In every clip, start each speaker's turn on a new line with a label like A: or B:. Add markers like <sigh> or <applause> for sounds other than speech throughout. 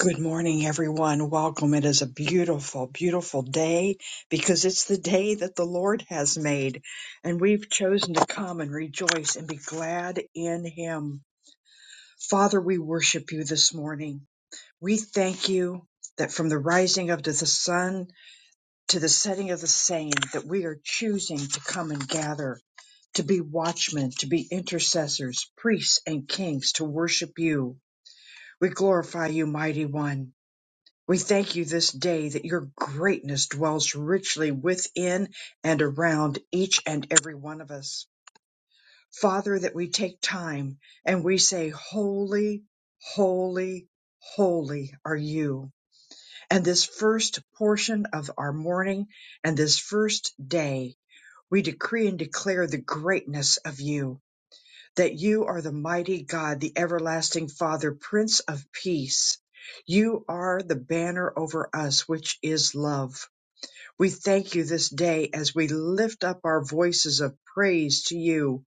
A: Good morning, everyone. Welcome. It is a beautiful, beautiful day because it's the day that the Lord has made, and we've chosen to come and rejoice and be glad in Him. Father, we worship you this morning. We thank you that from the rising of the sun to the setting of the same, that we are choosing to come and gather, to be watchmen, to be intercessors, priests, and kings, to worship you. We glorify you, mighty one. We thank you this day that your greatness dwells richly within and around each and every one of us. Father, that we take time and we say, Holy, holy, holy are you. And this first portion of our morning and this first day, we decree and declare the greatness of you that you are the mighty God, the everlasting Father, Prince of Peace. You are the banner over us, which is love. We thank you this day as we lift up our voices of praise to you,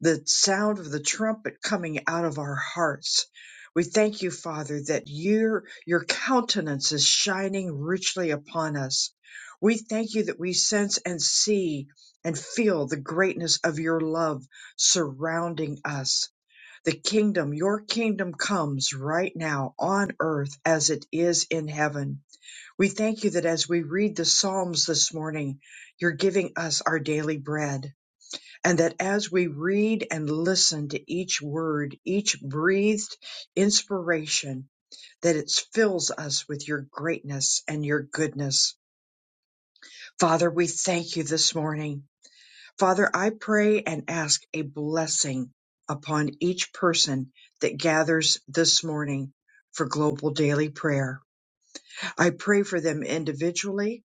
A: the sound of the trumpet coming out of our hearts. We thank you, Father, that your, your countenance is shining richly upon us. We thank you that we sense and see and feel the greatness of your love surrounding us the kingdom, your kingdom comes right now on earth as it is in heaven. We thank you that as we read the Psalms this morning, you're giving us our daily bread. And that as we read and listen to each word, each breathed inspiration, that it fills us with your greatness and your goodness. Father, we thank you this morning. Father, I pray and ask a blessing upon each person that gathers this morning for global daily prayer. I pray for them individually,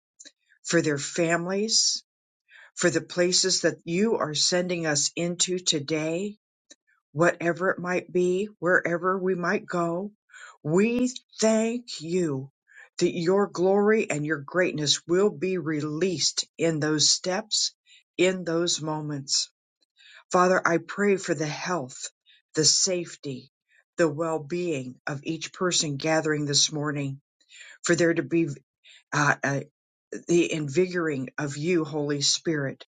A: for their families, for the places that you are sending us into today, whatever it might be, wherever we might go. We thank you that your glory and your greatness will be released in those steps, in those moments. Father, I pray for the health, the safety, the well being of each person gathering this morning, for there to be uh, uh, the invigorating of you, Holy Spirit,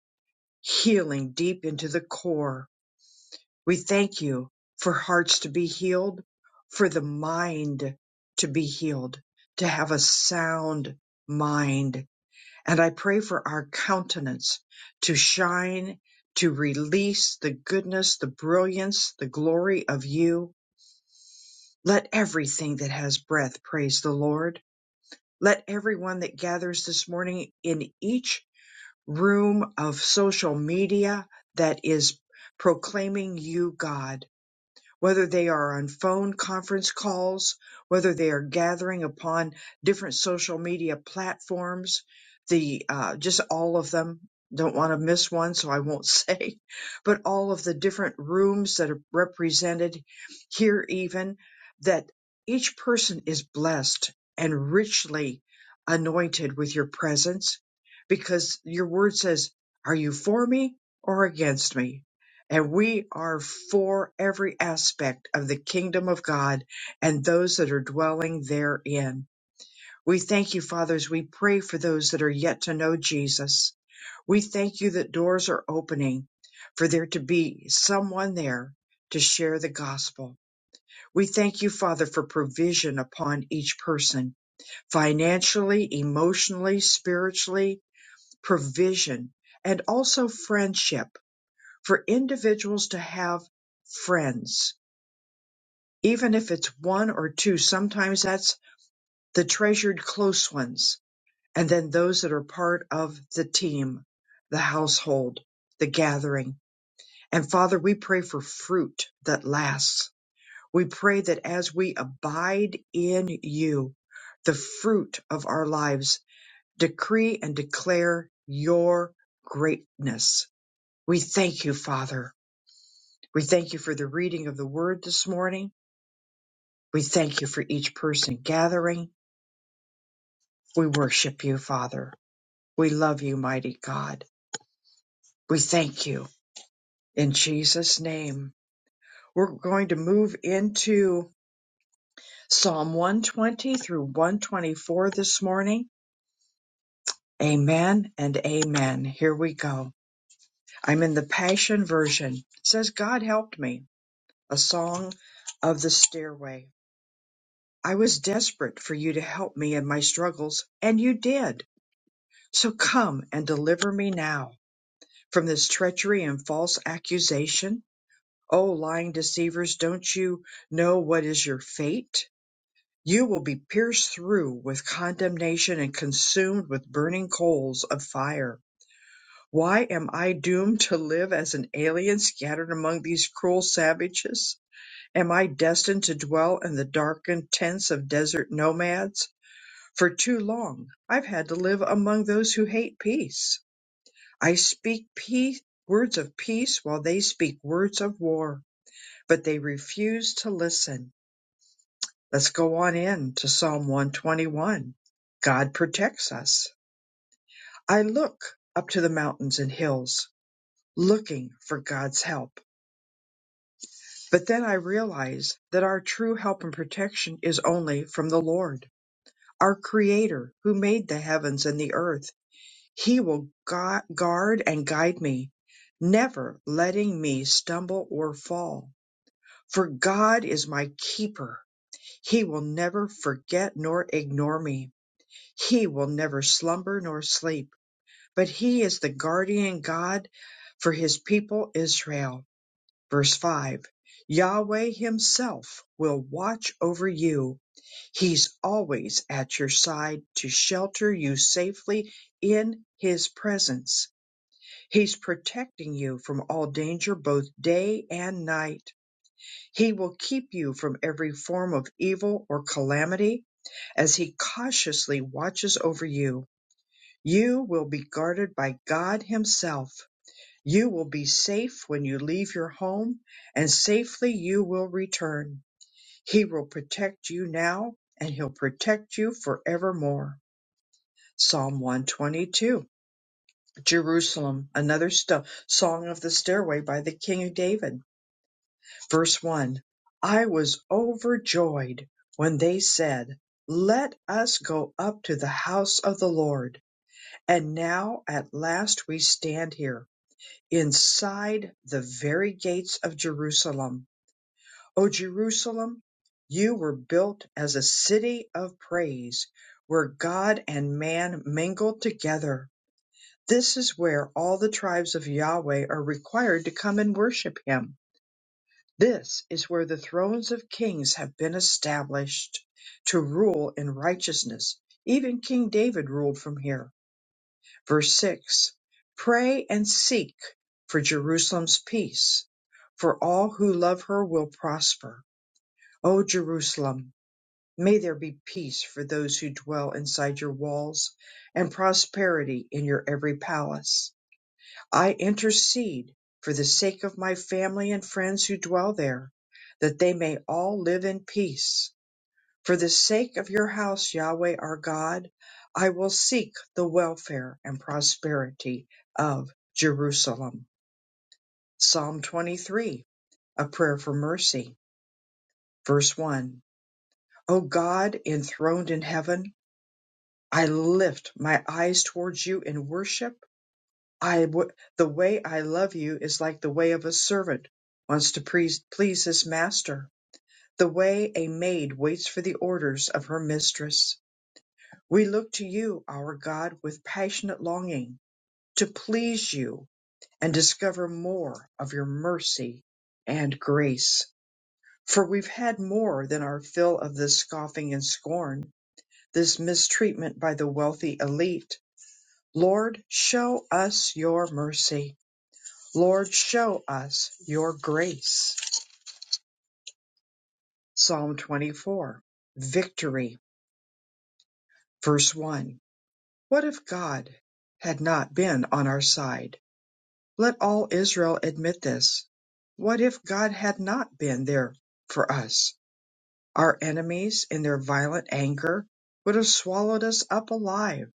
A: healing deep into the core. We thank you for hearts to be healed, for the mind to be healed, to have a sound mind and I pray for our countenance to shine, to release the goodness, the brilliance, the glory of you. Let everything that has breath praise the Lord. Let everyone that gathers this morning in each room of social media that is proclaiming you, God whether they are on phone conference calls, whether they are gathering upon different social media platforms, the uh, just all of them. Don't want to miss one, so I won't say, <laughs> but all of the different rooms that are represented here, even that each person is blessed and richly anointed with your presence because your word says, Are you for me or against me? And we are for every aspect of the kingdom of God and those that are dwelling therein. We thank you, Father, as we pray for those that are yet to know Jesus. We thank you that doors are opening for there to be someone there to share the gospel. We thank you, Father, for provision upon each person, financially, emotionally, spiritually, provision, and also friendship for individuals to have friends, even if it's one or two. Sometimes that's the treasured close ones, and then those that are part of the team, the household, the gathering. And Father, we pray for fruit that lasts. We pray that as we abide in you, the fruit of our lives decree and declare your greatness. We thank you, Father We thank you for the reading of the word this morning. We thank you for each person gathering. We worship you, Father. We love you, mighty God. We thank you in Jesus' name. We're going to move into Psalm 120 through 124 this morning. Amen and amen. Here we go. I'm in the Passion Version. It says, God helped me, a song of the stairway. I was desperate for you to help me in my struggles, and you did. So come and deliver me now from this treachery and false accusation. O lying deceivers, don't you know what is your fate? You will be pierced through with condemnation and consumed with burning coals of fire. Why am I doomed to live as an alien scattered among these cruel savages? Am I destined to dwell in the darkened tents of desert nomads? For too long I've had to live among those who hate peace. I speak peace, words of peace while they speak words of war, but they refuse to listen. Let's go on in to Psalm 121. God protects us. I look up to the mountains and hills, looking for God's help. But then I realize that our true help and protection is only from the Lord, our Creator who made the heavens and the earth. He will gu- guard and guide me, never letting me stumble or fall. For God is my keeper. He will never forget nor ignore me. He will never slumber nor sleep. But he is the guardian God for his people Israel. Verse 5 Yahweh himself will watch over you. He's always at your side to shelter you safely in his presence. He's protecting you from all danger both day and night. He will keep you from every form of evil or calamity as he cautiously watches over you. You will be guarded by God himself. You will be safe when you leave your home and safely you will return. He will protect you now and he'll protect you forevermore. Psalm 122. Jerusalem, another sto- song of the stairway by the King of David. Verse 1 I was overjoyed when they said, Let us go up to the house of the Lord. And now at last we stand here, inside the very gates of Jerusalem. O Jerusalem, you were built as a city of praise, where God and man mingled together. This is where all the tribes of Yahweh are required to come and worship Him. This is where the thrones of kings have been established to rule in righteousness. Even King David ruled from here. Verse 6 Pray and seek for Jerusalem's peace, for all who love her will prosper. O Jerusalem, may there be peace for those who dwell inside your walls and prosperity in your every palace. I intercede for the sake of my family and friends who dwell there, that they may all live in peace. For the sake of your house, Yahweh our God, I will seek the welfare and prosperity of Jerusalem. Psalm 23, a prayer for mercy. Verse 1. O God enthroned in heaven, I lift my eyes towards you in worship I w- the way I love you is like the way of a servant wants to please, please his master, the way a maid waits for the orders of her mistress. We look to you, our God, with passionate longing to please you and discover more of your mercy and grace. For we've had more than our fill of this scoffing and scorn, this mistreatment by the wealthy elite. Lord, show us your mercy Lord, show us your grace. Psalm 24, Victory, verse 1. What if God had not been on our side? Let all Israel admit this. What if God had not been there for us? Our enemies, in their violent anger, would have swallowed us up alive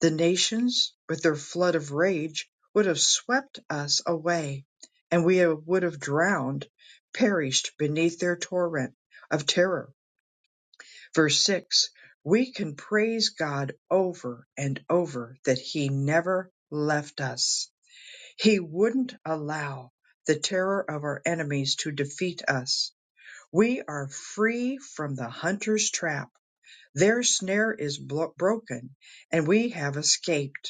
A: The nations, with their flood of rage, would have swept us away, and we would have drowned, perished beneath their torrent of terror. Verse 6 We can praise God over and over that He never left us. He wouldn't allow the terror of our enemies to defeat us. We are free from the hunter's trap. Their snare is blo- broken, and we have escaped.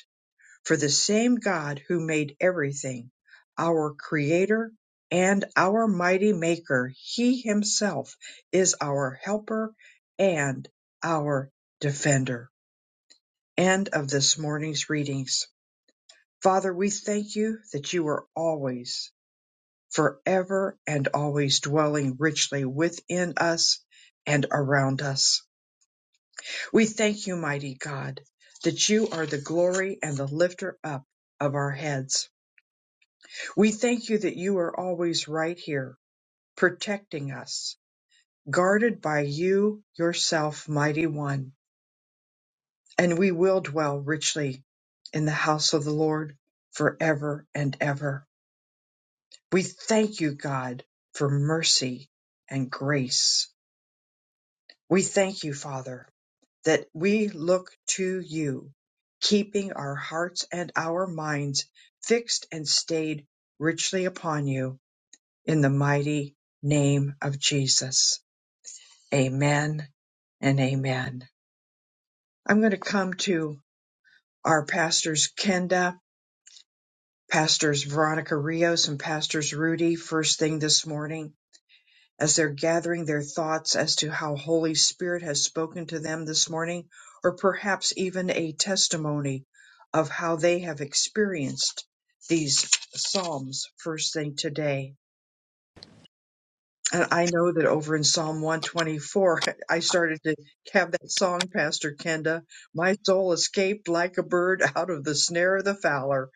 A: For the same God who made everything, our Creator and our mighty Maker, He Himself is our helper and our defender. End of this morning's readings. Father, we thank you that you are always, forever, and always dwelling richly within us and around us. We thank you, mighty God, that you are the glory and the lifter up of our heads We thank you that you are always right here, protecting us, guarded by you yourself, mighty one. And we will dwell richly in the house of the Lord forever and ever. We thank you, God, for mercy and grace. We thank you, Father, that we look to you, keeping our hearts and our minds fixed and stayed richly upon you in the mighty name of Jesus. Amen and amen. I'm going to come to our pastors, Kenda, pastors Veronica Rios, and pastors Rudy, first thing this morning as they're gathering their thoughts as to how Holy Spirit has spoken to them this morning, or perhaps even a testimony of how they have experienced these Psalms first thing today. And I know that over in Psalm 124, <laughs> I started to have that song, Pastor Kenda. My soul escaped like a bird <laughs> out of the snare of the fowler.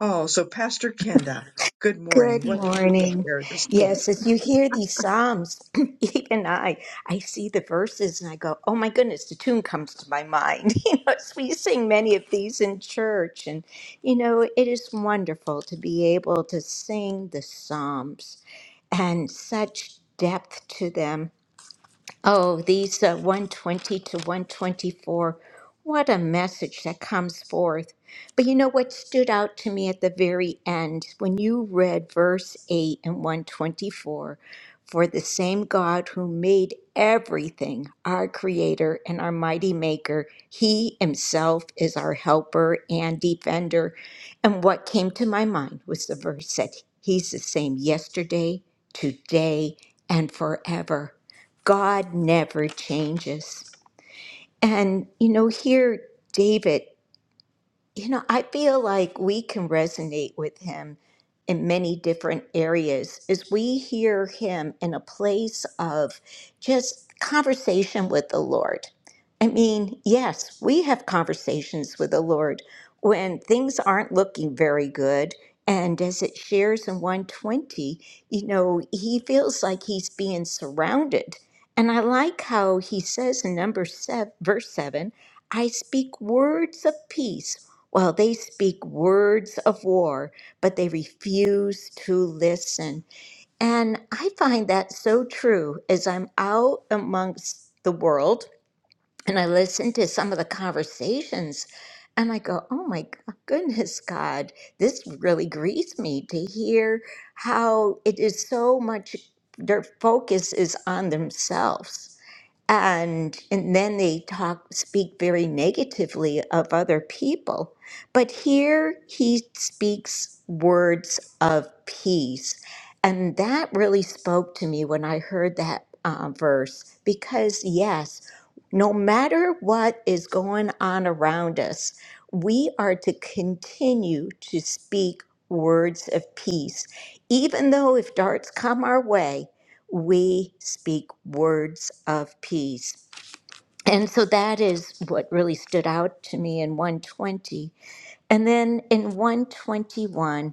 A: Oh, so Pastor Kenda, good morning.
B: Good
A: What did you
B: morning.
A: share this day?
B: Yes, as you hear these psalms, <clears throat> even I, I see the verses and I go, "Oh my goodness!" The tune comes to my mind. <laughs> You know, as we sing many of these in church, and you know, it is wonderful to be able to sing the psalms and such depth to them. Oh, these uh, 120 to 124. What a message that comes forth. But you know what stood out to me at the very end when you read verse 8 and 124 For the same God who made everything, our creator and our mighty maker, he himself is our helper and defender. And what came to my mind was the verse that he's the same yesterday, today, and forever. God never changes. And, you know, here, David you know, I feel like we can resonate with him in many different areas as we hear him in a place of just conversation with the Lord. I mean, yes, we have conversations with the Lord when things aren't looking very good. And as it shares in 120, you know, he feels like he's being surrounded. And I like how he says in number seven, verse 7, I speak words of peace well, they speak words of war, but they refuse to listen. And I find that so true as I'm out amongst the world and I listen to some of the conversations and I go, oh my go- goodness, God, this really grieves me to hear how it is so much, their focus is on themselves and and then they talk speak very negatively of other people but here he speaks words of peace and that really spoke to me when i heard that uh, verse because yes no matter what is going on around us we are to continue to speak words of peace even though if darts come our way we speak words of peace. And so that is what really stood out to me in 120. And then in 121,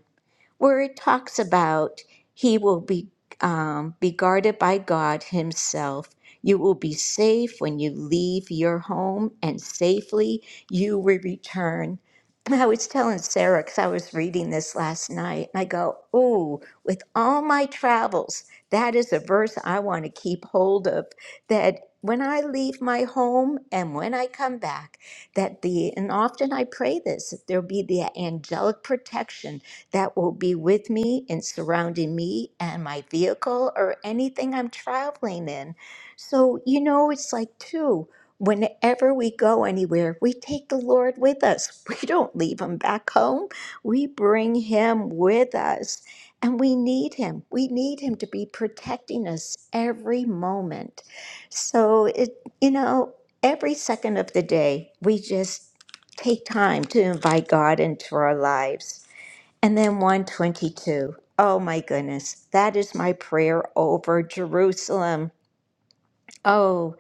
B: where it talks about he will be um, be guarded by God Himself. You will be safe when you leave your home, and safely you will return. I was telling Sarah because I was reading this last night, and I go, "Oh, with all my travels, that is a verse I want to keep hold of. That when I leave my home and when I come back, that the and often I pray this that there be the angelic protection." that will be with me and surrounding me and my vehicle or anything I'm traveling in. So, you know, it's like, too, whenever we go anywhere, we take the Lord with us. <laughs> We don't leave him back home, we bring him with us. And we need him. We need him to be protecting us every moment. So it, you know, every second of the day, we just take time to invite God into our lives. And then 122. Oh my goodness, that is my prayer over Jerusalem. Oh,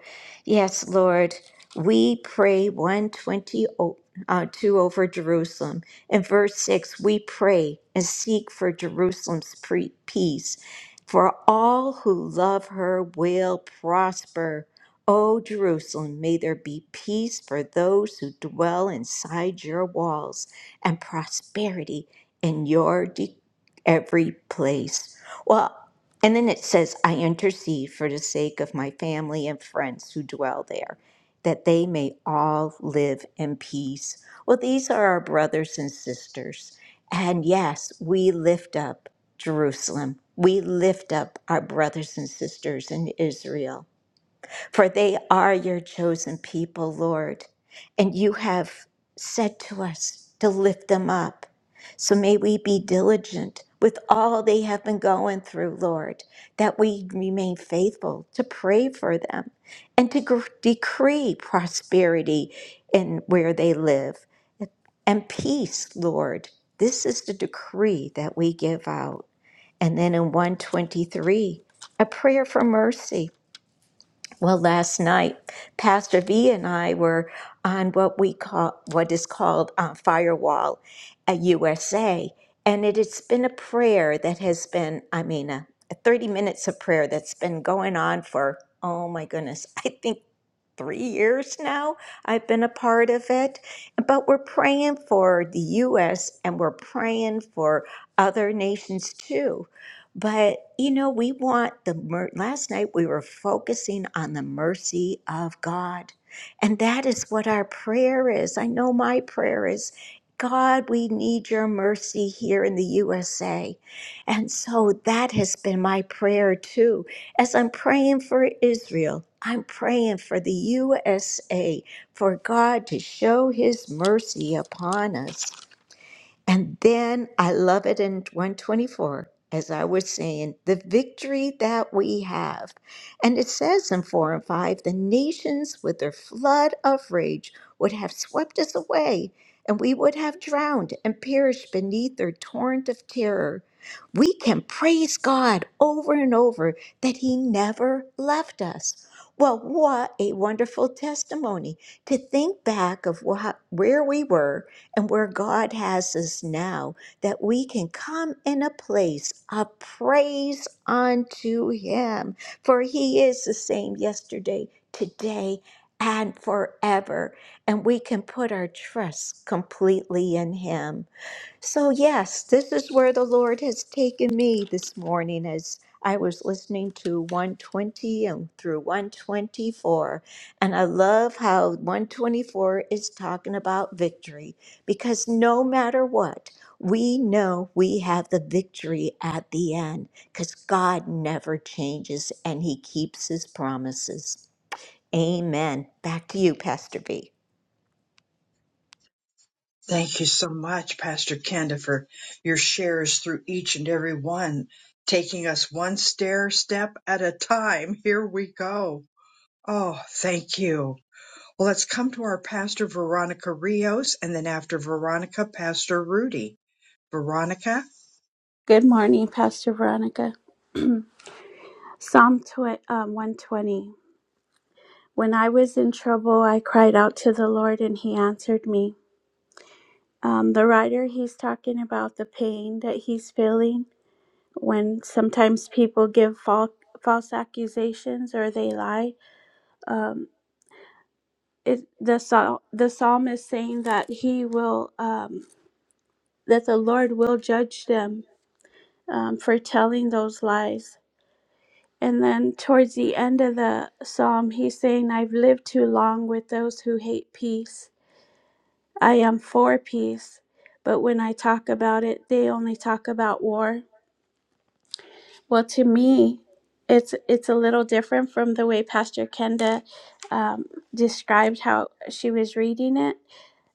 B: yes, Lord. We pray 120 o- uh, 2 over Jerusalem. In verse 6, we pray and seek for Jerusalem's pre- peace. For all who love her will prosper. O Jerusalem, may there be peace for those who dwell inside your walls and prosperity in your de- every place. Well, and then it says, I intercede for the sake of my family and friends who dwell there, that they may all live in peace. Well, these are our brothers and sisters. And yes, we lift up Jerusalem. We lift up our brothers and sisters in Israel. For they are your chosen people, Lord, and you have said to us to lift them up. So may we be diligent with all they have been going through, Lord, that we remain faithful to pray for them and to gr- decree prosperity in where they live and peace, Lord. This is the decree that we give out. And then in 123, a prayer for mercy. Well, last night, Pastor V and I were on what we call what is called uh, Firewall at USA, and it has been a prayer that has been, I mean, a, a 30 minutes of prayer that's been going on for, oh my goodness, <laughs> I think three years now I've been a part of it. But we're praying for the US and we're praying for other nations too. But you know, we want the mer- last night we were focusing on the mercy of God. And that is what our prayer is. I know my prayer is God, we need your mercy here in the USA. And so that has been my prayer too as I'm praying for Israel, I'm praying for the USA, for God to show his mercy upon us. And then I love it in 124, as I was saying, the victory that we have. And it says in 4 and 5 the nations with their flood of rage would have swept us away, and we would have drowned and perished beneath their torrent of terror. We can praise God over and over that He never left us. Well, what a wonderful testimony to think back of what, where we were and where God has us now, that we can come in a place of praise unto Him. For He is the same yesterday, today, and forever. And we can put our trust completely in Him. So, yes, this is where the Lord has taken me this morning as I was listening to 120 and through 124. And I love how 124 is talking about victory because no matter what, we know we have the victory at the end because God never changes and he keeps his promises. Amen. Back to you, Pastor B.
A: Thank you so much, Pastor Kenda, for your shares through each and every one, taking us one stair step at a time. Here we go. Oh, thank you. Well, let's come to our pastor, Veronica Rios, and then after Veronica, Pastor Rudy. Veronica,
C: Good morning, Pastor Veronica. Psalm tw- um, 120. When I was in trouble, I cried out to the Lord and he answered me. Um, the writer, he's talking about the pain that he's feeling when sometimes people give fal- false accusations or they lie. Um, it, the, psal- the psalm is saying that he will, um, that the Lord will judge them um, for telling those lies And then towards the end of the psalm, he's saying, I've lived too long with those who hate peace. I am for peace, but when I talk about it, they only talk about war. Well, to me, it's it's a little different from the way Pastor Kenda um, described how she was reading it.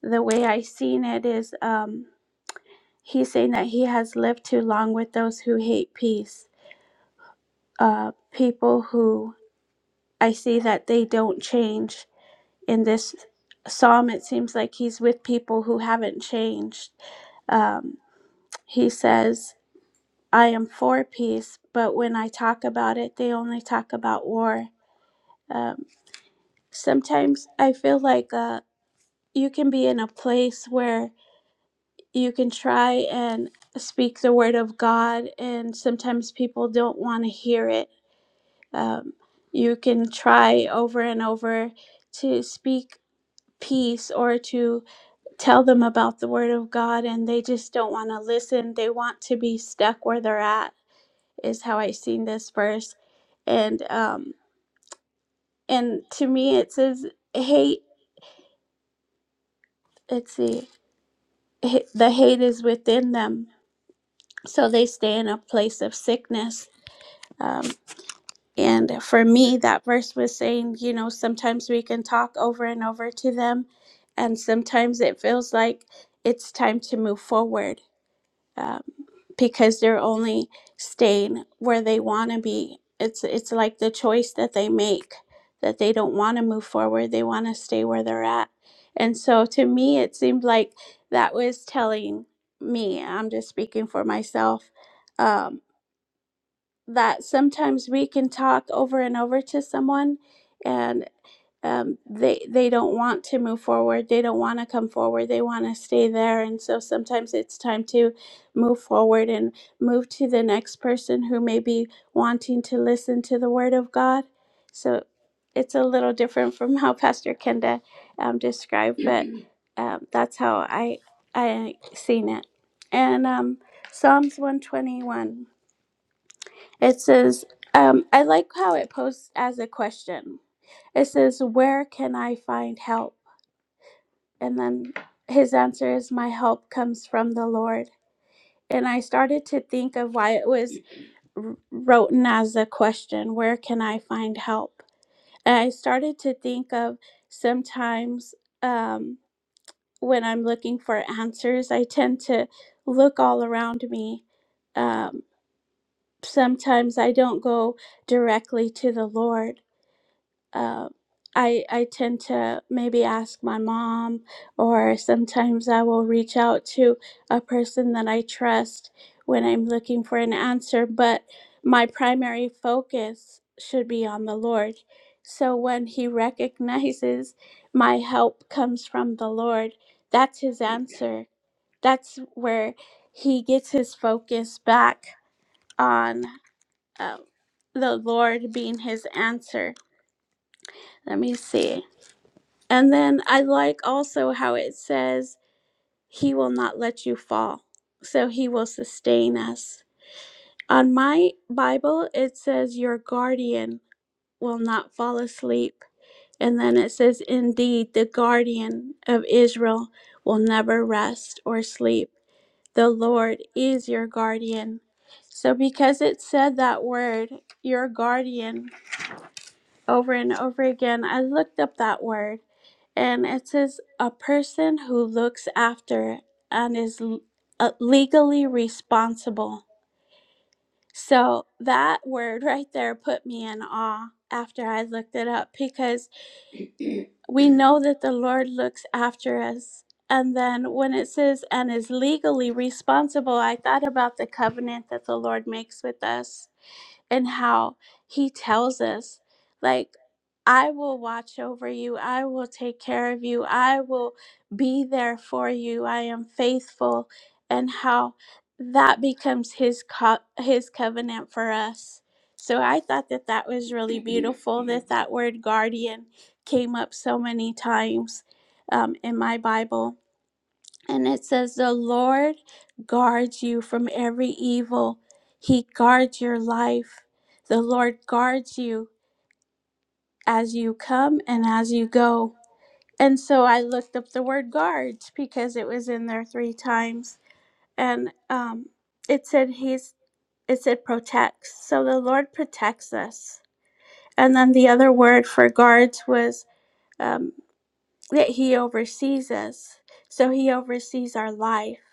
C: The way I seen it is, um, he's saying that he has lived too long with those who hate peace, uh, people who I see that they don't change in this psalm, it seems like he's with people who haven't changed. Um, he says, I am for peace, but when I talk about it, they only talk about war. Um, sometimes I feel like uh, you can be in a place where you can try and speak the word of God, and sometimes people don't want to hear it. Um, you can try over and over to speak peace or to tell them about the word of God and they just don't want to listen. They want to be stuck where they're at is how I seen this verse. And um and to me it says hate, let's see. ha- The hate is within them. So they stay in a place of sickness. Um and for me that verse was saying, you know, sometimes we can talk over and over to them and sometimes it feels like it's time to move forward um, because they're only staying where they want to be. It's it's like the choice that they make that they don't want to move forward. They want to stay where they're at. And so to me, it seemed like that was telling me. I'm just speaking for myself. Um, that sometimes we can talk over and over to someone and um, they they don't want to move forward. They don't want to come forward. They want to stay there. And so sometimes it's time to move forward and move to the next person who may be wanting to listen to the word of God. So it's a little different from <laughs> how Pastor Kenda um, described, but um, that's how I I seen it. And um, Psalms one twenty one. It says, um, I like how it posed as a question it says, Where can I find help? And then his answer is, My help comes from the Lord. And I started to think of why it was written as a question Where can I find help? And I started to think of sometimes um, when I'm looking for answers, I tend to look all around me. Um, sometimes I don't go directly to the Lord uh, I I tend to maybe ask my mom, or sometimes I will reach out to a person that I trust when I'm looking for an answer. But my primary focus should be on the Lord. So when He recognizes my help comes from the Lord, that's His answer. That's where He gets His focus back on uh, the Lord being His answer. Let me see. And then I like also how it says, He will not let you fall, so He will sustain us. On my Bible, it says, Your guardian will not fall asleep. And then it says, Indeed, the guardian of Israel will never rest or sleep. The Lord is your guardian. So, because it said that word, your guardian, over and over again, I looked up that word and it says a person who looks after and is l- uh, legally responsible. So that word right there put me in awe after I looked it up because we know that the Lord looks after us. And then when it says and is legally responsible, I thought about the covenant that the Lord makes with us and how he tells us like I will watch over you. I will take care of you. I will be there for you. I am faithful and how that becomes his co- his covenant for us. So I thought that that was really beautiful that that word guardian came up so many times um, in my Bible. And it says, The Lord guards you from every evil. He guards your life. The Lord guards you as you come and as you go. And so I looked up the word guards because it was in there three times. And um, it said, He's, it said protects. So the Lord protects us. And then the other word for guards was um, that He oversees us. So He oversees our life.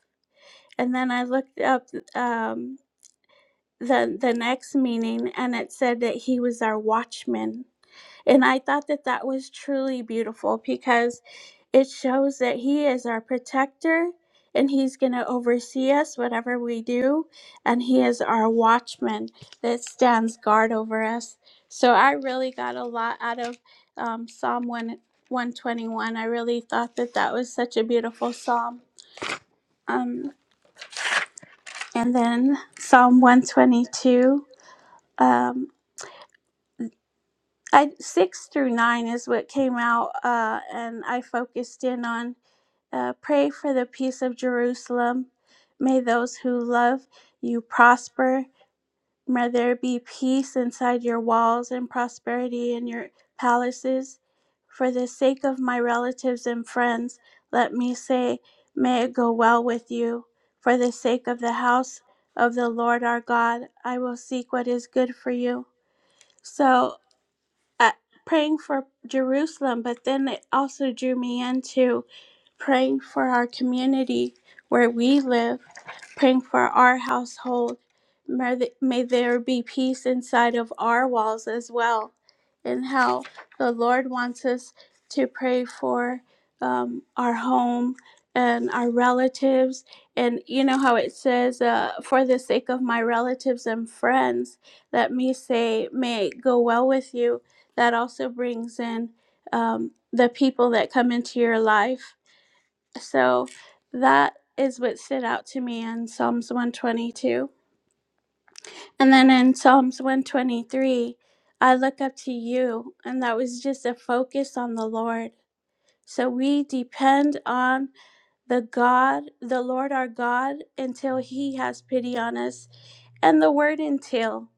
C: and then I looked up um, the the next meaning, and it said that he was our watchman. And I thought that that was truly beautiful because it shows that he is our protector, and he's going to oversee us whatever we do, and he is our watchman that stands guard over us. So I really got a lot out of um, Psalm one. 121. I really thought that that was such a beautiful psalm. Um, And then Psalm 122, um, I, 6 through 9 is what came out, uh, and I focused in on uh, pray for the peace of Jerusalem. May those who love you prosper. May there be peace inside your walls and prosperity in your palaces. For the sake of my relatives and friends, let me say, May it go well with you. For the sake of the house of the Lord our God, I will seek what is good for you. So, uh, praying for Jerusalem, but then it also drew me into praying for our community where we live praying for our household. May, th- may there be peace inside of our walls as well, and how the Lord wants us to pray for um, our home and our relatives. And you know how it says, uh, for the sake of my relatives and friends, let me say, may it go well with you. That also brings in um, the people that come into your life so that is what stood out to me in Psalms 122. And then in Psalms 123, I look up to you, and that was just a focus on the Lord. So we depend on the God, the Lord our God, until He has pity on us. And the word until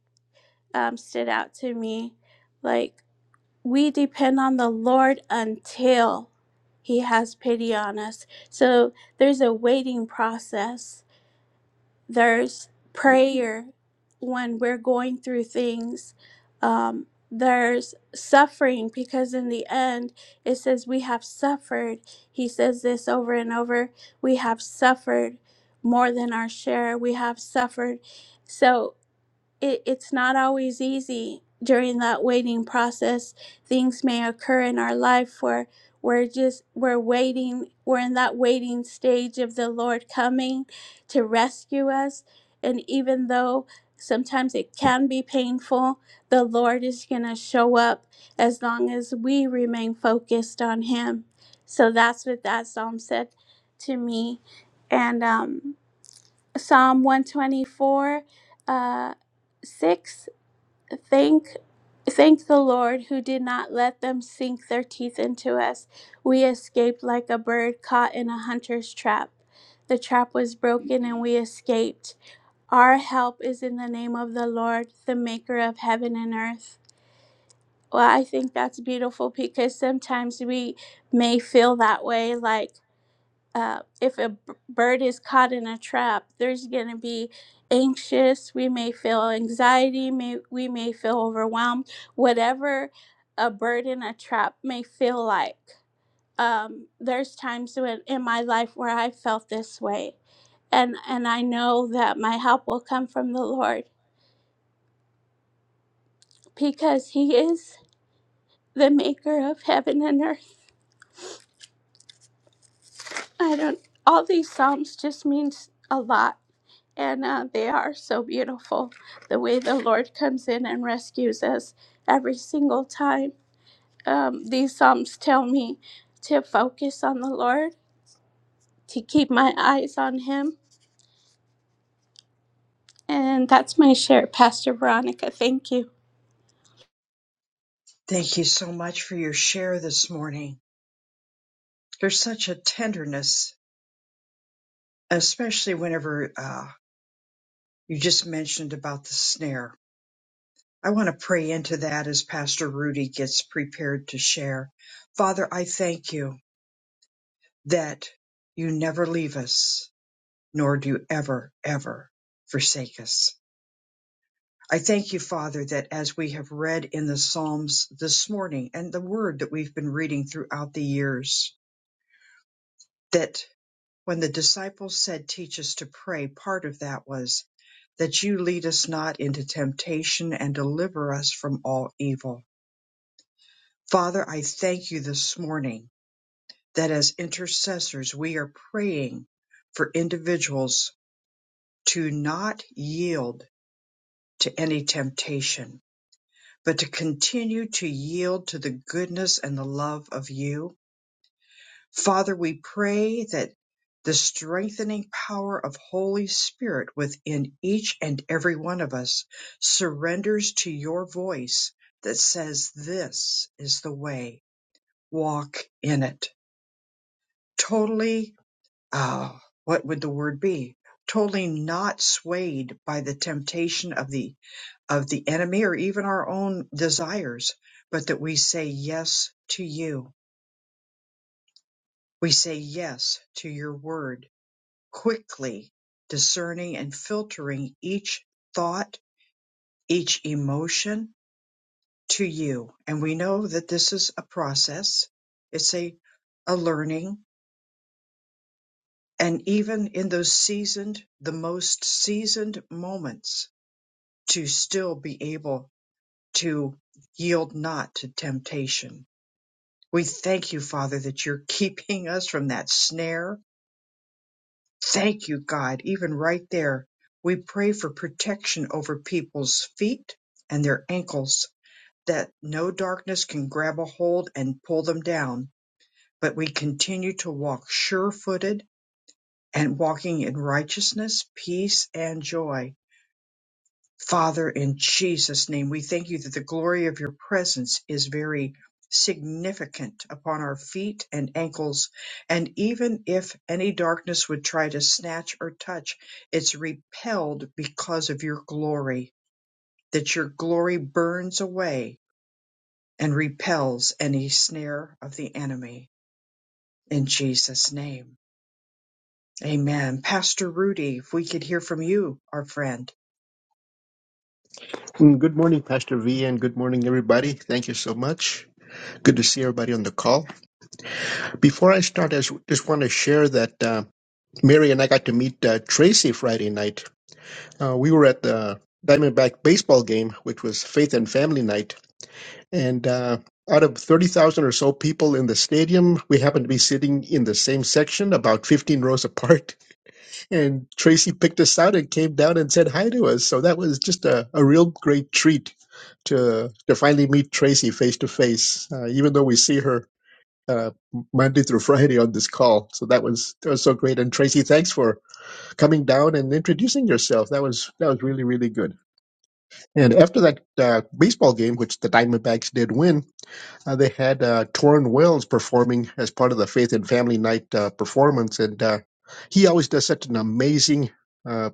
C: um, stood out to me. Like, we depend on the Lord until He has pity on us. So there's a waiting process there's prayer when we're going through things um, there's suffering because in the end it says we have suffered he says this over and over we have suffered more than our share we have suffered so it, it's not always easy during that waiting process. Things may occur in our life where we're just we're waiting, we're in that waiting stage of the Lord coming to rescue us. And even though sometimes it can be painful, the Lord is gonna show up as long as we remain focused on Him. So that's what that psalm said to me. And um Psalm 124, uh, 6. Thank, thank the Lord who did not let them sink their teeth into us. We escaped like a bird caught in a hunter's trap. The trap was broken and we escaped. Our help is in the name of the Lord, the maker of heaven and earth. Well, I think that's beautiful because sometimes we may feel that way like, uh, if a b- bird is caught in a trap, there's going to be anxious. We may feel anxiety. May, we may feel overwhelmed. Whatever a bird in a trap may feel like. Um, there's times when, in my life where I felt this way, and and I know that my help will come from the Lord because He is the Maker of heaven and earth. I don't. All these psalms just means a lot And uh, they are so beautiful the way the Lord comes in and rescues us every single time. Um, these Psalms tell me to focus on the Lord, to keep my eyes on Him. And that's my share, Pastor Veronica. Thank you.
A: thank you so much for your share this morning. There's such a tenderness, especially whenever uh, you just mentioned about the snare. I want to pray into that as Pastor Rudy gets prepared to share. Father, I thank you that you never leave us, nor do you ever, ever forsake us. I thank you, Father, that as we have read in the Psalms this morning and the word that we've been reading throughout the years, that when the disciples said, Teach us to pray, part of that was that you lead us not into temptation and deliver us from all evil. Father, I thank you this morning that as intercessors, we are praying for individuals to not yield to any temptation, but to continue to yield to the goodness and the love of you Father, we pray that the strengthening power of Holy Spirit within each and every one of us surrenders to your voice that says, This is the way, walk in it. Totally, ah, what would the word be? Totally not swayed by the temptation of the of the enemy or even our own desires, but that we say yes to you. We say yes to your word quickly discerning and filtering each thought, each emotion to you. And we know that this is a process. It's a, a learning. And even in those seasoned, the most seasoned moments to still be able to yield not to temptation. We thank you, Father, that you're keeping us from that snare Thank you, God. Even right there, we pray for protection over people's feet and their ankles, that no darkness can grab a hold and pull them down. But we continue to walk sure footed and walking in righteousness, peace, and joy. Father, in Jesus' name, we thank you that the glory of your presence is very significant upon our feet and ankles. And even if any darkness would try to snatch or touch, it's repelled because of your glory, that your glory burns away and repels any snare of the enemy. In Jesus' name. Amen. Pastor Rudy, if we could hear from you, our friend.
D: Mm, Good morning, Pastor V, and good morning, everybody. Thank you so much. Good to see everybody on the call. Before I start, I s- just want to share that uh, Mary and I got to meet uh, Tracy Friday night. Uh, we were at the Diamondback baseball game, which was Faith and Family Night, and uh, out of 30,000 or so people in the stadium, we happened to be sitting in the same section, about 15 rows apart. And Tracy picked us out and came down and said hi to us. So that was just a, a real great treat to to finally meet Tracy face to face, uh, even though we see her uh, Monday through Friday on this call. So that was that was so great. And Tracy, thanks for coming down and introducing yourself. That was that was really really good. And after that uh, baseball game, which the Diamondbacks did win, uh, they had uh, Torrin Wells performing as part of the Faith and Family Night uh, performance, and uh, he always does such an amazing. Uh,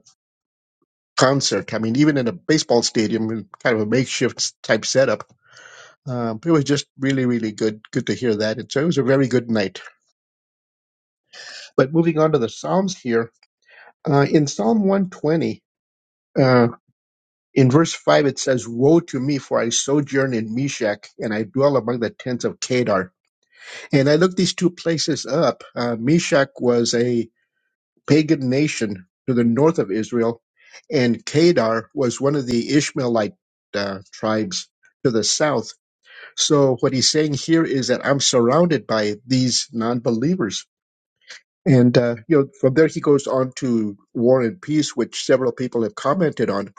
D: concert. I mean, even in a baseball stadium, kind of a makeshift type setup Um, it was just really, really good. Good to hear that. And so it was a very good night. But moving on to the Psalms here, uh, in Psalm 120, uh, in verse 5, it says, Woe to me, for I sojourn in Meshach, and I dwell among the tents of Kedar. And I looked these two places up. Uh, Meshach was a pagan nation to the north of Israel, and Kedar was one of the Ishmaelite uh, tribes to the south So what he's saying here is that I'm surrounded by these non-believers. And uh, you know, from there he goes on to War and Peace, which several people have commented on.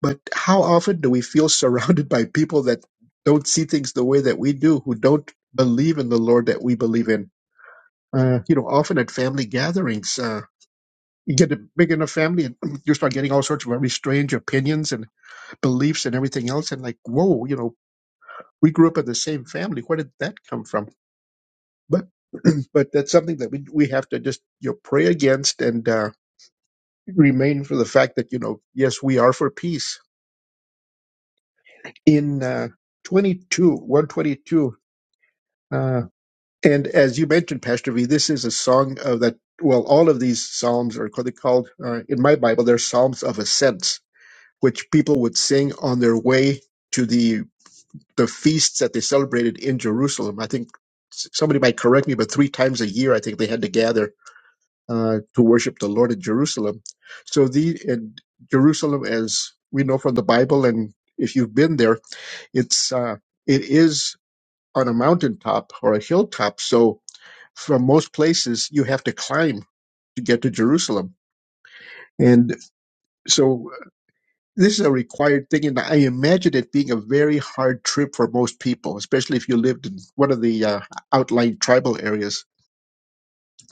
D: But how often do we feel surrounded by people that don't see things the way that we do, who don't believe in the Lord that we believe in? Uh, you know, often at family gatherings, uh, you get a big enough family, and <clears throat> you start getting all sorts of very strange opinions and beliefs and everything else. And like, whoa, you know, we grew up in the same family. Where did that come from? but <clears throat> but that's something that we we have to just you know pray against and uh, remain for the fact that you know yes we are for peace in uh, 22 122 uh, and as you mentioned pastor v this is a song of that well all of these psalms are called, called uh, in my bible they're psalms of ascents which people would sing on their way to the the feasts that they celebrated in jerusalem i think s- somebody might correct me but three times a year i think they had to gather uh, to worship the Lord in Jerusalem. So the and Jerusalem, as we know from the Bible, and if you've been there, it's uh, it is on a mountaintop or a hilltop. So from most places, you have to climb to get to Jerusalem, and so uh, this is a required thing. And I imagine it being a very hard trip for most people, especially if you lived in one of the uh, outlying tribal areas.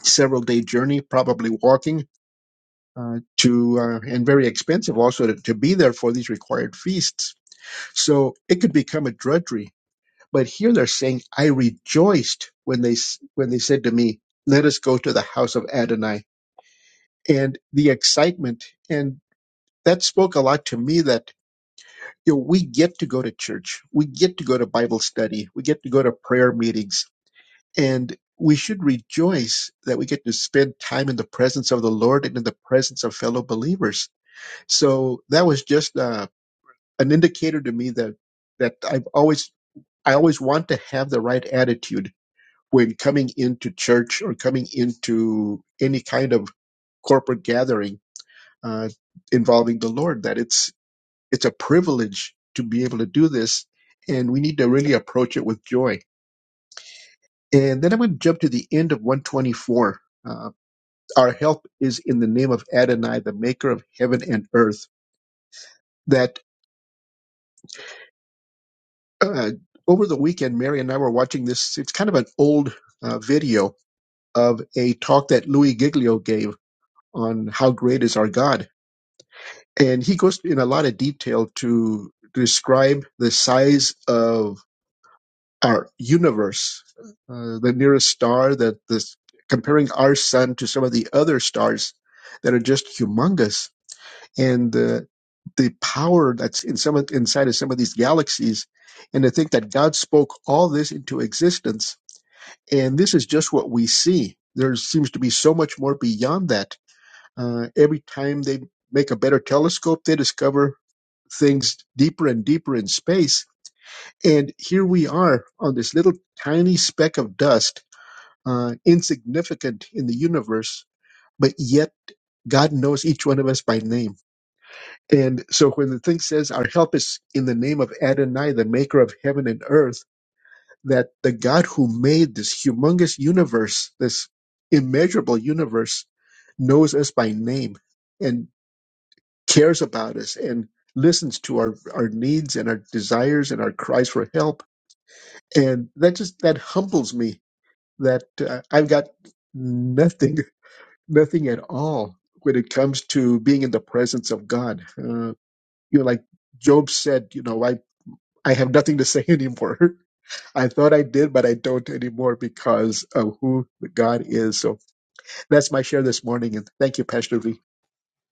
D: Several day journey, probably walking uh, to uh, and very expensive also to, to be there for these required feasts. So it could become a drudgery. But here they're saying, "I rejoiced when they s- when they said to me, 'Let us go to the house of Adonai." And the excitement and that spoke a lot to me that you know, we get to go to church, we get to go to Bible study, we get to go to prayer meetings, and we should rejoice that we get to spend time in the presence of the Lord and in the presence of fellow believers So that was just uh, an indicator to me that that I've always I always want to have the right attitude when coming into church or coming into any kind of corporate gathering uh, involving the Lord. That it's it's a privilege to be able to do this, and we need to really approach it with joy. And then I'm going to jump to the end of 124. Uh, our help is in the name of Adonai, the Maker of heaven and earth. That uh, over the weekend, Mary and I were watching this. It's kind of an old uh, video of a talk that Louis Giglio gave on how great is our God, and he goes in a lot of detail to describe the size of our universe, uh, the nearest star that this comparing our sun to some of the other stars that are just humongous and uh, the power that's in some of- inside of some of these galaxies, and to think that God spoke all this into existence, and this is just what we see. There seems to be so much more beyond that. Uh, every time they make a better telescope, they discover things deeper and deeper in space. And here we are on this little tiny speck of dust, uh, insignificant in the universe, but yet God knows each one of us by name And so when the thing says, Our help is in the name of Adonai, the maker of heaven and earth, that the God who made this humongous universe, this immeasurable universe, knows us by name and cares about us and listens to our, our needs and our desires and our cries for help. And that just, that humbles me that uh, I've got nothing, <laughs> nothing at all when it comes to being in the presence of God. Uh, you know, like Job said, you know, I I have nothing to say anymore. <laughs> I thought I did, but I don't anymore because of who God is. So that's my share this morning. And thank you, Pastor V.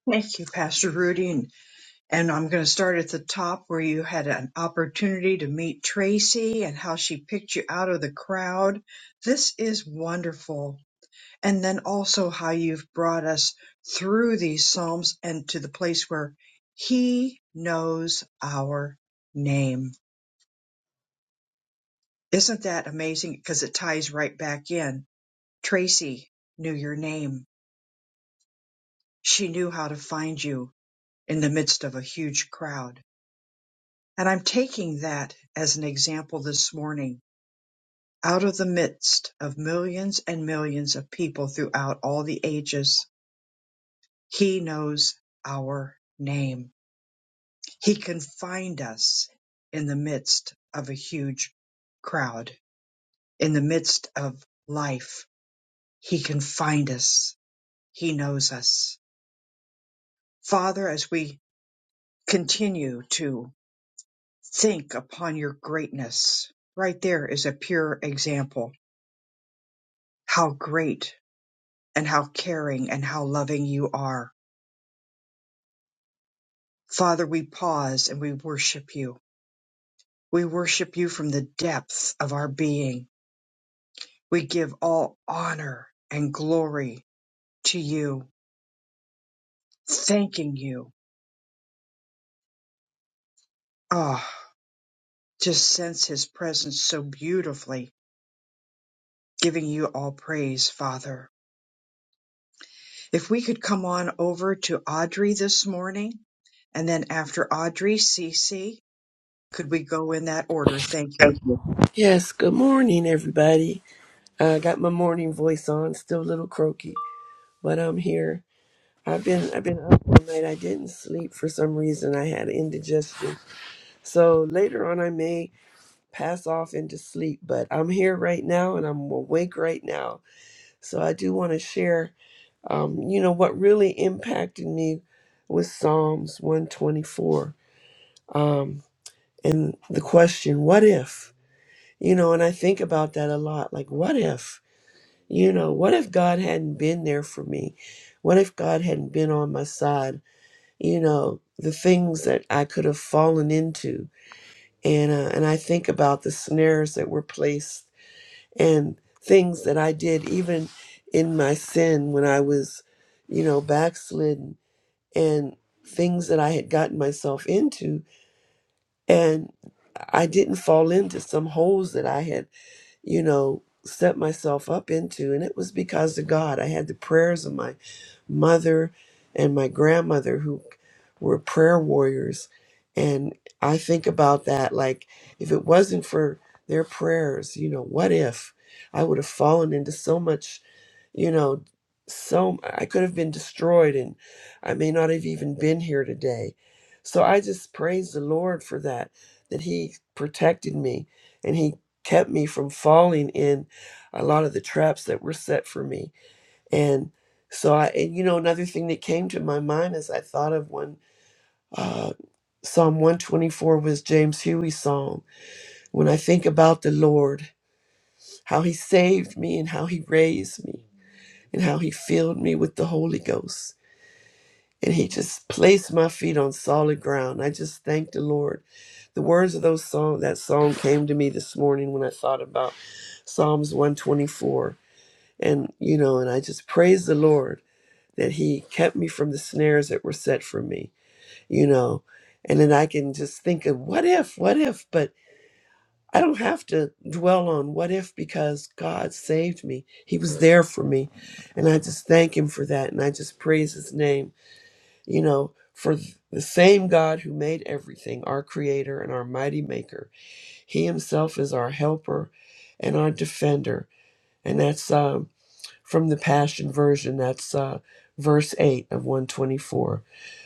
A: Thank you, Pastor Rudy. And, and I'm going to start at the top where you had an opportunity to meet Tracy and how she picked you out of the crowd. This is wonderful. And then also how you've brought us through these Psalms and to the place where He knows our name. Isn't that amazing? Because it ties right back in. Tracy knew your name. She knew how to find you in the midst of a huge crowd. And I'm taking that as an example this morning. Out of the midst of millions and millions of people throughout all the ages, He knows our name. He can find us in the midst of a huge crowd, in the midst of life. He can find us. He knows us. Father, as we continue to Think upon your greatness. Right there is a pure example. How great and how caring and how loving you are. Father, we pause and we worship you. We worship you from the depth of our being. We give all honor and glory to you, thanking you. Ah, just sense his presence so beautifully, giving you all praise, Father If we could come on over to Audrey this morning, and then after Audrey, Cece, could we go in that order? Thank you.
E: Thank you. Yes, good morning, everybody. I got my morning voice on, still a little croaky, but I'm here. I've been I've been up all night. I didn't sleep for some reason. I had indigestion, so later on I may pass off into sleep. But I'm here right now, and I'm awake right now. So I do want to share, um, you know, what really impacted me was Psalms 124, um, and the question, "What if?" You know, and I think about that a lot. Like, what if? You know, what if God hadn't been there for me? What if God hadn't been on my side? You know, the things that I could have fallen into. And uh, and I think about the snares that were placed and things that I did even in my sin when I was, you know, backslidden and things that I had gotten myself into and I didn't fall into some holes that I had, you know, set myself up into and it was because of God. I had the prayers of my mother and my grandmother who were prayer warriors. And I think about that like, if it wasn't for their prayers, you know, what if I would have fallen into so much, you know, so I could have been destroyed and I may not have even been here today. So I just praise the Lord for that, that He protected me and He kept me from falling in a lot of the traps that were set for me and so I, and you know, another thing that came to my mind as I thought of when uh, Psalm 124 was James Huey's song. When I think about the Lord, how he saved me and how he raised me and how he filled me with the Holy Ghost. And he just placed my feet on solid ground. I just thank the Lord. The words of those song that song came to me this morning when I thought about Psalms 124. And you know, and I just praise the Lord that he kept me from the snares that were set for me, you know. And then I can just think of what if, what if, but I don't have to dwell on what if because God saved me. He was there for me. And I just thank him for that. And I just praise his name, you know, for the same God who made everything, our creator and our mighty maker. He himself is our helper and our defender. And that's um, from the Passion Version. That's uh, verse 8 of 124.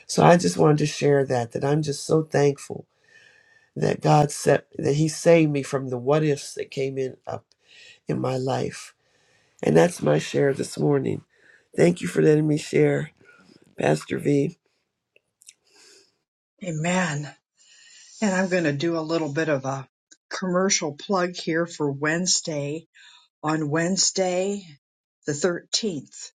E: So I just wanted to share that, that I'm just so thankful that God set, that He saved me from the what ifs that came in up in my life. And that's my share this morning. Thank you for letting me share, Pastor V.
A: Amen. And I'm going to do a little bit of a commercial plug here for Wednesday. On Wednesday, the 13th,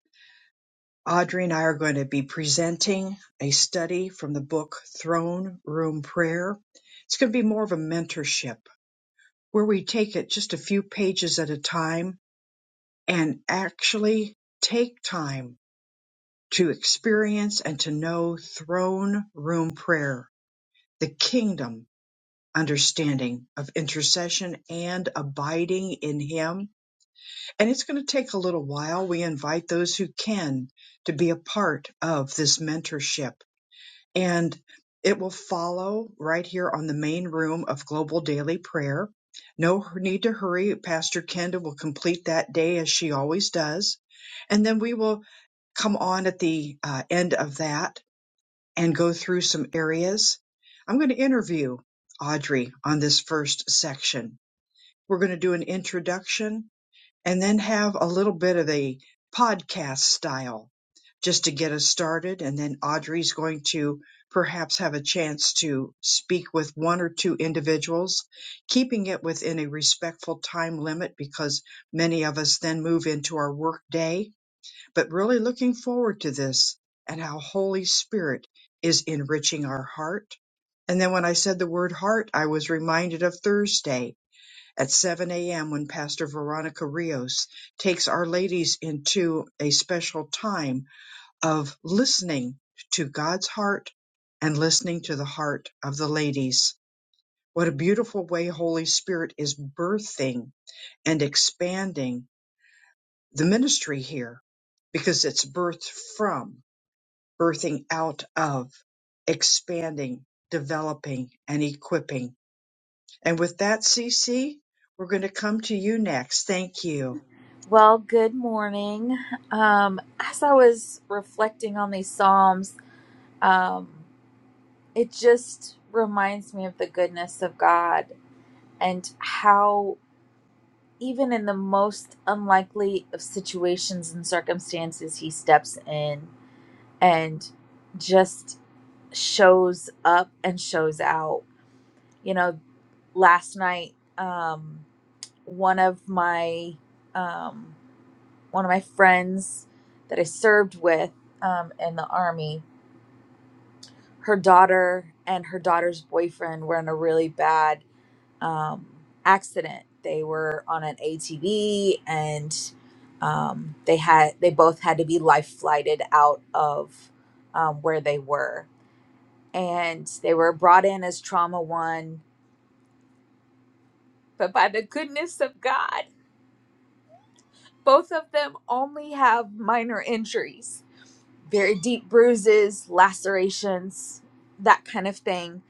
A: Audrey and I are going to be presenting a study from the book Throne Room Prayer. It's going to be more of a mentorship where we take it just a few pages at a time and actually take time to experience and to know throne room prayer, the kingdom understanding of intercession and abiding in Him. And it's going to take a little while. We invite those who can to be a part of this mentorship and it will follow right here on the main room of Global Daily Prayer. No need to hurry. Pastor Kenda will complete that day as she always does. And then we will come on at the uh, end of that and go through some areas. I'm going to interview Audrey on this first section. We're going to do an introduction and then have a little bit of a podcast style just to get us started. And then Audrey's going to perhaps have a chance to speak with one or two individuals, keeping it within a respectful time limit because many of us then move into our work day. But really looking forward to this and how Holy Spirit is enriching our heart. And then when I said the word heart, I was reminded of Thursday at 7 a.m. when Pastor Veronica Rios takes Our Ladies into a special time of listening to God's heart and listening to the heart of the ladies. What a beautiful way Holy Spirit is birthing and expanding the ministry here because it's birthed from, birthing out of, expanding, developing, and equipping. And with that, CC, we're going to come to you next. Thank you.
F: Well, good morning. Um, as I was reflecting on these Psalms, um, it just reminds me of the goodness of God and how, even in the most unlikely of situations and circumstances, He steps in and just shows up and shows out. You know, last night, um, one of my. Um, one of my friends that I served with um, in the army, her daughter and her daughter's boyfriend were in a really bad um, accident. They were on an ATV and um, they had they both had to be life flighted out of um, where they were, and they were brought in as trauma one. But by the goodness of God, both of them only have minor injuries very deep bruises, lacerations, that kind of thing,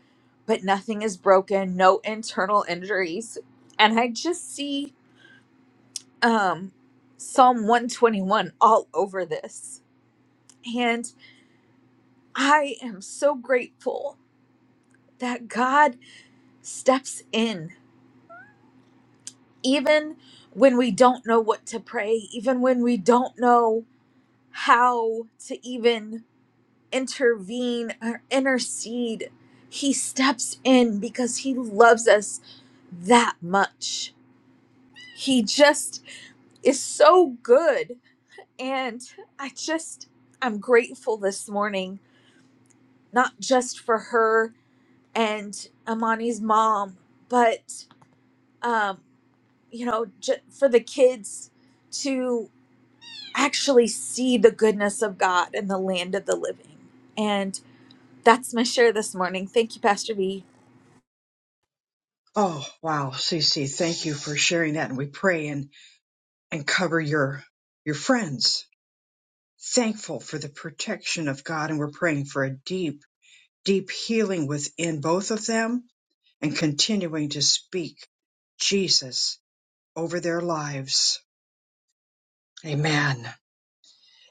F: but nothing is broken, no internal injuries. And I just see um Psalm 121 all over this. And I am so grateful that God steps in even when we don't know what to pray, even when we don't know how to even intervene or intercede. He steps in because he loves us that much. He just is so good. And I just, I'm grateful this morning, not just for her and Amani's mom, but, um, you know, j- for the kids to actually see the goodness of God in the land of the living. And that's my share this morning. Thank you, Pastor B.
A: Oh, wow, Cece, thank you for sharing that. And we pray and, and cover your, your friends. Thankful for the protection of God. And we're praying for a deep, deep healing within both of them and continuing to speak Jesus over their lives. Amen.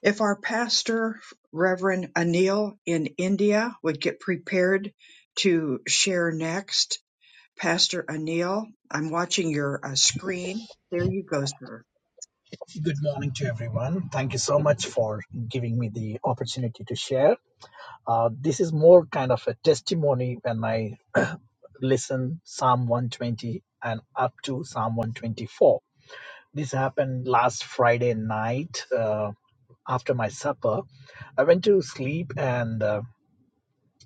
A: If our pastor, Reverend Anil in India, would get prepared to share next, Pastor Anil, I'm watching your uh, screen. There you go, sir.
G: Good morning to everyone. Thank you so much for giving me the opportunity to share. Uh, this is more kind of a testimony when I listen Psalm 120 and up to Psalm 124. This happened last Friday night uh, after my supper. I went to sleep and uh,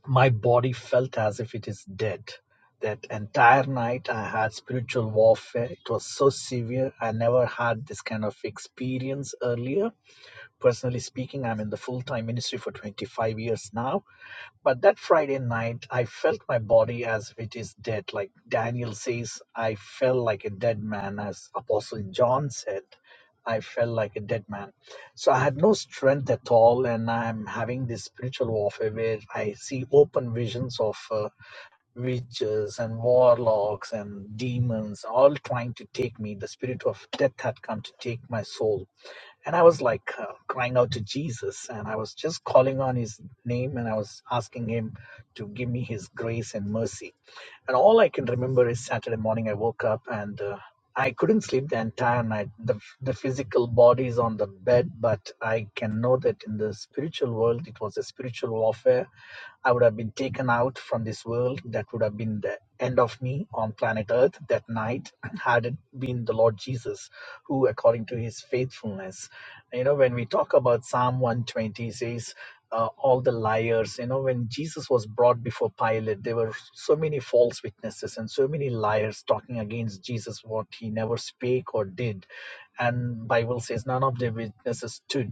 G: my body felt as if it is dead. That entire night I had spiritual warfare. It was so severe. I never had this kind of experience earlier Personally speaking, I'm in the full time ministry for 25 years now. But that Friday night, I felt my body as if it is dead. Like Daniel says, I felt like a dead man, as Apostle John said, I felt like a dead man. So I had no strength at all, and I'm having this spiritual warfare where I see open visions of uh, witches and warlocks and demons all trying to take me. The spirit of death had come to take my soul and I was like uh, crying out to Jesus, and I was just calling on his name, and I was asking him to give me his grace and mercy. And all I can remember is Saturday morning, I woke up and uh, I couldn't sleep the entire night. The, the physical body is on the bed, but I can know that in the spiritual world, it was a spiritual warfare. I would have been taken out from this world. That would have been the end of me on planet Earth that night, had it been the Lord Jesus, who, according to his faithfulness, you know when we talk about psalm 120 says uh, all the liars you know when jesus was brought before pilate there were so many false witnesses and so many liars talking against jesus what he never spake or did and bible says none of the witnesses stood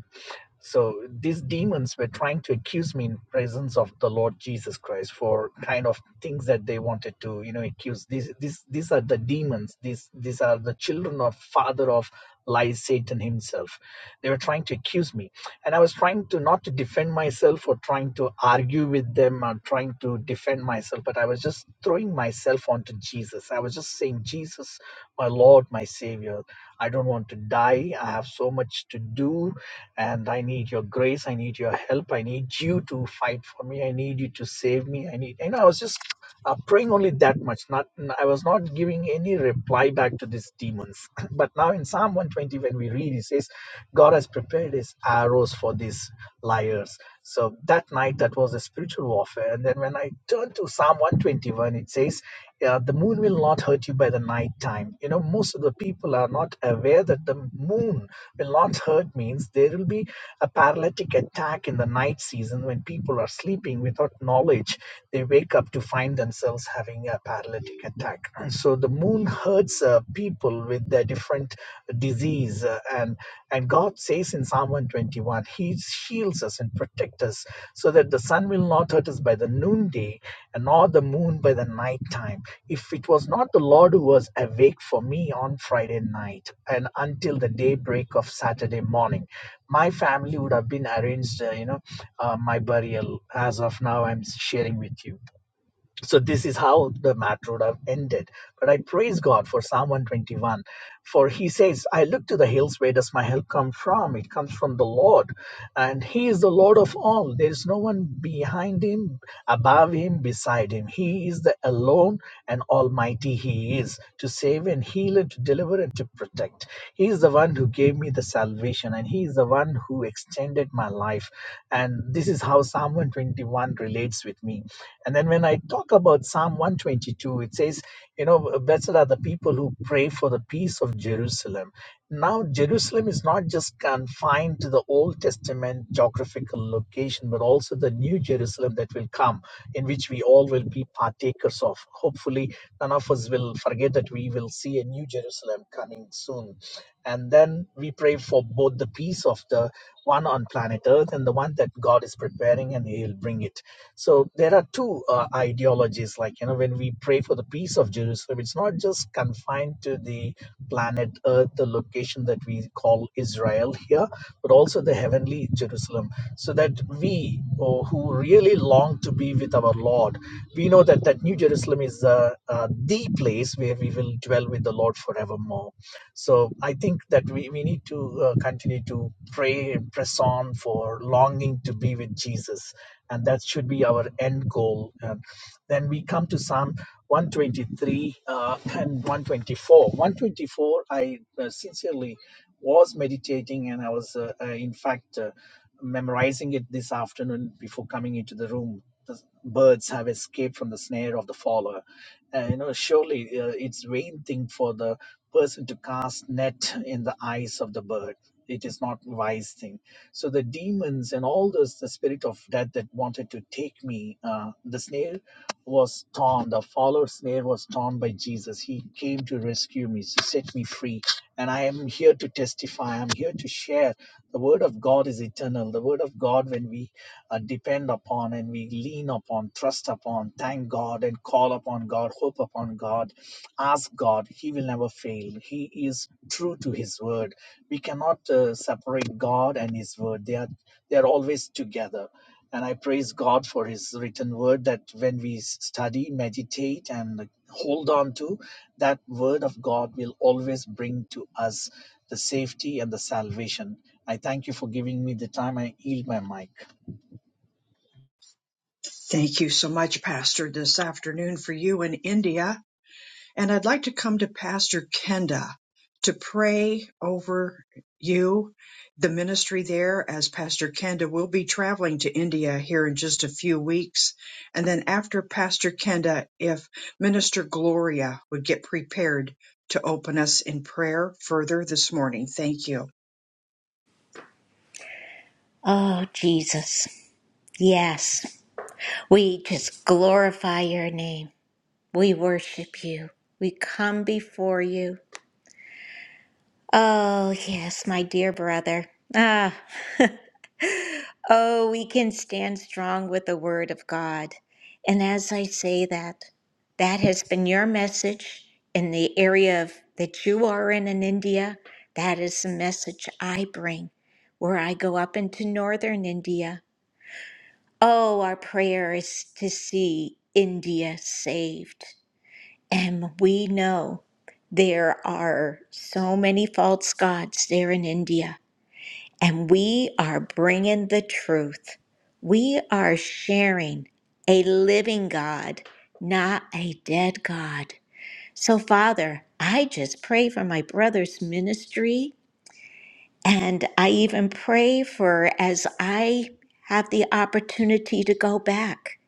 G: so these demons were trying to accuse me in presence of the Lord Jesus Christ for kind of things that they wanted to, you know, accuse. These these these are the demons. These these are the children of father of lies, Satan himself. They were trying to accuse me. And I was trying to not to defend myself or trying to argue with them or trying to defend myself, but I was just throwing myself onto Jesus. I was just saying, Jesus, my Lord, my Savior. I don't want to die. I have so much to do, and I need your grace. I need your help. I need you to fight for me. I need you to save me. I need, and I was just uh, praying only that much. Not, I was not giving any reply back to these demons. <laughs> but now in Psalm 120, when we read, it says, God has prepared his arrows for these liars. So that night, that was a spiritual warfare. And then when I turned to Psalm 121, it says, uh, the moon will not hurt you by the night time. You know, most of the people are not aware that the moon will not hurt means there will be a paralytic attack in the night season when people are sleeping without knowledge. They wake up to find themselves having a paralytic attack. And so the moon hurts uh, people with their different disease, uh, and and God Lord says in Psalm 121, He shields us and protects us so that the sun will not hurt us by the noonday and nor the moon by the nighttime. If it was not the Lord who was awake for me on Friday night and until the daybreak of Saturday morning, my family would have been arranged, uh, you know, uh, my burial as of now I'm sharing with you. So this is how the matter would have ended. But I praise God for Psalm 121, for he says, I look to the hills, where does my help come from? It comes from the Lord, and he is the Lord of all. There is no one behind him, above him, beside him. He is the alone and almighty he is, to save and heal and to deliver and to protect. He is the one who gave me the salvation, and he is the one who extended my life. And this is how how Psalm 121 relates with me. And then when I talk about Psalm 122, it says, you know, blessed are the people who pray for the peace of Jerusalem. Now, Jerusalem is not just confined to the Old Testament geographical location, but also the new Jerusalem that will come, in which we all will be partakers of. Hopefully, none of us will forget that we will see a new Jerusalem coming soon. And then we pray for both the peace of promise of the one on planet Earth and the one that God is preparing and He'll bring it. So there are two uh, ideologies. Like, you know, when we pray for the peace of Jerusalem, it's not just confined to the planet Earth, the location that we call Israel here, but also the heavenly Jerusalem. So that we oh, who really long to be with our Lord, we know that that New Jerusalem is uh, uh, the place where we will dwell with the Lord forevermore. So I think that we, we need to uh, continue to pray and press on for longing to be with Jesus. And that should be our end goal. And then we come to Psalm 123 uh, and 124. 124, I uh, sincerely was meditating and I was, uh, uh, in fact, uh, memorizing it this afternoon before coming into the room the birds have escaped from the snare of the faller. Uh, you know, surely uh, it's vain thing for the person to cast net in the eyes of the bird. It is not wise thing. So the demons and all those, the spirit of death that wanted to take me, uh, the snare was torn. The follower snare was torn by Jesus. He came to rescue me, to set me free. And I am here to testify. I'm here to share. The word of God is eternal. The word of God, when we uh, depend upon and we lean upon, trust upon, thank God and call upon God, hope upon God, ask God, He will never fail. He is true to His word. We cannot uh, separate God and His word, they are, they are always together. And I praise God for His written word that when we study, meditate, and hold on to, that word of God will always bring to us the safety and the salvation. I thank you for giving me the time. I yield my mic.
A: Thank you so much, Pastor, this afternoon for you in India. And I'd like to come to Pastor Kenda to pray over you, the ministry there, as Pastor Kenda will be traveling to India here in just a few weeks. And then after Pastor Kenda, if Minister Gloria would get prepared to open us in prayer further this morning. Thank you.
B: Oh, Jesus. Yes. We just glorify your name. We worship you. We come before you. Oh, yes, my dear brother. Ah, <laughs> oh, we can stand strong with the word of God. And as I say that, that has been your message in the area of that you are in in India. That is the message I bring where I go up into northern India. Oh, our prayer is to see India saved. And we know there are so many false gods there in India, and we are bringing the truth. We are sharing a living God, not a dead God. So, Father, I just pray for my brother's ministry, and I even pray for as I have the opportunity to go back,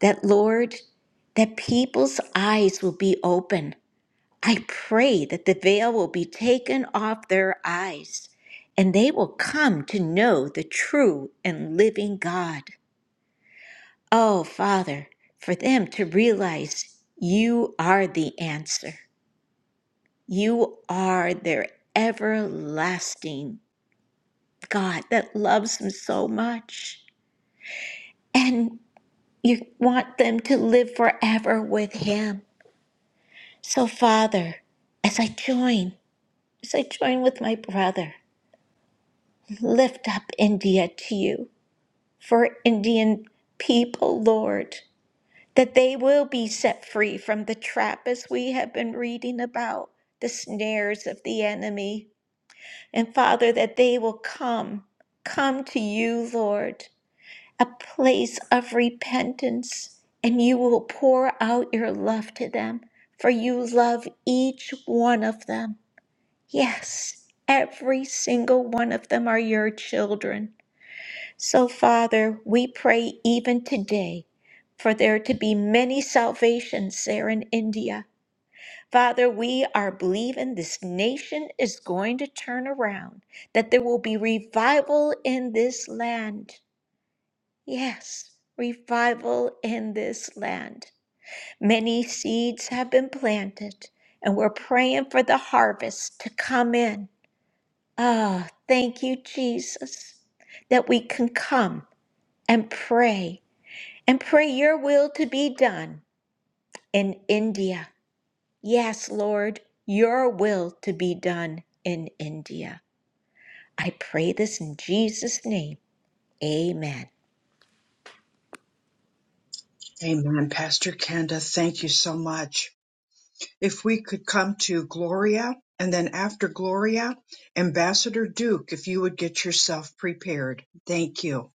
B: that Lord, that people's eyes will be open I pray that the veil will be taken off their eyes and they will come to know the true and living God. Oh, Father, for them to realize you are the answer. You are their everlasting God that loves them so much. And you want them to live forever with Him. So, Father, as I join, as I join with my brother, lift up India to you for Indian people, Lord, that they will be set free from the trap as we have been reading about the snares of the enemy. And Father, that they will come, come to you, Lord, a place of repentance, and you will pour out your love to them, for you love each one of them. Yes, every single one of them are your children. So, Father, we pray even today for there to be many salvations there in India. Father, we are believing this nation is going to turn around, that there will be revival in this land. Yes, revival in this land. Many seeds have been planted, and we're praying for the harvest to come in. Ah, thank you, Jesus, that we can come and pray and pray your will to be done in India. Yes, Lord, your will to be done in India. I pray this in Jesus' name. Amen.
A: Amen. Pastor Kenda, thank you so much. If we could come to Gloria and then after Gloria, Ambassador Duke, if you would get yourself prepared. Thank you.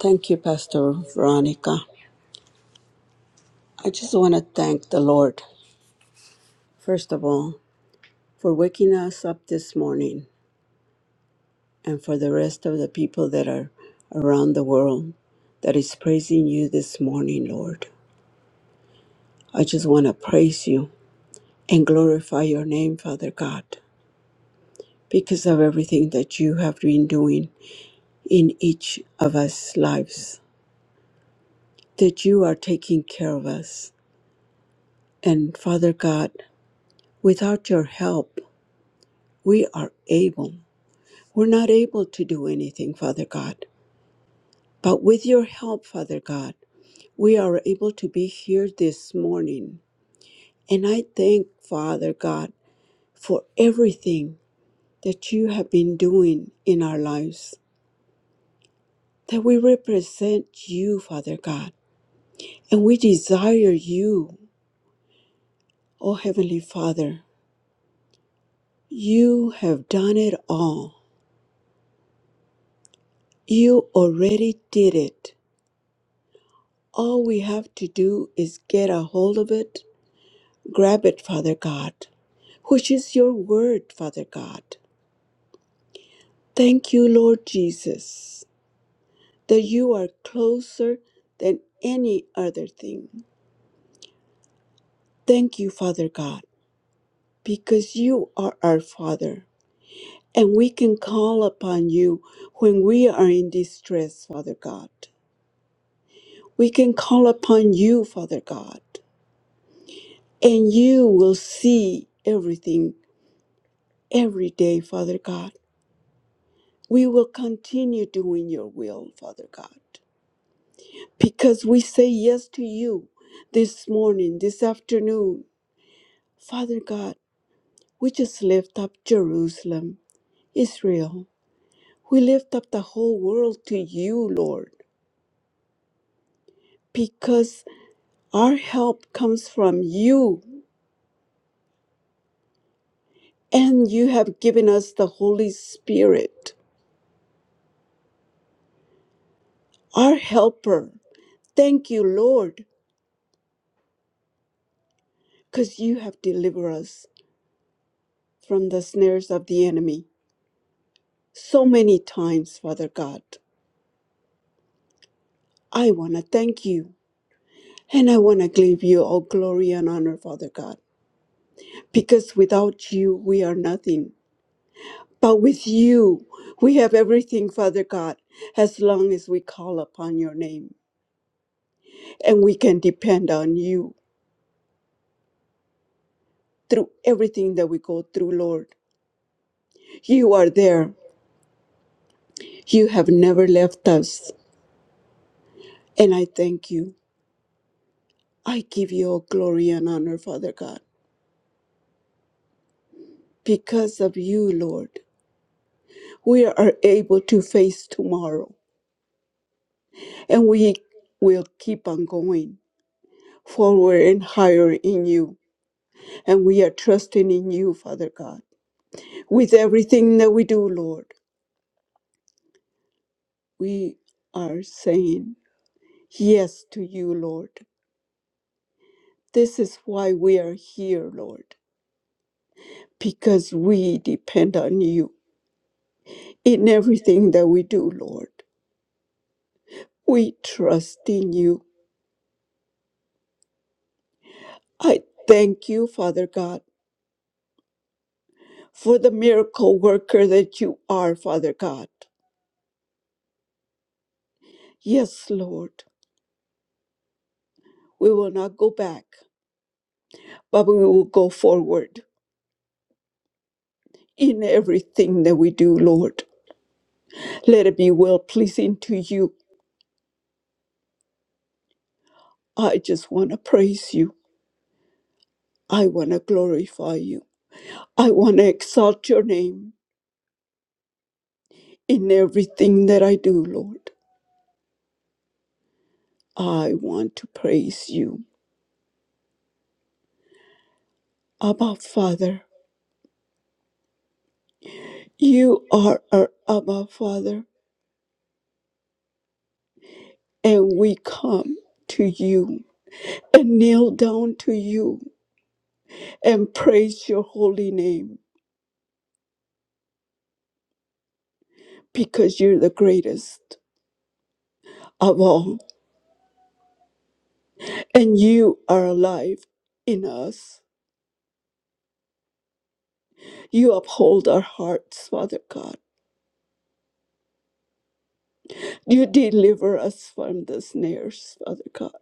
C: Thank you, Pastor Veronica. I just want to thank the Lord, first of all, for waking us up this morning and for the rest of the people that are around the world that is praising you this morning, Lord. I just want to praise you and glorify your name, Father God, because of everything that you have been doing in each of us' lives, that you are taking care of us. And Father God, without your help, we are able. We're not able to do anything, Father God. But with your help, Father God, we are able to be here this morning. And I thank Father God for everything that you have been doing in our lives, that we represent you, Father God, and we desire you, O Heavenly Father. You have done it all. You already did it. All we have to do is get a hold of it, grab it, Father God, which is your word, Father God. Thank you, Lord Jesus, that you are closer than any other thing. Thank you, Father God because you are our Father, and we can call upon you when we are in distress, Father God. We can call upon you, Father God, and you will see everything every day, Father God. We will continue doing your will, Father God, because we say yes to you this morning, this afternoon. Father God, we just lift up Jerusalem, Israel. We lift up the whole world to you, Lord, because our help comes from you, and you have given us the Holy Spirit, our helper. Thank you, Lord, because you have delivered us from the snares of the enemy so many times, Father God. I want to thank you, and I want to give you all glory and honor, Father God, because without you, we are nothing. But with you, we have everything, Father God, as long as we call upon your name and we can depend on you through everything that we go through, Lord. You are there. You have never left us. And I thank you. I give you all glory and honor, Father God. Because of you, Lord, we are able to face tomorrow and we will keep on going forward and higher in you. And we are trusting in you, Father God. With everything that we do, Lord, we are saying yes to you, Lord. This is why we are here, Lord, because we depend on you in everything that we do, Lord. We trust in you. I thank you, Father God, for the miracle worker that you are, Father God. Yes, Lord, we will not go back, but we will go forward in everything that we do, Lord. Let it be well pleasing to you. I just want to praise you. I want to glorify you. I want to exalt your name in everything that I do, Lord. I want to praise you. Abba, Father, you are our Abba, Father, and we come to you and kneel down to you and praise your holy name because you're the greatest of all and you are alive in us You uphold our hearts, Father God. You deliver us from the snares, Father God.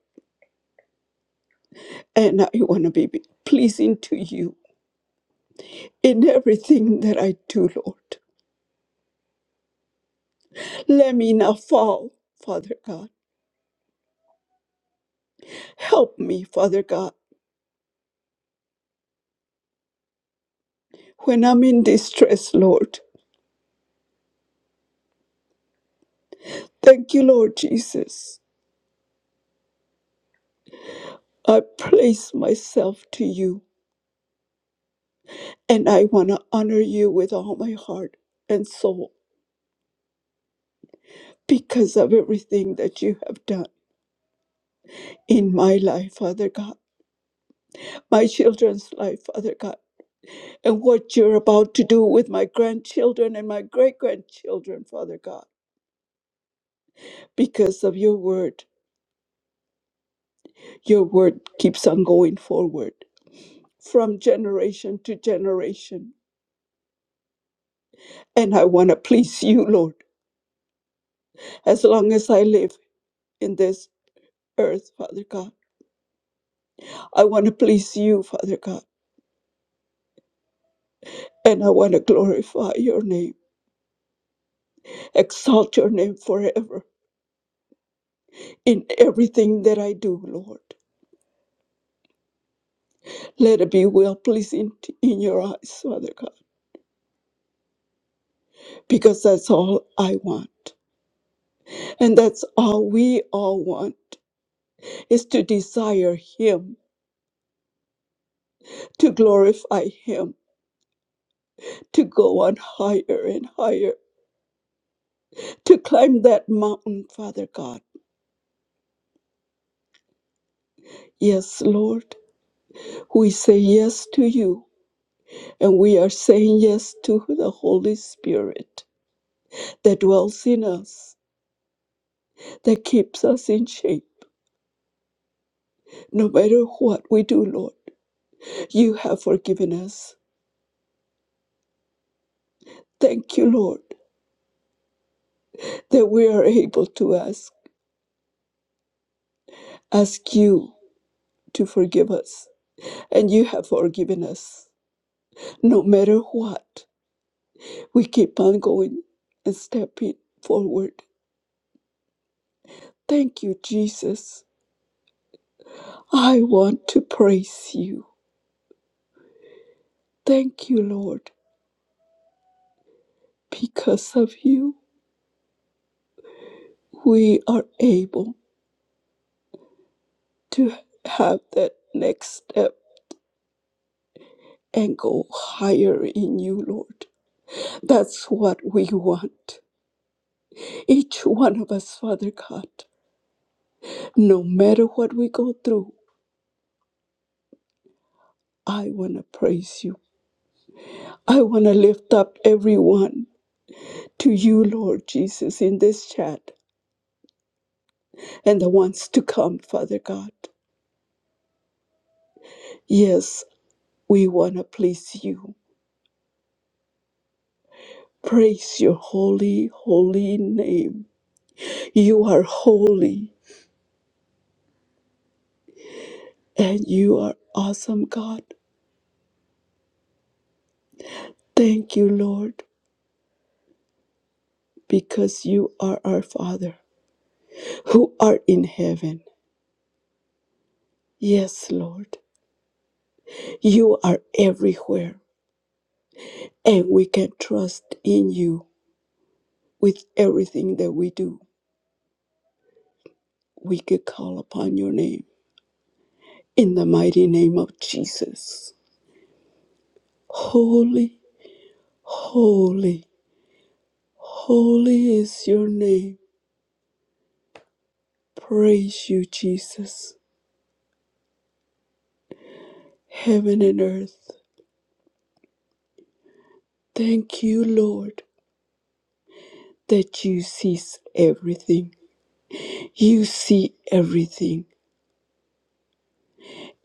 C: And I want to be pleasing to you in everything that I do, Lord. Let me not fall, Father God. Help me, Father God, when I'm in distress, Lord. Thank you, Lord Jesus. I place myself to you, and I want to honor you with all my heart and soul because of everything that you have done in my life, Father God. my children's life, Father God, and what you're about to do with my grandchildren and my great grandchildren, Father God, because of your word. Your word keeps on going forward from generation to generation. And I want to please you, Lord, as long as I live in this earth, Father God. I want to please you, Father God, and I want to glorify your name, exalt your name forever in everything that I do, Lord. Let it be well pleasing t- in your eyes, Father God, because that's all I want. And that's all we all want is to desire Him, to glorify Him, to go on higher and higher, to climb that mountain, Father God. Yes, Lord, we say yes to you, and we are saying yes to the Holy Spirit that dwells in us, that keeps us in shape, no matter what we do, Lord. You have forgiven us. Thank you, Lord, that we are able to ask, ask you to forgive us. And you have forgiven us. No matter what, we keep on going and stepping forward. Thank you, Jesus. I want to praise you. Thank you, Lord. Because of you, we are able to have that next step and go higher in you, Lord. That's what we want. Each one of us, Father God, no matter what we go through, I want to praise you. I want to lift up everyone to you, Lord Jesus, in this chat and the ones to come, Father God. Yes, we want to please you. Praise your holy, holy name. You are holy and you are awesome, God. Thank you, Lord, because you are our Father who art in heaven. Yes, Lord. You are everywhere, and we can trust in you with everything that we do. We could call upon your name in the mighty name of Jesus. Holy, holy, holy is your name. Praise you, Jesus. Heaven and earth, thank you, Lord, that you sees everything. You see everything,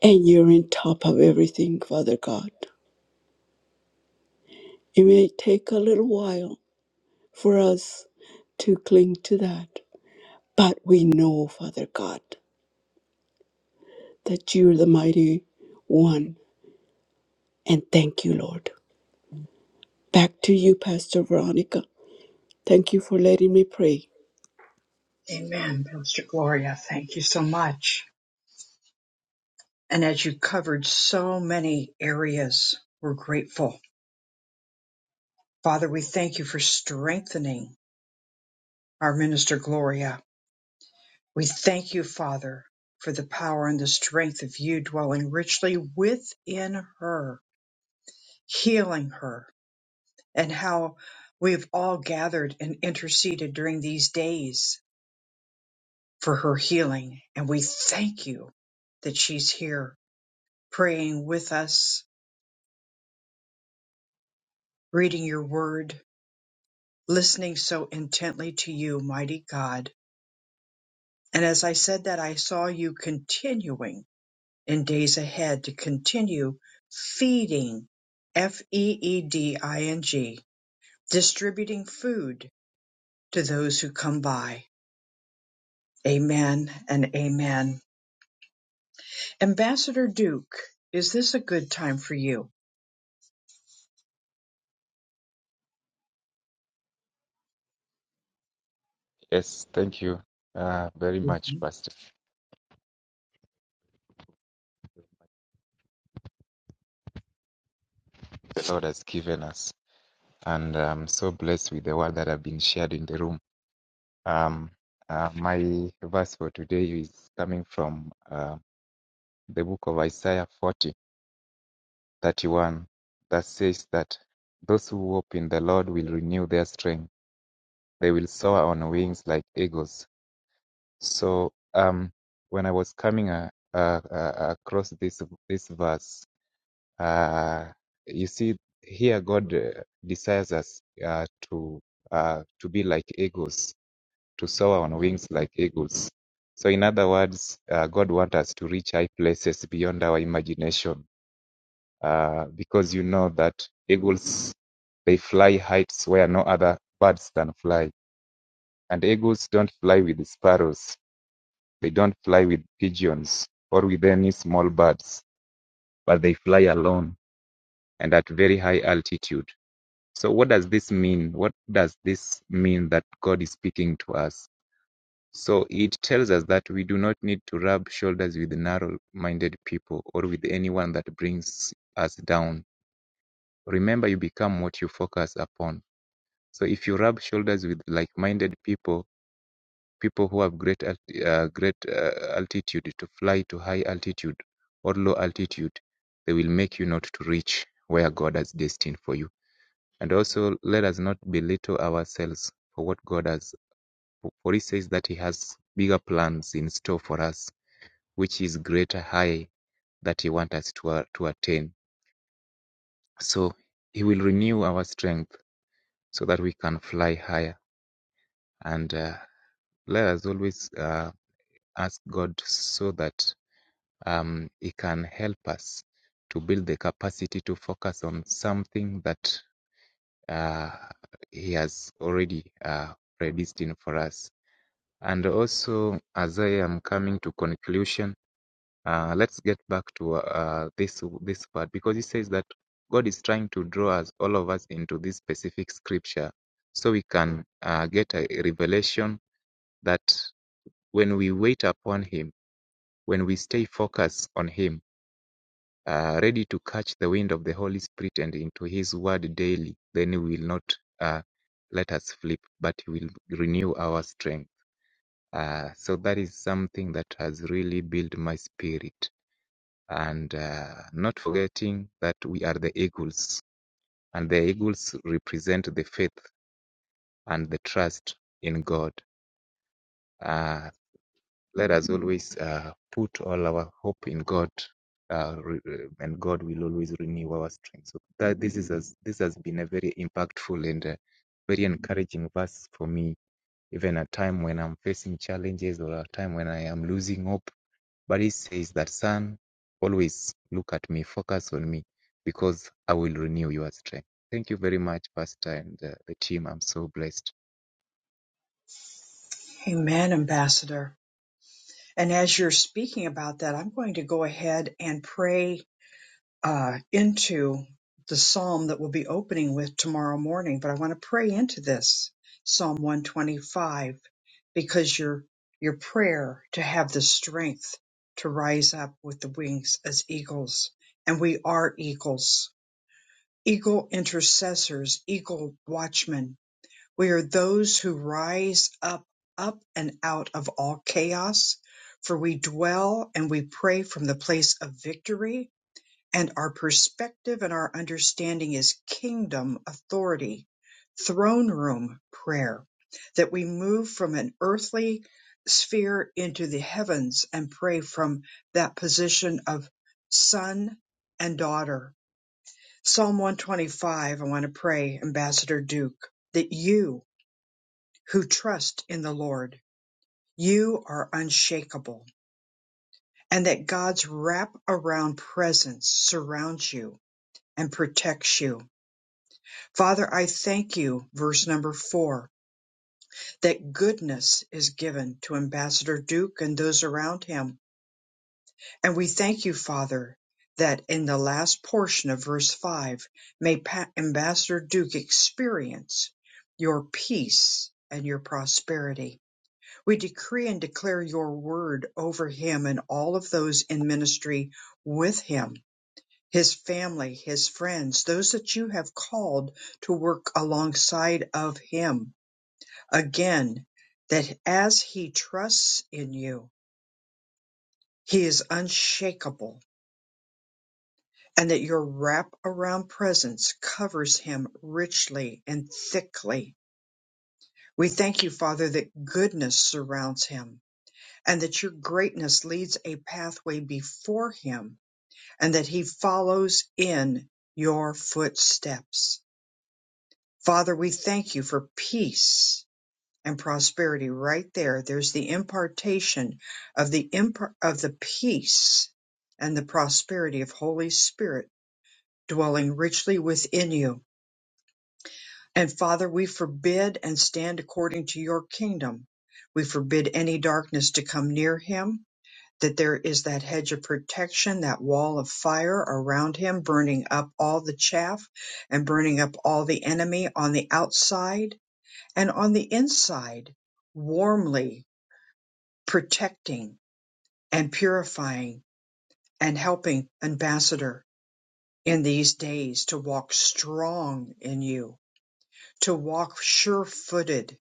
C: and you're on top of everything, Father God. It may take a little while for us to cling to that. But we know, Father God, that you're the mighty one. And thank you, Lord. Back to you, Pastor Veronica. Thank you for letting me pray.
A: Amen, Pastor Gloria. Thank you so much. And as you covered so many areas, we're grateful. Father, we thank you for strengthening our minister Gloria. We thank you, Father, for the power and the strength of you dwelling richly within her, healing her, and how we have all gathered and interceded during these days for her healing. And we thank you that she's here praying with us, reading your word, listening so intently to you, mighty God. And as I said that, I saw you continuing in days ahead to continue feeding, F E E D I N G, distributing food to those who come by. Amen and amen. Ambassador Duke, is this a good time for you?
H: Yes, thank you uh, very much,
A: Mhm.
H: Pastor. The Lord has given us, and I'm so blessed with the word that have been shared in the room. Um, uh, my verse for today is coming from uh, the book of Isaiah 40:31, that says that those who hope in the Lord will renew their strength. They will soar on wings like eagles. So, um, when I was coming uh, uh, uh, across this this verse, Uh, you see, here God uh, desires us uh, to uh, to be like eagles, to soar on wings like eagles. So, in other words, uh, God wants us to reach high places beyond our imagination, uh, because you know that eagles they fly heights where no other birds can fly, and eagles don't fly with sparrows, they don't fly with pigeons or with any small birds, but they fly alone and at very high altitude. So what does this mean? What does this mean that God is speaking to us? So it tells us that we do not need to rub shoulders with narrow-minded people or with anyone that brings us down. Remember, you become what you focus upon. So if you rub shoulders with like-minded people, people who have great uh, great uh, altitude to fly to high altitude or low altitude, they will make you not to reach where God has destined for you. And also, let us not belittle ourselves for what God has, for He says that He has bigger plans in store for us, which is greater high that He wants us to, a- to attain. So He will renew our strength so that we can fly higher. And uh, let us always uh, ask God so that um, He can help us to build the capacity to focus on something that uh, He has already uh, predestined for us And also, as I am coming to conclusion, uh, let's get back to uh, this this part because it says that God is trying to draw us all of us into this specific scripture, so we can uh, get a revelation that when we wait upon Him, when we stay focused on Him, uh, ready to catch the wind of the Holy Spirit and into His Word daily, then He will not uh, let us slip, but He will renew our strength. Uh, so that is something that has really built my spirit. And uh, not forgetting that we are the eagles, and the eagles represent the faith and the trust in God. Uh, let us always uh, put all our hope in God, uh, and God will always renew our strength. So that this is as, this has been a very impactful and uh, very encouraging verse for me, even a time when I'm facing challenges or a time when I am losing hope But he says that son, always look at me, focus on me, because I will renew your strength. Thank you very much, Pastor and uh, the team. I'm so blessed.
A: Amen, Ambassador. And as you're speaking about that, I'm going to go ahead and pray uh, into the psalm that we'll be opening with tomorrow morning. But I want to pray into this Psalm 125 because your your prayer to have the strength to rise up with the wings as eagles, and we are eagles, eagle intercessors, eagle watchmen We are those who rise up, up and out of all chaos, for we dwell and we pray from the place of victory, and our perspective and our understanding is kingdom authority, throne room prayer, that we move from an earthly sphere into the heavens and pray from that position of son and daughter. Psalm 125, I want to pray, Ambassador Duke, that you who trust in the Lord. You are unshakable, and that God's wrap around presence surrounds you and protects you. Father, I thank you, verse number four, that goodness is given to Ambassador Duke and those around him. And we thank you, Father, that in the last portion of verse five, may Ambassador Duke experience your peace and your prosperity. We decree and declare your word over him and all of those in ministry with him, his family, his friends, those that you have called to work alongside of him. Again, that as he trusts in you, he is unshakable and that your wrap around presence covers him richly and thickly. We thank you, Father, that goodness surrounds him and that your greatness leads a pathway before him and that he follows in your footsteps. Father, we thank you for peace and prosperity right there. There's the impartation of the impar- of the peace and the prosperity of Holy Spirit dwelling richly within you. And Father, we forbid and stand according to your kingdom. We forbid any darkness to come near him that there is that hedge of protection, that wall of fire around him, burning up all the chaff and burning up all the enemy on the outside and on the inside, warmly protecting and purifying and helping Ambassador in these days to walk strong in you, to walk sure footed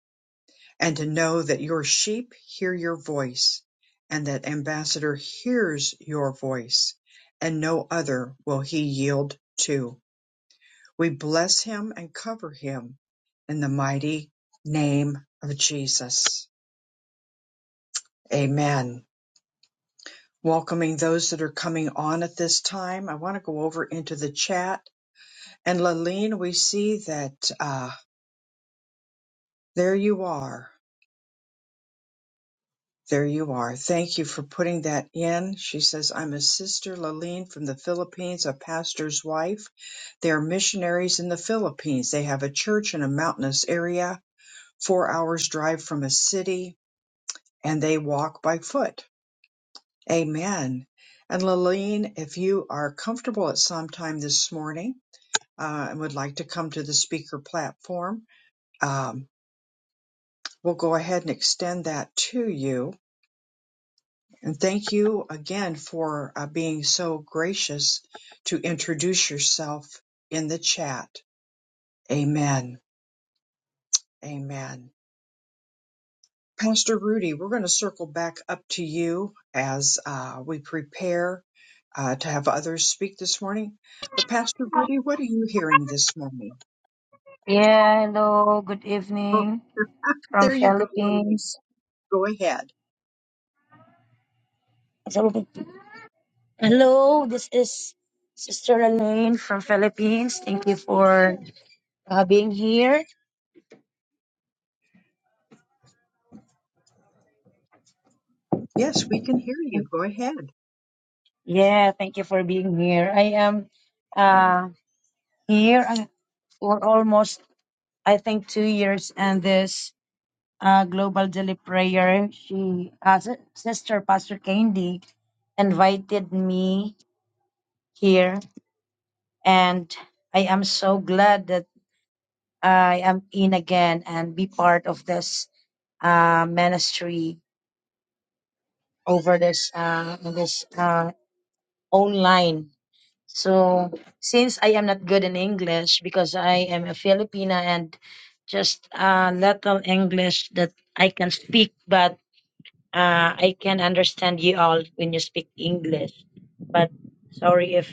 A: and to know that your sheep hear your voice and that ambassador hears your voice and no other will he yield to. We bless him and cover him in the mighty name of Jesus. Amen. Welcoming those that are coming on at this time. I want to go over into the chat and Laleen, we see that, uh, there you are. There you are. Thank you for putting that in. She says, I'm a sister Laline from the Philippines, a pastor's wife. They are missionaries in the Philippines. They have a church in a mountainous area, four hours drive from a city, and they walk by foot. Amen. And Laline, if you are comfortable at some time this morning uh, and would like to come to the speaker platform, um, we'll go ahead and extend that to you. And thank you again for uh, being so gracious to introduce yourself in the chat. Amen. Amen. Pastor Rudy, we're going to circle back up to you as uh, we prepare uh, to have others speak this morning. But Pastor Rudy, what are you hearing this morning?
I: Yeah, hello, good
A: Oh,
I: evening
A: <laughs>
I: from
A: there you go. Lily.
I: Philippines.
A: Go ahead.
I: Hello, this is Sister Elaine from Philippines. Thank you for uh, being here.
A: Yes, we can hear you. Go ahead.
I: Yeah, thank you for being here. I am uh, here and for almost, I think, two years and this uh, Global Daily Prayer. She, uh, Si- Sister Pastor Candy, invited me here and I am so glad that. I am in again and be part of this uh, ministry over this uh, in this uh, online. So since I am not good in English because I am a Filipina and just uh, little English that I can speak, but uh, I can understand you all when you speak English. But sorry if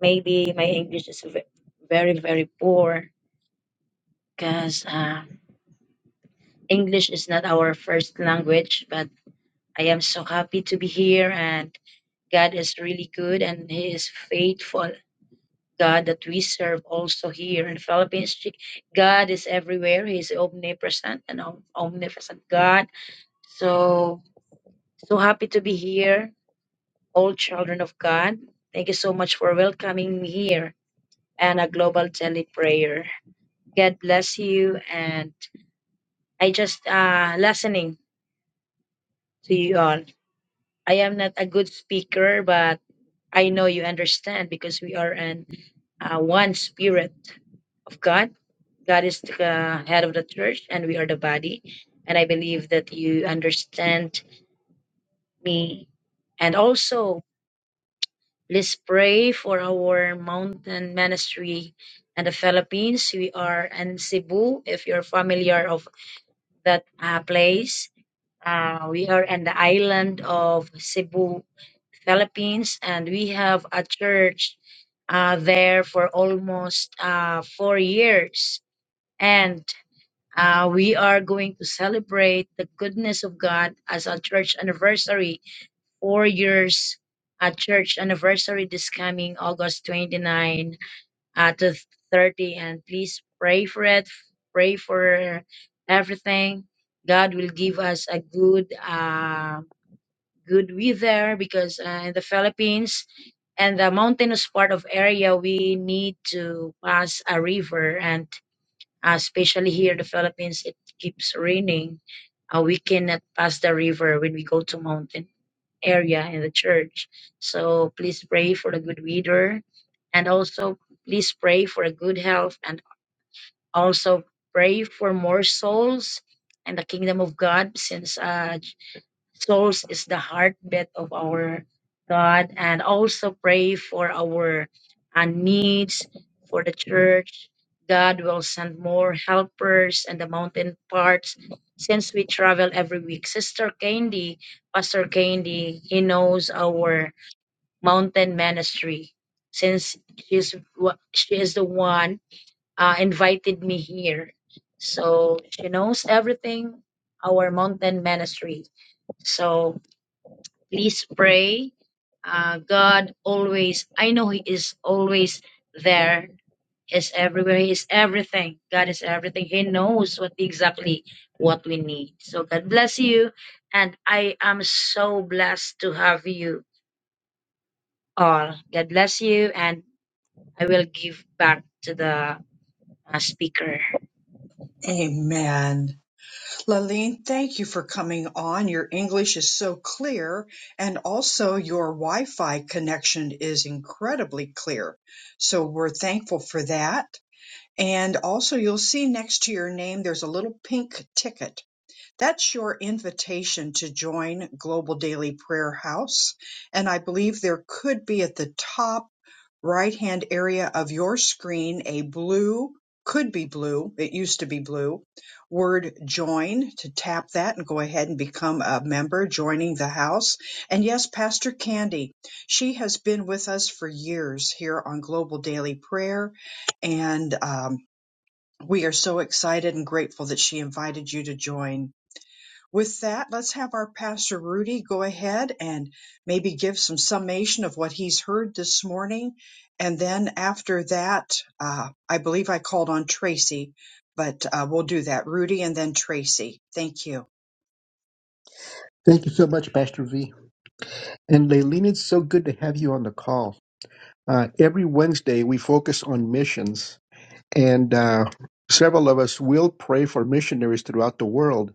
I: maybe my English is ve- very very poor because. uh, English is not our first language, but I am so happy to be here and God is really good and He is faithful. God that we serve also here in Philippines. Ch- God is everywhere. He is omnipresent and om- omnipresent God. So so happy to be here, all children of God. Thank you so much for welcoming me here and a global daily prayer. God bless you and I just uh listening to you all. I am not a good speaker, but I know you understand because we are an uh, one spirit of God. God is the uh, head of the church, and we are the body. And I believe that you understand me. And also, let's pray for our mountain ministry and the Philippines. We are in Cebu, if you're familiar of that uh, place Uh, we are in the island of Cebu, Philippines, and we have a church uh, there for almost uh, four years. And uh, we are going to celebrate the goodness of God as a church anniversary, four years a church anniversary this coming August 29 uh, to 30. And please pray for it, pray for everything. God will give us a good. uh, good weather because uh, in the Philippines and the mountainous part of area we need to pass a river and uh, especially here in the Philippines it keeps raining. Uh, we cannot pass the river when we go to mountain area in the church. So please pray for the good weather and also please pray for a good health and also pray for more souls and the kingdom of God since uh, souls is the heartbeat of our God, and also pray for our uh, needs for the church. God will send more helpers and the mountain parts since we travel every week. Sister Candy, Pastor Candy, he knows our mountain ministry since she's wa- she is the one uh, invited me here. So she knows everything our mountain ministry. So Please pray. Uh, God always, I know He is always there. He's everywhere. He is everything. God is everything. He knows what exactly what we need. So God bless you. And I am so blessed to have you all. God bless you. And I will give back to the uh, speaker.
A: Amen. Laline, thank you for coming on. Your English is so clear, and also your Wi Fi connection is incredibly clear. So we're thankful for that. And also, you'll see next to your name, there's a little pink ticket. That's your invitation to join Global Daily Prayer House. And I believe there could be at the top right-hand area of your screen a blue, could be blue, it used to be blue, word join to tap that and go ahead and become a member joining the house. And yes, Pastor Candy, she has been with us for years here on Global Daily Prayer. And um, we are so excited and grateful that she invited you to join. With that, let's have our Pastor Rudy go ahead and maybe give some summation of what he's heard this morning. And then after that, uh, I believe I called on Tracy, but uh, we'll do that. Rudy and then Tracy. Thank you.
D: Thank you so much, Pastor V. And Leilene, it's so good to have you on the call. Uh, every Wednesday, we focus on missions, and uh, several of us will pray for missionaries throughout the world.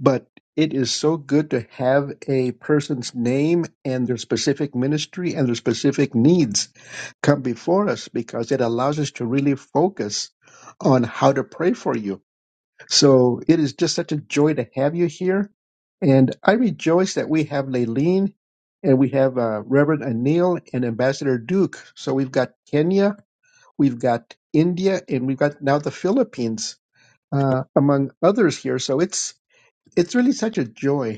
D: but it is so good to have a person's name and their specific ministry and their specific needs come before us because it allows us to really focus on how to pray for you. So it is just such a joy to have you here. And I rejoice that we have Leilene and we have uh, Reverend Anil and Ambassador Duke. So we've got Kenya, we've got India, and we've got now the Philippines, uh, among others here. So it's it's really such a joy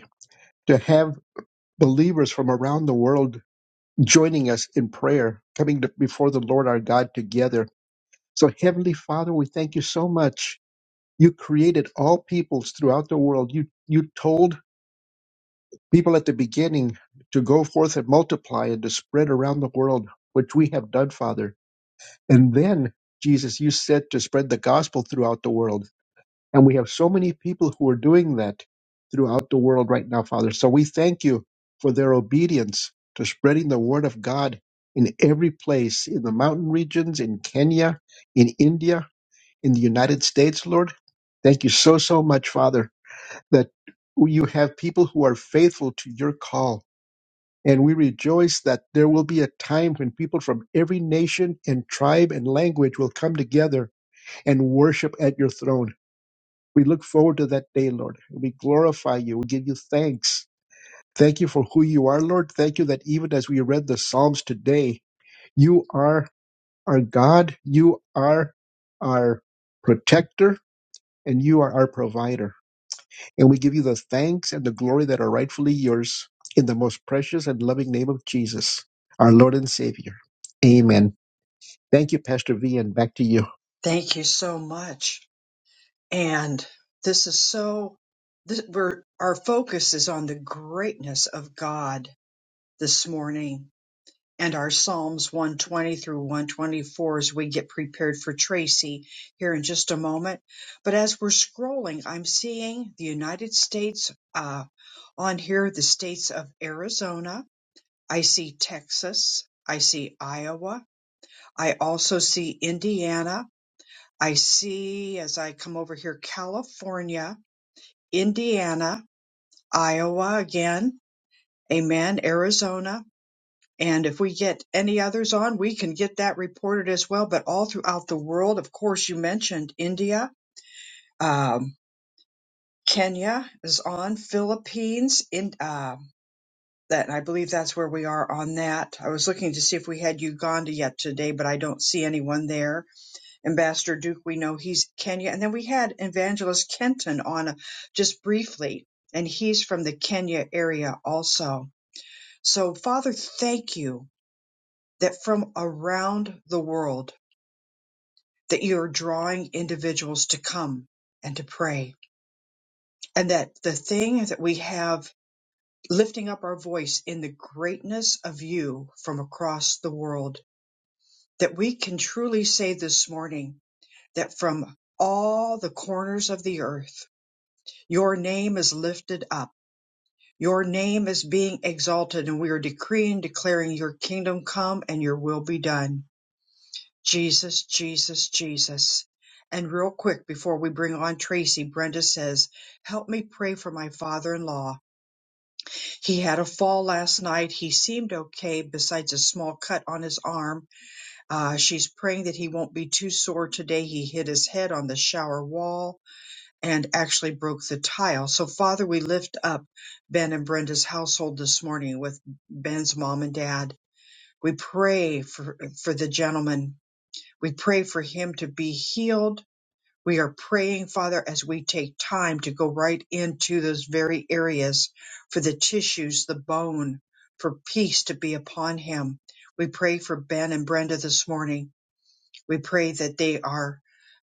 D: to have believers from around the world joining us in prayer, coming to, before the Lord our God together. So, Heavenly Father, we thank you so much. You created all peoples throughout the world. You you told people at the beginning to go forth and multiply and to spread around the world, which we have done, Father. And then, Jesus, you said to spread the gospel throughout the world. And we have so many people who are doing that throughout the world right now, Father. So we thank you for their obedience to spreading the word of God in every place, in the mountain regions, in Kenya, in India, in the United States, Lord. Thank you so, so much, Father, that you have people who are faithful to your call. And we rejoice that there will be a time when people from every nation and tribe and language will come together and worship at your throne. We look forward to that day, Lord. We glorify you. We give you thanks. Thank you for who you are, Lord. Thank you that even as we read the Psalms today, you are our God, you are our protector, and you are our provider. And we give you the thanks and the glory that are rightfully yours in the most precious and loving name of Jesus, our Lord and Savior. Amen. Thank you, Pastor V, and back to you.
A: Thank you so much. And this is so, this, we're, our focus is on the greatness of God this morning and our Psalms 120 through 124 as we get prepared for Tracy here in just a moment. But as we're scrolling, I'm seeing the United States uh, on here, the states of Arizona. I see Texas. I see Iowa. I also see Indiana. I see as I come over here, California, Indiana, Iowa again. Amen. Arizona. And if we get any others on, we can get that reported as well. But all throughout the world, of course, you mentioned India, um, Kenya is on, Philippines, in, uh, that I believe that's where we are on that. I was looking to see if we had Uganda yet today, but I don't see anyone there. Ambassador Duke, we know he's Kenya, and then we had Evangelist Kenton on uh, just briefly, and he's from the Kenya area also. So, Father, thank you that from around the world that you're drawing individuals to come and to pray and that the thing that we have lifting up our voice in the greatness of you from across the world that we can truly say this morning that from all the corners of the earth your name is lifted up your name is being exalted and we are decreeing declaring your kingdom come and your will be done Jesus, Jesus, Jesus. And real quick before we bring on Tracy, Brenda says, Help me pray for my father in law. He had a fall last night. He seemed okay besides a small cut on his arm. Uh, she's praying that he won't be too sore today. He hit his head on the shower wall and actually broke the tile. So, Father, we lift up Ben and Brenda's household this morning with Ben's mom and dad. We pray for, for the gentleman we pray for him to be healed. We are praying, Father, as we take time to go right into those very areas for the tissues, the bone, for peace to be upon him. We pray for Ben and Brenda this morning. We pray that they are,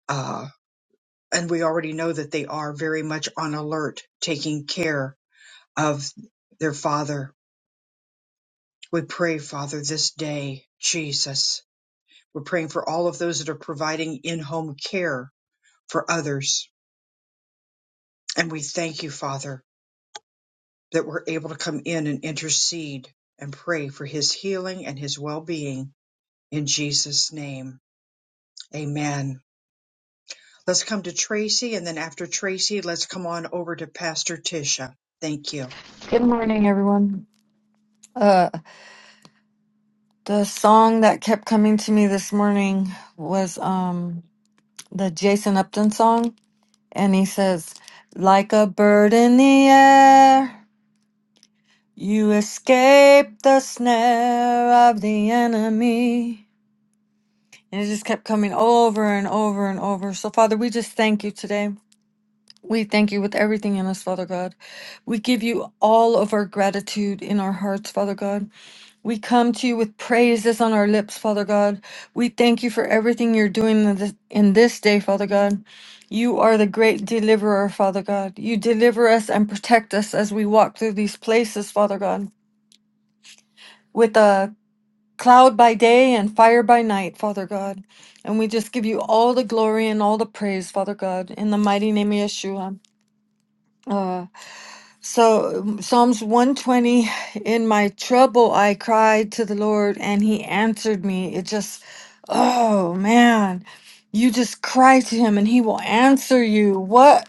A: uh, and we already know that they are very much on alert, taking care of their father. We pray, Father, this day, Jesus. We're praying for all of those that are providing in home care for others. And we thank you, Father, that we're able to come in and intercede and pray for his healing and his well being in Jesus' name. Amen. Let's come to Tracy, and then after Tracy, let's come on over to Pastor Tisha. Thank you.
J: Good morning, everyone. Uh, the song that kept coming to me this morning was um the Jason Upton song, and he says, "Like a bird in the air, you escape the snare of the enemy." And it just kept coming over and over and over. So, Father, we just thank you today. We thank you with everything in us, Father God. We give you all of our gratitude in our hearts, Father God. We come to you with praises on our lips, Father God. We thank you for everything you're doing in this, in this day, Father God. You are the great deliverer, Father God. You deliver us and protect us as we walk through these places, Father God, with a cloud by day and fire by night, Father God. And we just give you all the glory and all the praise, Father God, in the mighty name of Yeshua. Uh, So um, Psalms 120, in my trouble I cried to the Lord and he answered me. It just, oh man, you just cry to him and he will answer you. What?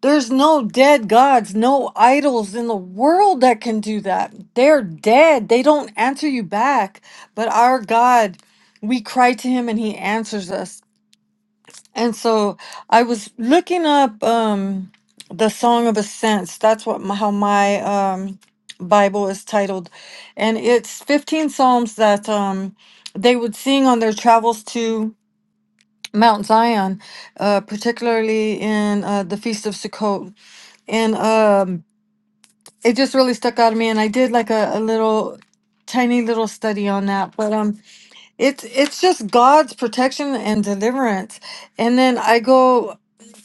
J: There's no dead gods, no idols in the world that can do that. They're dead. They don't answer you back. But our God, we cry to him and he answers us. And so I was looking up um, the Song of Ascents. That's what my, how my um, Bible is titled, and it's 15 psalms that um, they would sing on their travels to Mount Zion, uh, particularly in uh, the Feast of Sukkot. And um, it just really stuck out to me, and I did like a, a little tiny little study on that. But um, it's it's just God's protection and deliverance. And then I go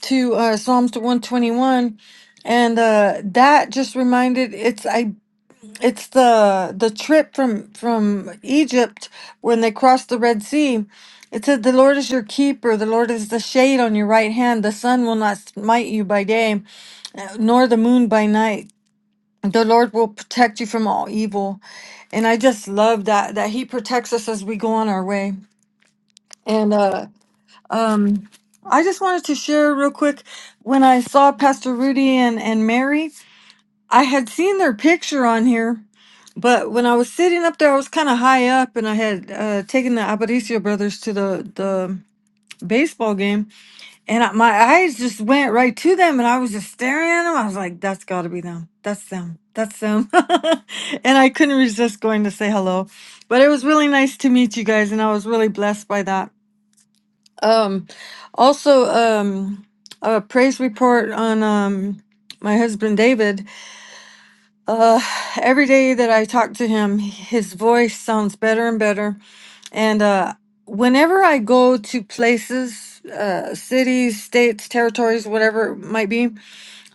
J: to uh, Psalms 121 and uh, that just reminded it's I it's the the trip from from Egypt when they crossed the Red Sea. It said the Lord is your keeper, the Lord is the shade on your right hand, the sun will not smite you by day, nor the moon by night. The Lord will protect you from all evil. And I just love that that he protects us as we go on our way. And uh, um, I just wanted to share real quick when I saw Pastor Rudy and, and Mary, I had seen their picture on here, but when I was sitting up there, I was kind of high up and I had uh, taken the Aparicio brothers to the, the baseball game. And I, my eyes just went right to them and I was just staring at them. I was like, that's got to be them. That's them. That's them. <laughs> and I couldn't resist going to say hello. But it was really nice to meet you guys and I was really blessed by that. Um, also, um, a praise report on um, my husband David. Uh, every day that I talk to him, his voice sounds better and better. And uh, whenever I go to places, uh, cities, states, territories, whatever it might be,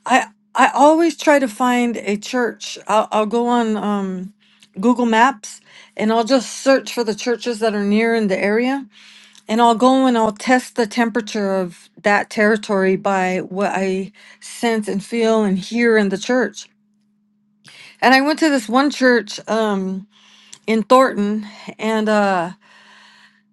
J: I I always try to find a church. I'll, I'll go on um, Google Maps and I'll just search for the churches that are near in the area and I'll go and I'll test the temperature of that territory by what I sense and feel and hear in the church. And I went to this one church um, in Thornton and uh,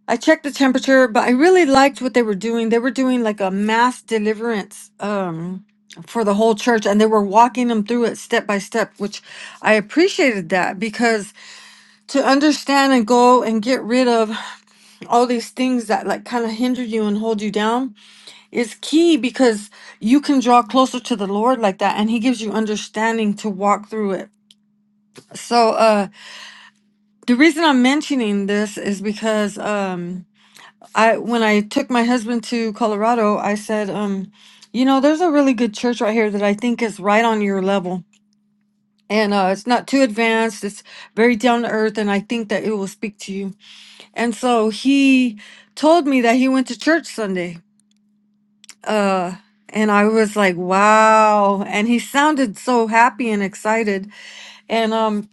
J: I checked the temperature, but I really liked what they were doing. They were doing like a mass deliverance um, for the whole church and they were walking them through it step by step, which I appreciated that because to understand and go and get rid of all these things that like kind of hinder you and hold you down is key because you can draw closer to the Lord like that and he gives you understanding to walk through it. So uh the reason I'm mentioning this is because um I when I took my husband to Colorado, I said um you know, there's a really good church right here that I think is right on your level. And uh, it's not too advanced. It's very down to earth, and I think that it will speak to you. And so he told me that he went to church Sunday, uh and i was like wow and he sounded so happy and excited and um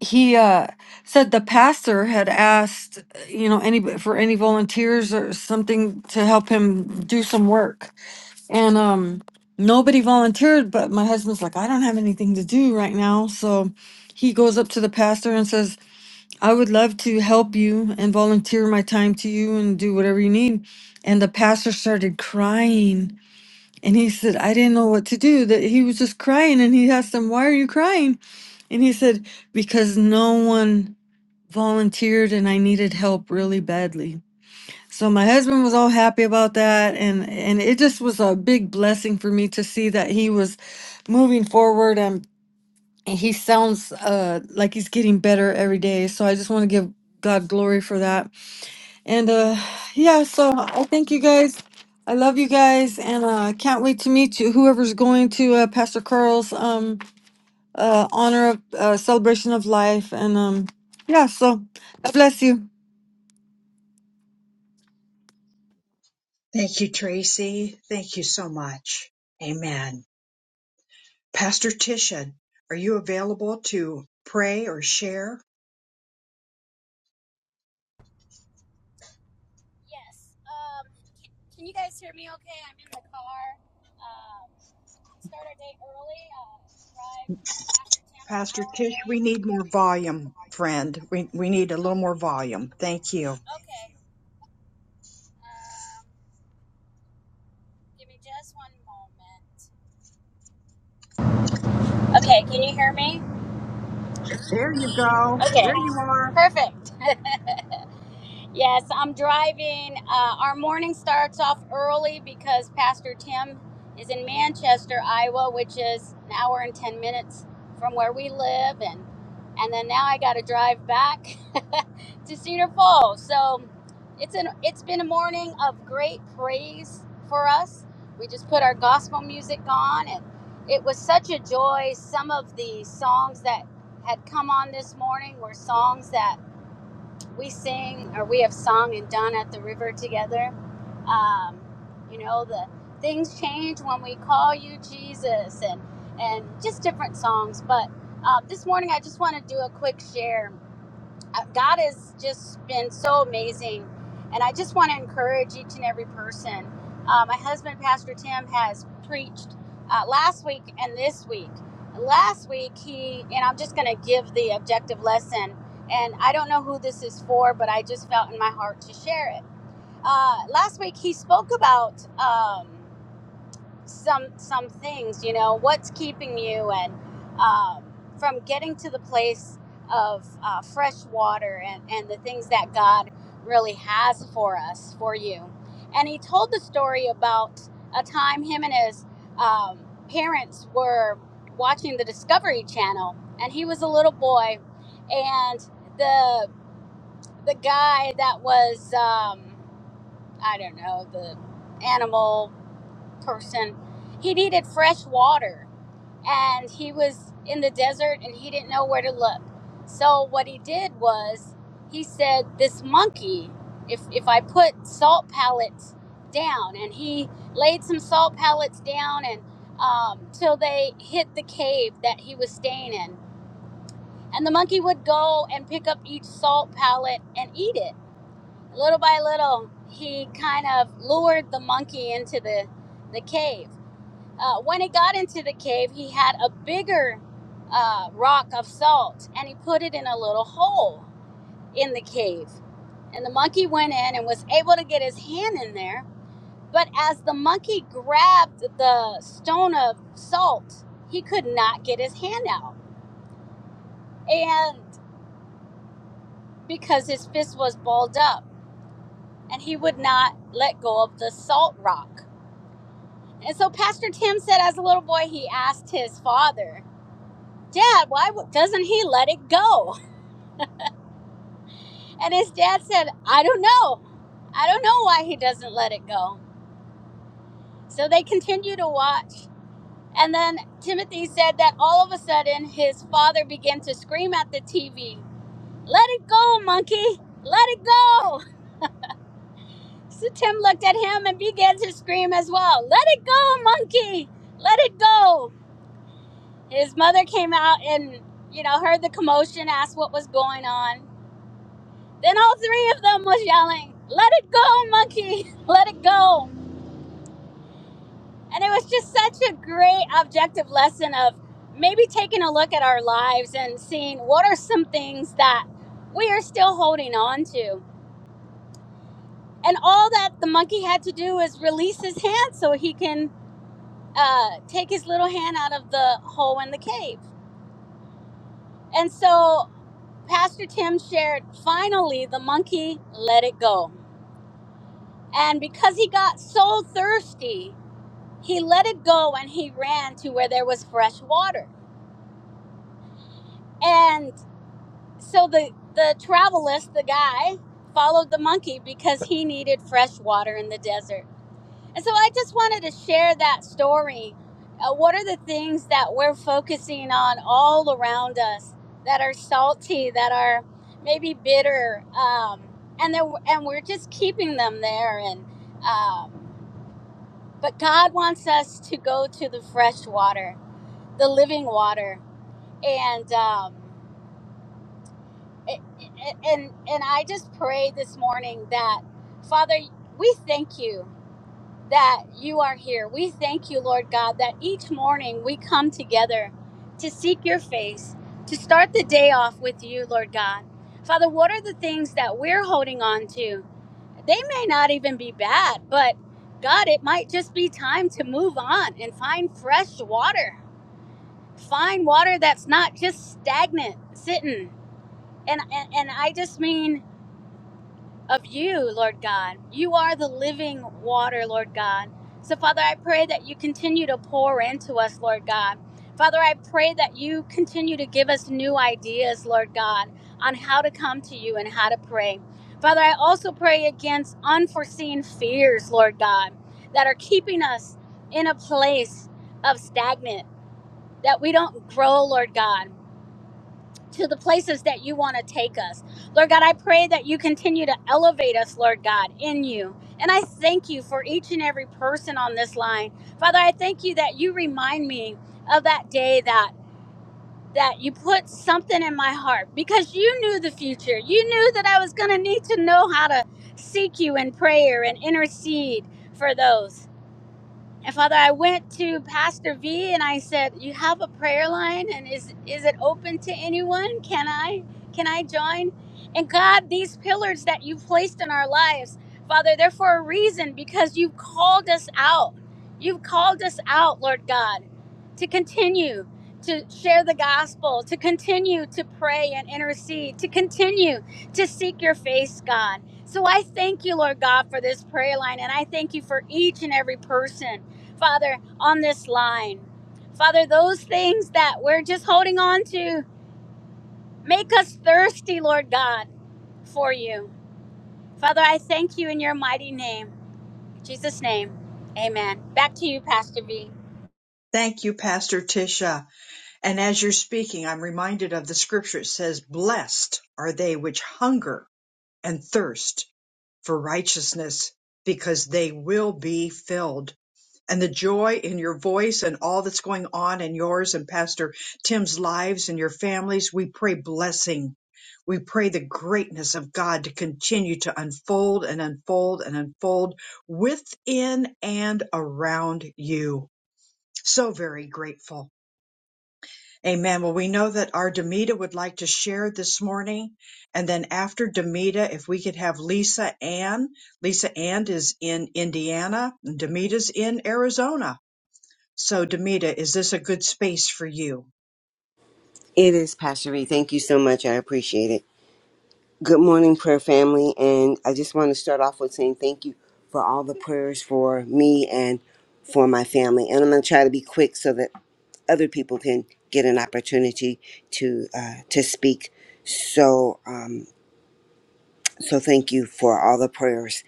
J: he uh said the pastor had asked uh, you know any for any volunteers or something to help him do some work and um nobody volunteered but my husband's like i don't have anything to do right now so he goes up to the pastor and says i would love to help you and volunteer my time to you and do whatever you need and the pastor started crying and he said, I didn't know what to do. That he was just crying. And he asked him, Why are you crying? And he said, Because no one volunteered and I needed help really badly. So my husband was all happy about that. And, and it just was a big blessing for me to see that he was moving forward and he sounds uh, like he's getting better every day. So I just want to give God glory for that. And uh yeah, so I thank you guys. I love you guys and uh can't wait to meet you whoever's going to uh, Pastor Carl's um uh honor of uh, celebration of life and um yeah, so God bless you.
A: Thank you, Tracy. Thank you so much. Amen. Pastor Tisha, are you available to pray or share?
K: Yes. Um, can, you guys hear me okay? I'm in the car. Um, we start our day early. Uh, drive past your town an
A: Pastor
K: hour
A: Tish,
K: away.
A: we need more volume, friend. We, we need a little more volume. Thank you.
K: Okay. Um, give me just one moment. Okay, can you hear me?
A: There you go.
K: Okay,
A: There you are.
K: perfect. Yes, I'm driving. Uh, our morning starts off early because Pastor Tim is in Manchester, Iowa, which is an hour and 10 minutes from where we live. And, and then now I got to drive back <laughs> to Cedar Falls. So it's, an, it's been a morning of great praise for us. We just put our gospel music on, and it was such a joy. Some of the songs that had come on this morning were songs that we sing or we have sung and done at the river together. Um, you know, the things change when we call you Jesus and and just different songs. But uh, this morning, I just want to do a quick share. I- God has just been so amazing. And I just want to encourage each and every person. Uh, my husband, Pastor Tim, has preached uh, last week and this week. Last week, he, and I'm just going to give the objective lesson. And I don't know who this is for, but I just felt in my heart to share it. Uh, last week, he spoke about. Um, some some things you know what's keeping you and um, from getting to the place of uh, fresh water and, and the things that god really has for us for you and he told the story about a time him and his um, parents were watching the discovery channel and he was a little boy and the the guy that was um, i don't know the animal person. He needed fresh water and he was in the desert and he didn't know where to look. So what he did was he said, This monkey, if if I put salt pellets down and he laid some salt pellets down and um, till they hit the cave that he was staying in. And the monkey would go and pick up each salt pellet and eat it. Little by little, he kind of lured the monkey into the, the cave uh, when he got into the cave, he had a bigger uh, rock of salt and he put it in a little hole in the cave. And the monkey went in and was able to get his hand in there. But as the monkey grabbed the stone of salt, he could not get his hand out. And because his fist was balled up and he would not let go of the salt rock. And so Pastor Tim said, as a little boy, he asked his father, Dad, why doesn't he let it go? And his dad said, I don't know. I don't know why he doesn't let it go. So they continue to watch. And then Timothy said that all of a sudden his father began to scream at the TV, Let it go, monkey! Let it go! So Tim looked at him and began to scream as well, Let it go, monkey! Let it go! His mother came out and, you know, heard the commotion, asked what was going on. Then all three of them was yelling, Let it go, monkey! <laughs> Let it go! And it was just such a great objective lesson of maybe taking a look at our lives and seeing what are some things that we are still holding on to. And all that the monkey had to do is release his hand so he can uh, take his little hand out of the hole in the cave. And so Pastor Tim shared finally, the monkey let it go. And because he got so thirsty, he let it go and he ran to where there was fresh water. And So the the travelist, the guy, followed the monkey because he needed fresh water in the desert. And so I just wanted to share that story. Uh, what are the things that we're focusing on all around us that are salty, that are maybe bitter, um, and then and we're just keeping them there. And um, but God wants us to go to the fresh water, the living water, and. Um, and and I just pray this morning that Father, we thank you that you are here. We thank you, Lord God, that each morning we come together to seek your face, to start the day off with you, Lord God. Father, what are the things that we're holding on to? They may not even be bad, but God, it might just be time to move on and find fresh water. Find water that's not just stagnant, sitting. And and, and I just mean of you, Lord God. You are the living water, Lord God. So, Father, I pray that you continue to pour into us, Lord God. Father, I pray that you continue to give us new ideas, Lord God, on how to come to you and how to pray. Father, I also pray against unforeseen fears, Lord God, that are keeping us in a place of stagnant, that we don't grow, Lord God to the places that you want to take us. Lord God, I pray that you continue to elevate us, Lord God, in you. And I thank you for each and every person on this line. Father, I thank you that you remind me of that day that that you put something in my heart because you knew the future. You knew that I was going to need to know how to seek you in prayer and intercede for those. And Father, I went to Pastor V and I said, "You have a prayer line, and is is it open to anyone? Can I can I join?" And God, these pillars that you've placed in our lives, Father, they're for a reason because you've called us out. You've called us out, Lord God, to continue to share the gospel, to continue to pray and intercede, to continue to seek your face, God. So I thank you, Lord God, for this prayer line, and I thank you for each and every person Father, on this line. Father, those things that we're just holding on to, make us thirsty, Lord God, for you. Father, I thank you in your mighty name. In Jesus' name, amen. Back to you, Pastor V.
A: Thank you, Pastor Tisha. And as you're speaking, I'm reminded of the scripture. It says, Blessed are they which hunger and thirst for righteousness, because they will be filled. and the joy in your voice and all that's going on in yours and Pastor Tim's lives and your families. We pray blessing. We pray the greatness of God to continue to unfold and unfold and unfold within and around you. So very grateful. Amen. Well, we know that our Demita would like to share this morning. And then after Demita, if we could have Lisa Ann. Lisa Ann is in Indiana and Demita's in Arizona. So, Demita, is this a good space for you?
L: It is, Pastor Reed. Thank you so much. I appreciate it. Good morning, prayer family. And I just want to start off with saying thank you for all the prayers for me and for my family. And I'm going to try to be quick so that other people can get an opportunity to uh, to speak. So, um, so thank you for all the prayers.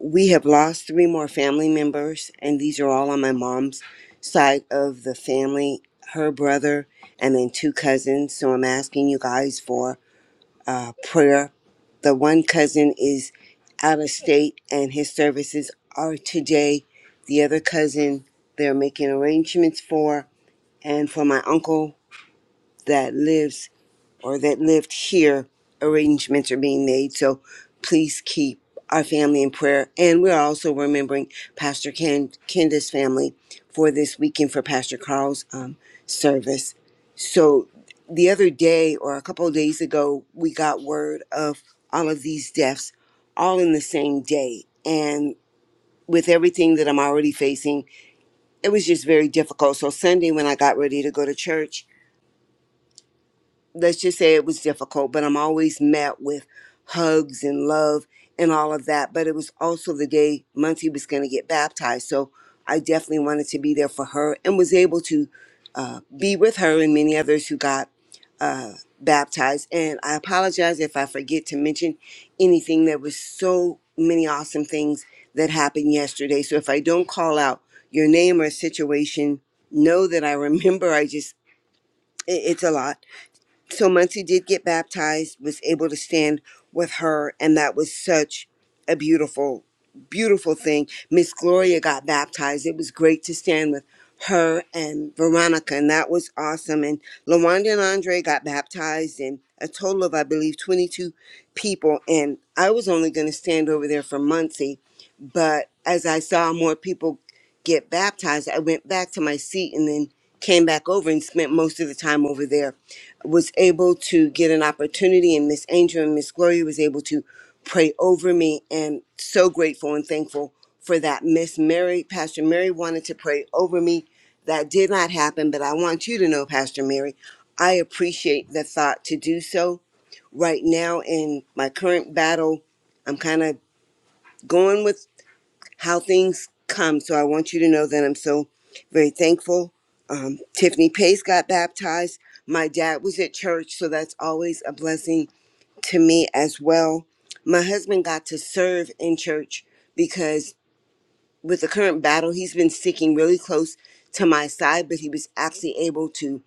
L: We have lost three more family members, and these are all on my mom's side of the family. Her brother, and then two cousins. So I'm asking you guys for uh, prayer. The one cousin is out of state and his services are today. The other cousin, they're making arrangements for. And for my uncle that lives or that lived here, arrangements are being made. So please keep our family in prayer. And we're also remembering Pastor Ken, Kenda's family for this weekend for Pastor Carl's um, service. So the other day, or a couple of days ago, we got word of all of these deaths all in the same day. And with everything that I'm already facing, it was just very difficult. So Sunday, when I got ready to go to church, let's just say it was difficult, but I'm always met with hugs and love and all of that. But it was also the day Muncie was going to get baptized. So I definitely wanted to be there for her and was able to uh, be with her and many others who got uh, baptized. And I apologize if I forget to mention anything. There was so many awesome things that happened yesterday. So if I don't call out your name or situation, know that I remember. I just, it- it's a lot so Muncie did get baptized, was able to stand with her, and that was such a beautiful, beautiful thing. Miss Gloria got baptized. It was great to stand with her and Veronica, and that was awesome. And LaWanda and Andre got baptized, and a total of, I believe, 22 people. And I was only going to stand over there for Muncie, but as I saw more people get baptized, I went back to my seat and then came back over and spent most of the time over there was able to get an opportunity and Miss Angel and Miss Gloria was able to pray over me and so grateful and thankful for that. Miss Mary, Pastor Mary wanted to pray over me. That did not happen, but I want you to know, Pastor Mary, I appreciate the thought to do so right now in my current battle. I'm kind of going with how things come. So I want you to know that I'm so very thankful. Um, Tiffany Pace got baptized. My dad was at church, so that's always a blessing to me as well. My husband got to serve in church because with the current battle, he's been sticking really close to my side, but he was actually able to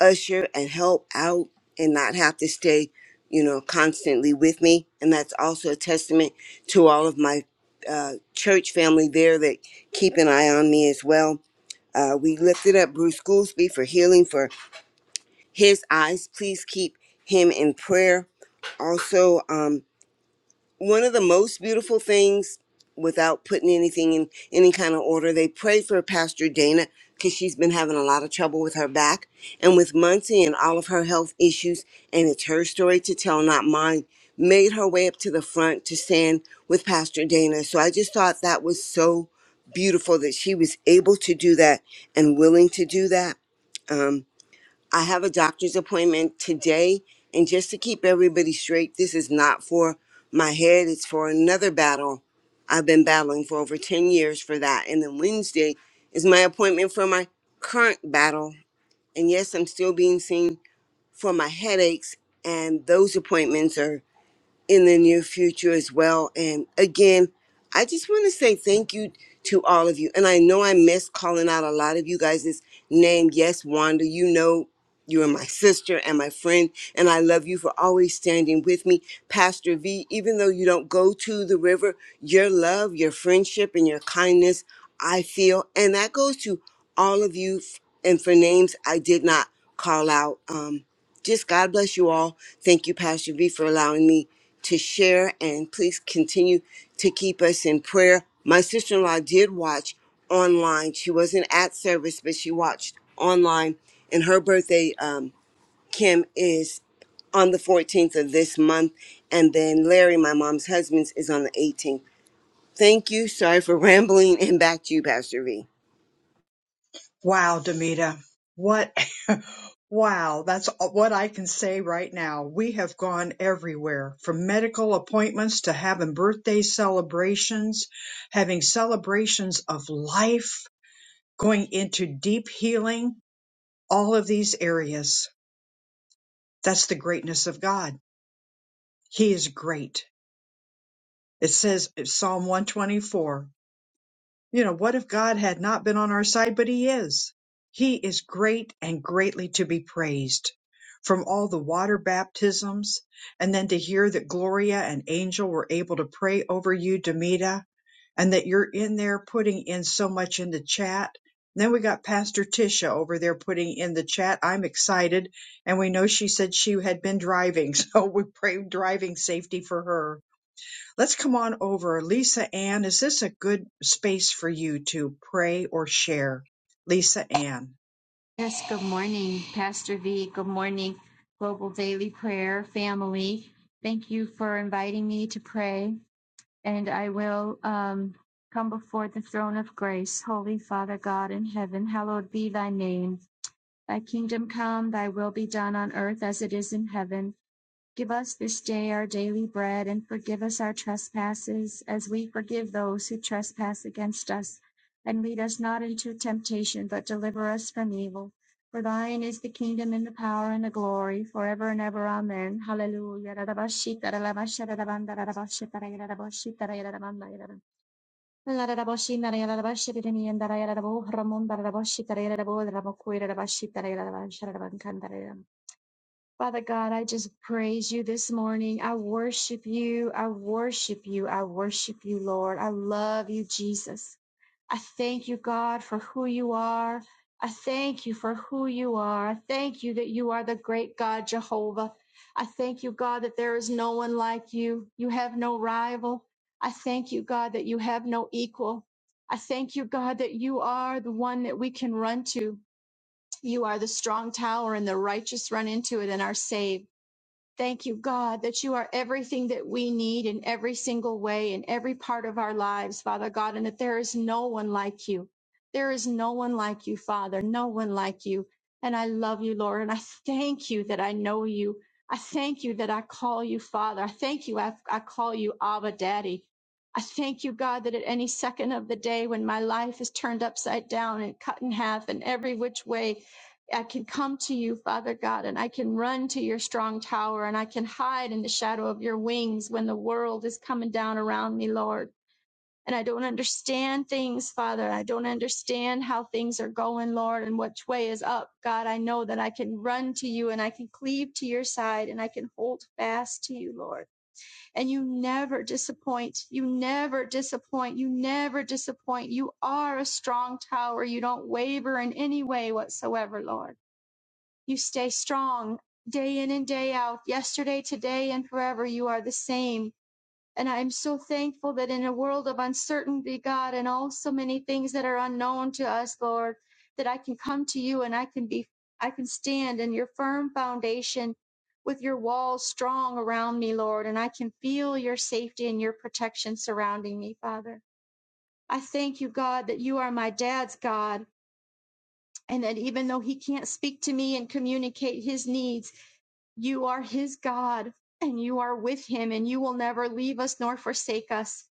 L: usher and help out and not have to stay, you know, constantly with me. And that's also a testament to all of my uh, church family there that keep an eye on me as well. Uh, we lifted up Bruce Goolsby for healing for his eyes. Please keep him in prayer. Also, um, one of the most beautiful things without putting anything in any kind of order they prayed for pastor dana because she's been having a lot of trouble with her back and with muncie and all of her health issues and it's her story to tell not mine made her way up to the front to stand with pastor dana so i just thought that was so beautiful that she was able to do that and willing to do that Um, I have a doctor's appointment today. And just to keep everybody straight, this is not for my head, it's for another battle I've been battling for over 10 years for that. And then Wednesday is my appointment for my current battle. And yes, I'm still being seen for my headaches. And those appointments are in the near future as well. And again, I just want to say thank you to all of you. And I know I miss calling out a lot of you guys' name. Yes, Wanda, you know you are my sister and my friend, and I love you for always standing with me. Pastor V, even though you don't go to the river, your love, your friendship, and your kindness, I feel, and that goes to all of you. f- And for names I did not call out. Um, just God bless you all. Thank you, Pastor V, for allowing me to share. And please continue to keep us in prayer. My sister in law did watch online. She wasn't at service, but she watched online. And her birthday, um, Kim, is on the 14th of this month. And then Larry, my mom's husband's, is on the 18th. Thank you. Sorry for <laughs> rambling. And back to you, Pastor V.
A: Wow, Demita, what? <laughs> wow, that's what I can say right now. We have gone everywhere from medical appointments to having birthday celebrations, having celebrations of life, going into deep healing, all of these areas. That's the greatness of God. He is great. It says in Psalm 124 You know, what if God had not been on our side, but He is? He is great and greatly to be praised. From all the water baptisms, and then to hear that Gloria and Angel were able to pray over you, Demita, and that you're in there putting in so much in the chat. then we got Pastor Tisha over there putting in the chat. I'm excited. And we know she said she had been driving, <laughs> so we pray driving safety for her Let's come on over. Lisa Ann, is this a good space for you to pray or share? Lisa Ann.
M: Yes, good morning, Pastor V. Good morning, Global Daily Prayer family. Thank you for inviting me to pray, and I will um, come before the throne of grace. Holy Father God in heaven, hallowed be thy name. Thy kingdom come, thy will be done on earth as it is in heaven. Give us this day our daily bread and forgive us our trespasses as we forgive those who trespass against us. And lead us not into temptation, but deliver us from evil. For thine is the kingdom and the power and the glory forever and ever. Amen. Hallelujah. Father God, I just praise you this morning. I worship you. I worship you. I worship you, Lord. I love you, Jesus. I thank you, God, for who you are. I thank you for who you are. I thank you that you are the great God, Jehovah. I thank you, God, that there is no one like you. You have no rival. I thank you, God, that you have no equal. I thank you, God, that you are the one that we can run to. You are the strong tower, and the righteous run into it and are saved. Thank you, God, that you are everything that we need in every single way, in every part of our lives, Father God, and that there is no one like you. There is no one like you, Father, no one like you. And I love you, Lord, and I thank you that I know you. I thank you that I call you Father. I thank you, I, I call you Abba Daddy. I thank you, God, that at any second of the day when my life is turned upside down and cut in half and every which way, I can come to you, Father God, and I can run to your strong tower and I can hide in the shadow of your wings when the world is coming down around me, Lord. And I don't understand things, Father. I don't understand how things are going, Lord, and which way is up. God, I know that I can run to you and I can cleave to your side and I can hold fast to you, Lord. And you never disappoint. You never disappoint. You never disappoint. You are a strong tower. You don't waver in any way whatsoever, Lord. You stay strong day in and day out, yesterday, today, and forever. You are the same. And I am so thankful that in a world of uncertainty, God, and all so many things that are unknown to us, Lord, that I can come to you and I can be, I can stand in your firm foundation with your walls strong around me, Lord, and I can feel your safety and your protection surrounding me, Father. I thank you, God, that you are my dad's God, and that even though he can't speak to me and communicate his needs, you are his God, and you are with him, and you will never leave us nor forsake us.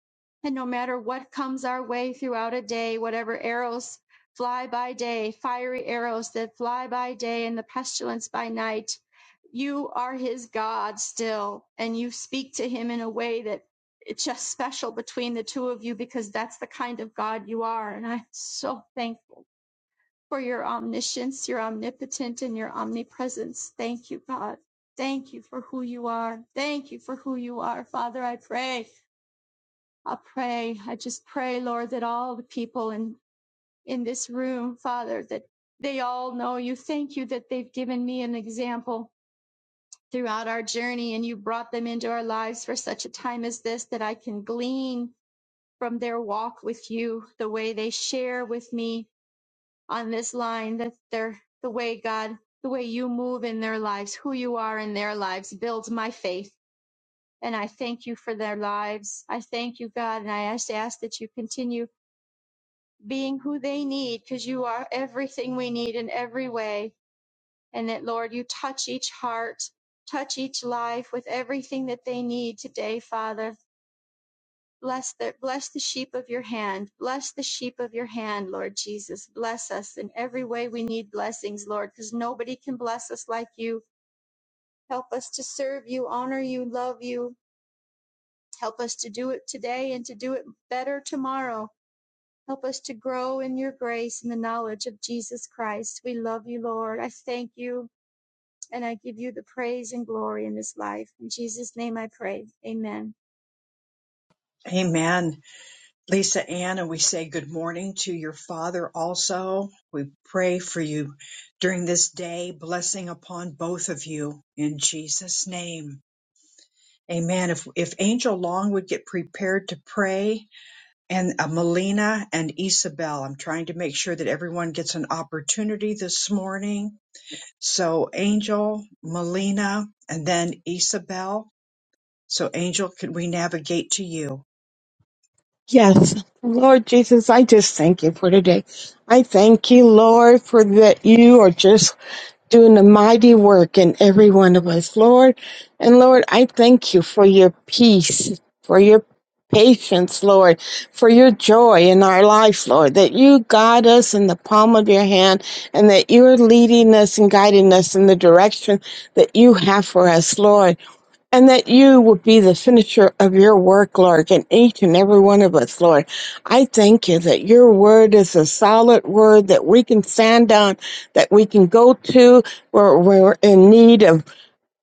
M: And no matter what comes our way throughout a day, whatever arrows fly by day, fiery arrows that fly by day, and the pestilence by night, you are his God still, and you speak to him in a way that it's just special between the two of you because that's the kind of God you are. And I'm so thankful for your omniscience, your omnipotent, and your omnipresence. Thank you, God. Thank you for who you are. Thank you for who you are, Father. I pray. I pray. I just pray, Lord, that all the people in, in this room, Father, that they all know you. Thank you that they've given me an example throughout our journey and you brought them into our lives for such a time as this that I can glean from their walk with you, the way they share with me, on this line that they're the way God, the way you move in their lives, who you are in their lives builds my faith. And I thank you for their lives. I thank you, God. And I just ask that you continue being who they need because you are everything we need in every way. And that, Lord, you touch each heart, touch each life with everything that they need today, Father. Bless the, bless the sheep of your hand. Bless the sheep of your hand, Lord Jesus. Bless us in every way we need blessings, Lord, because nobody can bless us like you. Help us to serve you, honor you, love you. Help us to do it today and to do it better tomorrow. Help us to grow in your grace and the knowledge of Jesus Christ. We love you, Lord. I thank you and I give you the praise and glory in this life. In Jesus' name I pray. Amen.
A: Amen. Lisa Ann, and we say good morning to your father also. We pray for you during this day, blessing upon both of you in Jesus' name. Amen. If, if Angel Long would get prepared to pray, and uh, Melina and Isabel. I'm trying to make sure that everyone gets an opportunity this morning. So Angel, Melina, and then Isabel. So Angel, could we navigate to you?
N: Yes, Lord Jesus, I just thank you for today. I thank you, Lord, for that you are just doing a mighty work in every one of us, Lord. And Lord, I thank you for your peace, for your patience, Lord, for your joy in our life, Lord, that you guide us in the palm of your hand and that you are leading us and guiding us in the direction that you have for us, Lord. And that you would be the finisher of your work, Lord, in each and every one of us, Lord. I thank you that your word is a solid word that we can stand on, that we can go to where we're in need of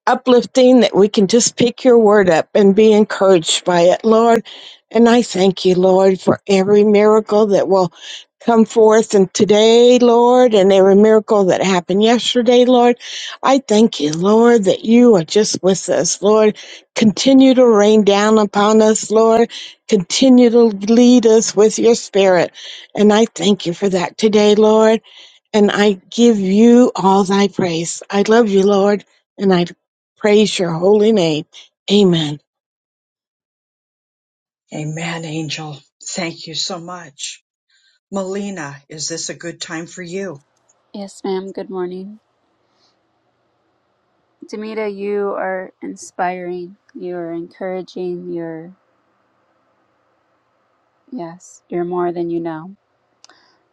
N: uplifting that we can just pick your word up and be encouraged by it, Lord. And I thank you, Lord, for every miracle that will come forth and today, Lord, and every miracle that happened yesterday, Lord. I thank you, Lord, that you are just with us, Lord. Continue to rain down upon us, Lord. Continue to lead us with your spirit. And I thank you for that today, Lord and I give you all thy praise. I love you, Lord, and I praise your holy name. Amen.
A: Amen, Angel. Thank you so much. Melina, is this a good time for you?
O: Yes, ma'am. Good morning. Demita, you are inspiring. You are encouraging. You're, yes, you're more than you know.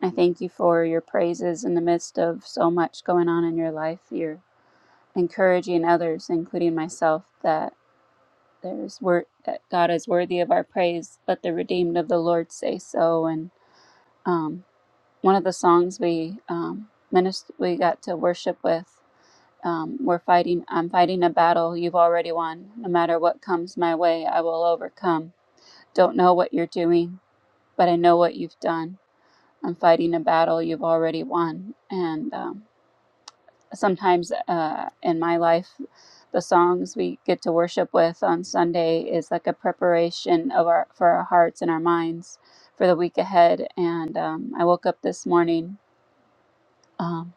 O: I thank you for your praises in the midst of so much going on in your life. You're encouraging others, including myself, that there's wor- that God is worthy of our praise. Let the redeemed of the Lord say so. And um, one of the songs we um, minister- we got to worship with um, we're fighting i'm fighting a battle you've already won no matter what comes my way i will overcome don't know what you're doing but i know what you've done i'm fighting a battle you've already won and um, sometimes uh, in my life the songs we get to worship with on sunday is like a preparation of our for our hearts and our minds for the week ahead and um, i woke up this morning um,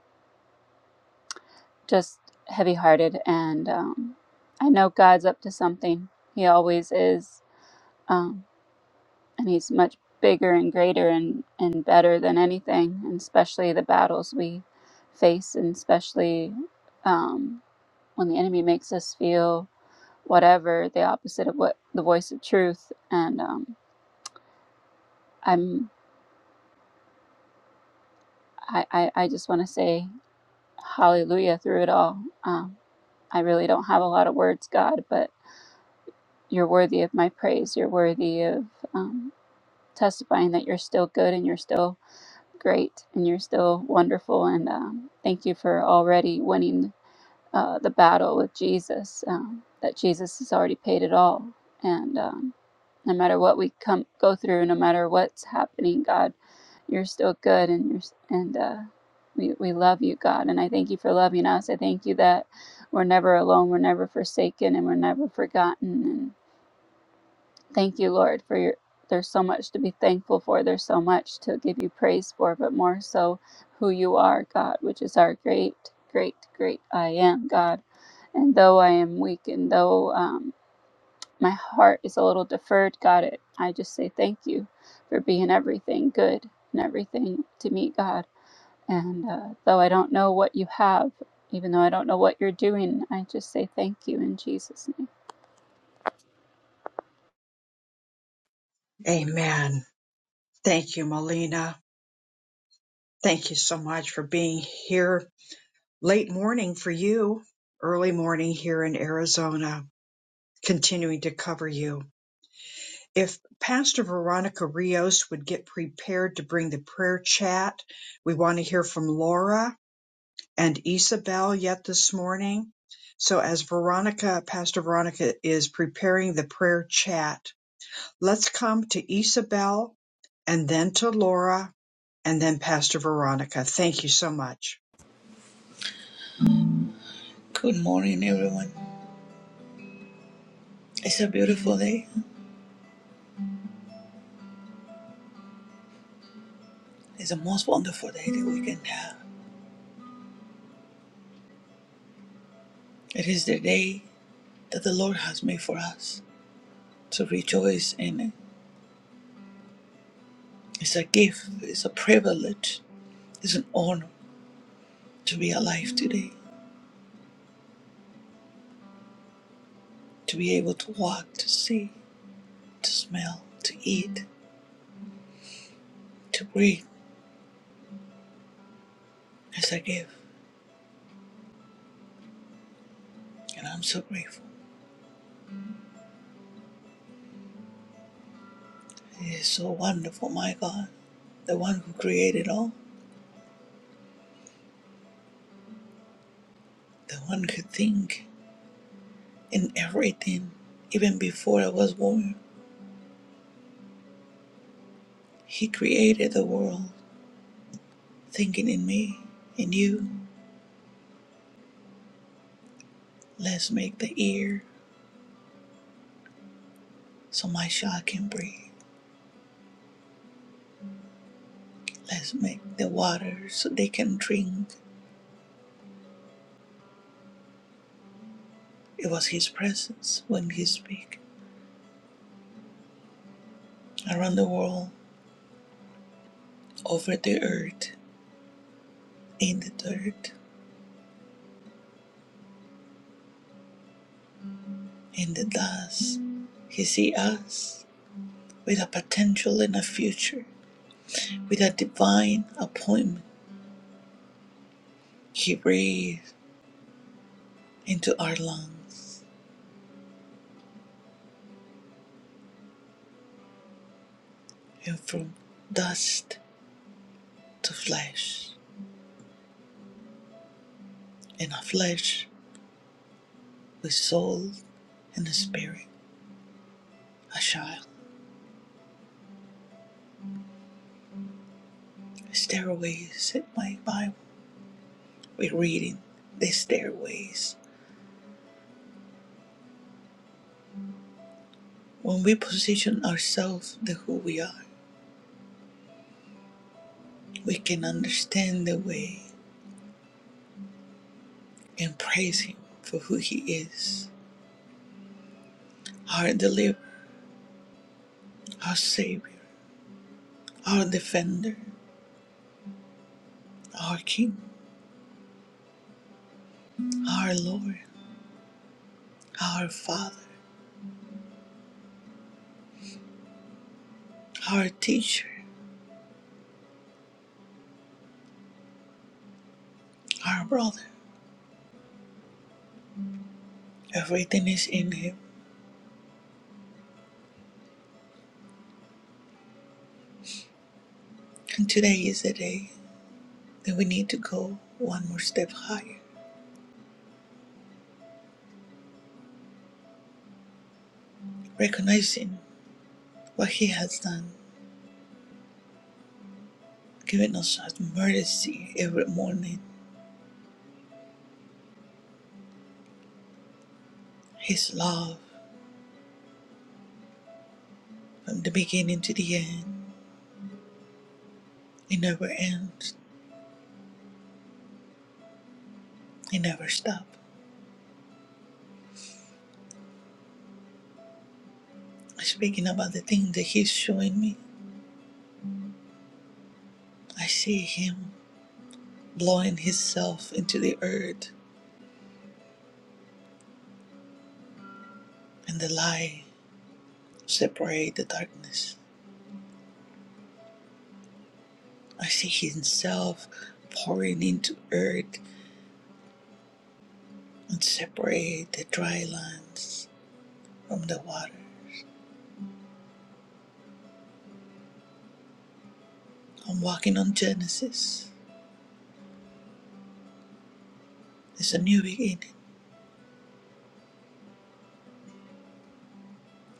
O: just heavy hearted. And um, I know God's up to something. He always is. Um, and He's much bigger and greater and, and better than anything, and especially the battles we face, and especially um, when the enemy makes us feel whatever the opposite of what the voice of truth. And um, I'm, I, I, I just want to say hallelujah through it all. Um, I really don't have a lot of words, God, but You're worthy of my praise. You're worthy of um, testifying that you're still good and you're still great and you're still wonderful. And um, thank you for already winning uh, the battle with Jesus, um, that Jesus has already paid it all. And um, no matter what we come go through, no matter what's happening, God, you're still good and you're and uh, we, we love you god and i thank you for loving us i thank you that we're never alone we're never forsaken and we're never forgotten Thank you, Lord, for your. There's so much to be thankful for. There's so much to give you praise for, but more so who you are, God, which is our great, great, great I am, God. And though I am weak and though um, my heart is a little deferred, God, it, I just say thank you for being everything good and everything to me, God. And uh, though I don't know what you have, even though I don't know what you're doing, I just say thank you in Jesus' name.
A: Amen. Thank you, Melina. Thank you so much for being here late morning for you, early morning here in Arizona, continuing to cover you. if Pastor Veronica Rios would get prepared to bring the prayer chat. We want to hear from Laura and Isabel yet this morning. So as Veronica, Pastor Veronica is preparing the prayer chat, let's come to Isabel and then to Laura and then Pastor Veronica. Thank you so much.
P: Good morning, everyone. It's a beautiful day. It's the most wonderful day that we can have. It is the day that the Lord has made for us to rejoice in it. It's a gift, it's a privilege, it's an honor to be alive today, to be able to walk, to see, to smell, to eat, to breathe. It's a gift, and I'm so grateful. It is so wonderful, my God, the one who created all, the one who thinks in everything, even before I was born. He created the world thinking in me and you. Let's make the air so my child can breathe. Let's make the water so they can drink. It was His presence when He speak. Around the world, over the earth, in the dirt, in the dust, He see us with a potential and a future, with a divine appointment. He breathed into our lungs and from dust to flesh. in our flesh, with soul and the spirit, a child. Stairways in my Bible. We're reading the stairways. When we position ourselves to who we are, we can understand the way and praise Him for who He is. Our deliverer, our Savior, our defender, our King, our Lord, our Father, our teacher, our brother. Everything is in Him. And today is the day. then we need to go one more step higher, recognizing what He has done, giving us His mercy every morning, His love from the beginning to the end. It never ends, it never stops. Speaking about the thing that He's showing me, I see Him blowing Himself into the earth, and the light separate the darkness. I see Himself pouring into earth and separate the dry lands from the water. I'm walking on Genesis. It's a new beginning.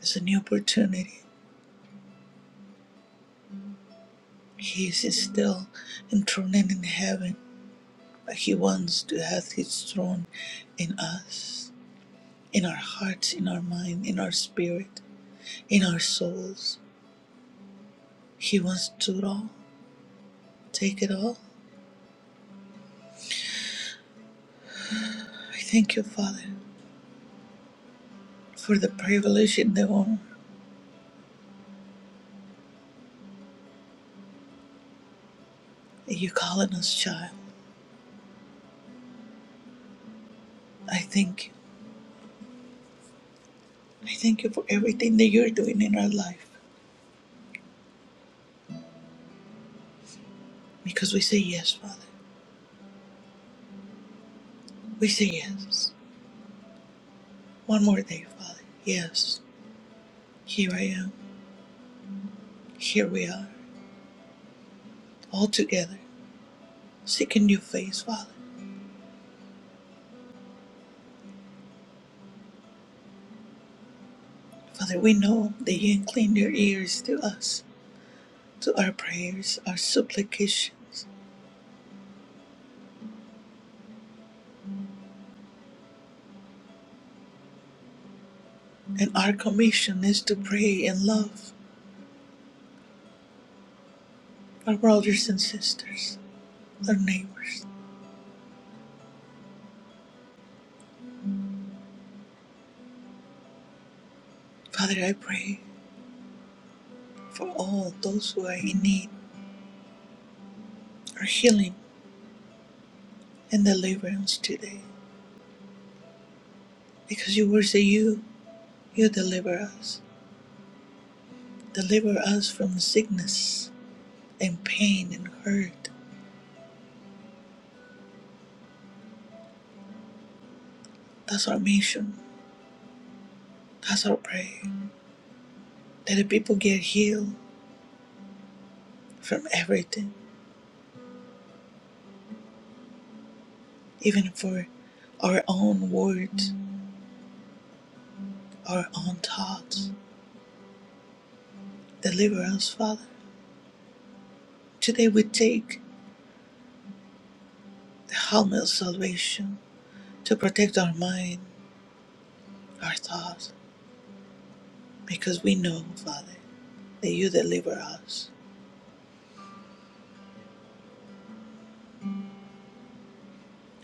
P: It's a new opportunity. He is still enthroned in heaven, but he wants to have his throne in us, in our hearts, in our mind, in our spirit, in our souls. He wants to do it all. Take it all. I thank you, Father, for the privilege and the honor that you calling us child. I thank you. I thank you for everything that you're doing in our life because we say yes, Father. We say yes. One more day, Father. Yes, here I am. Here we are, all together, seeking your face, Father. Father, we know that you incline your ears to us, to our prayers, our supplications, and our commission is to pray and love our brothers and sisters, our neighbors. Father, I pray for all those who are in need, our healing and deliverance today, because you were say you, you deliver us. Deliver us from sickness and pain and hurt. That's our mission. That's our prayer. That the people get healed from everything, even for our own words, our own thoughts. Deliver us, Father. Today we take the helmet of salvation to protect our mind, our thoughts, because we know, Father, that you deliver us.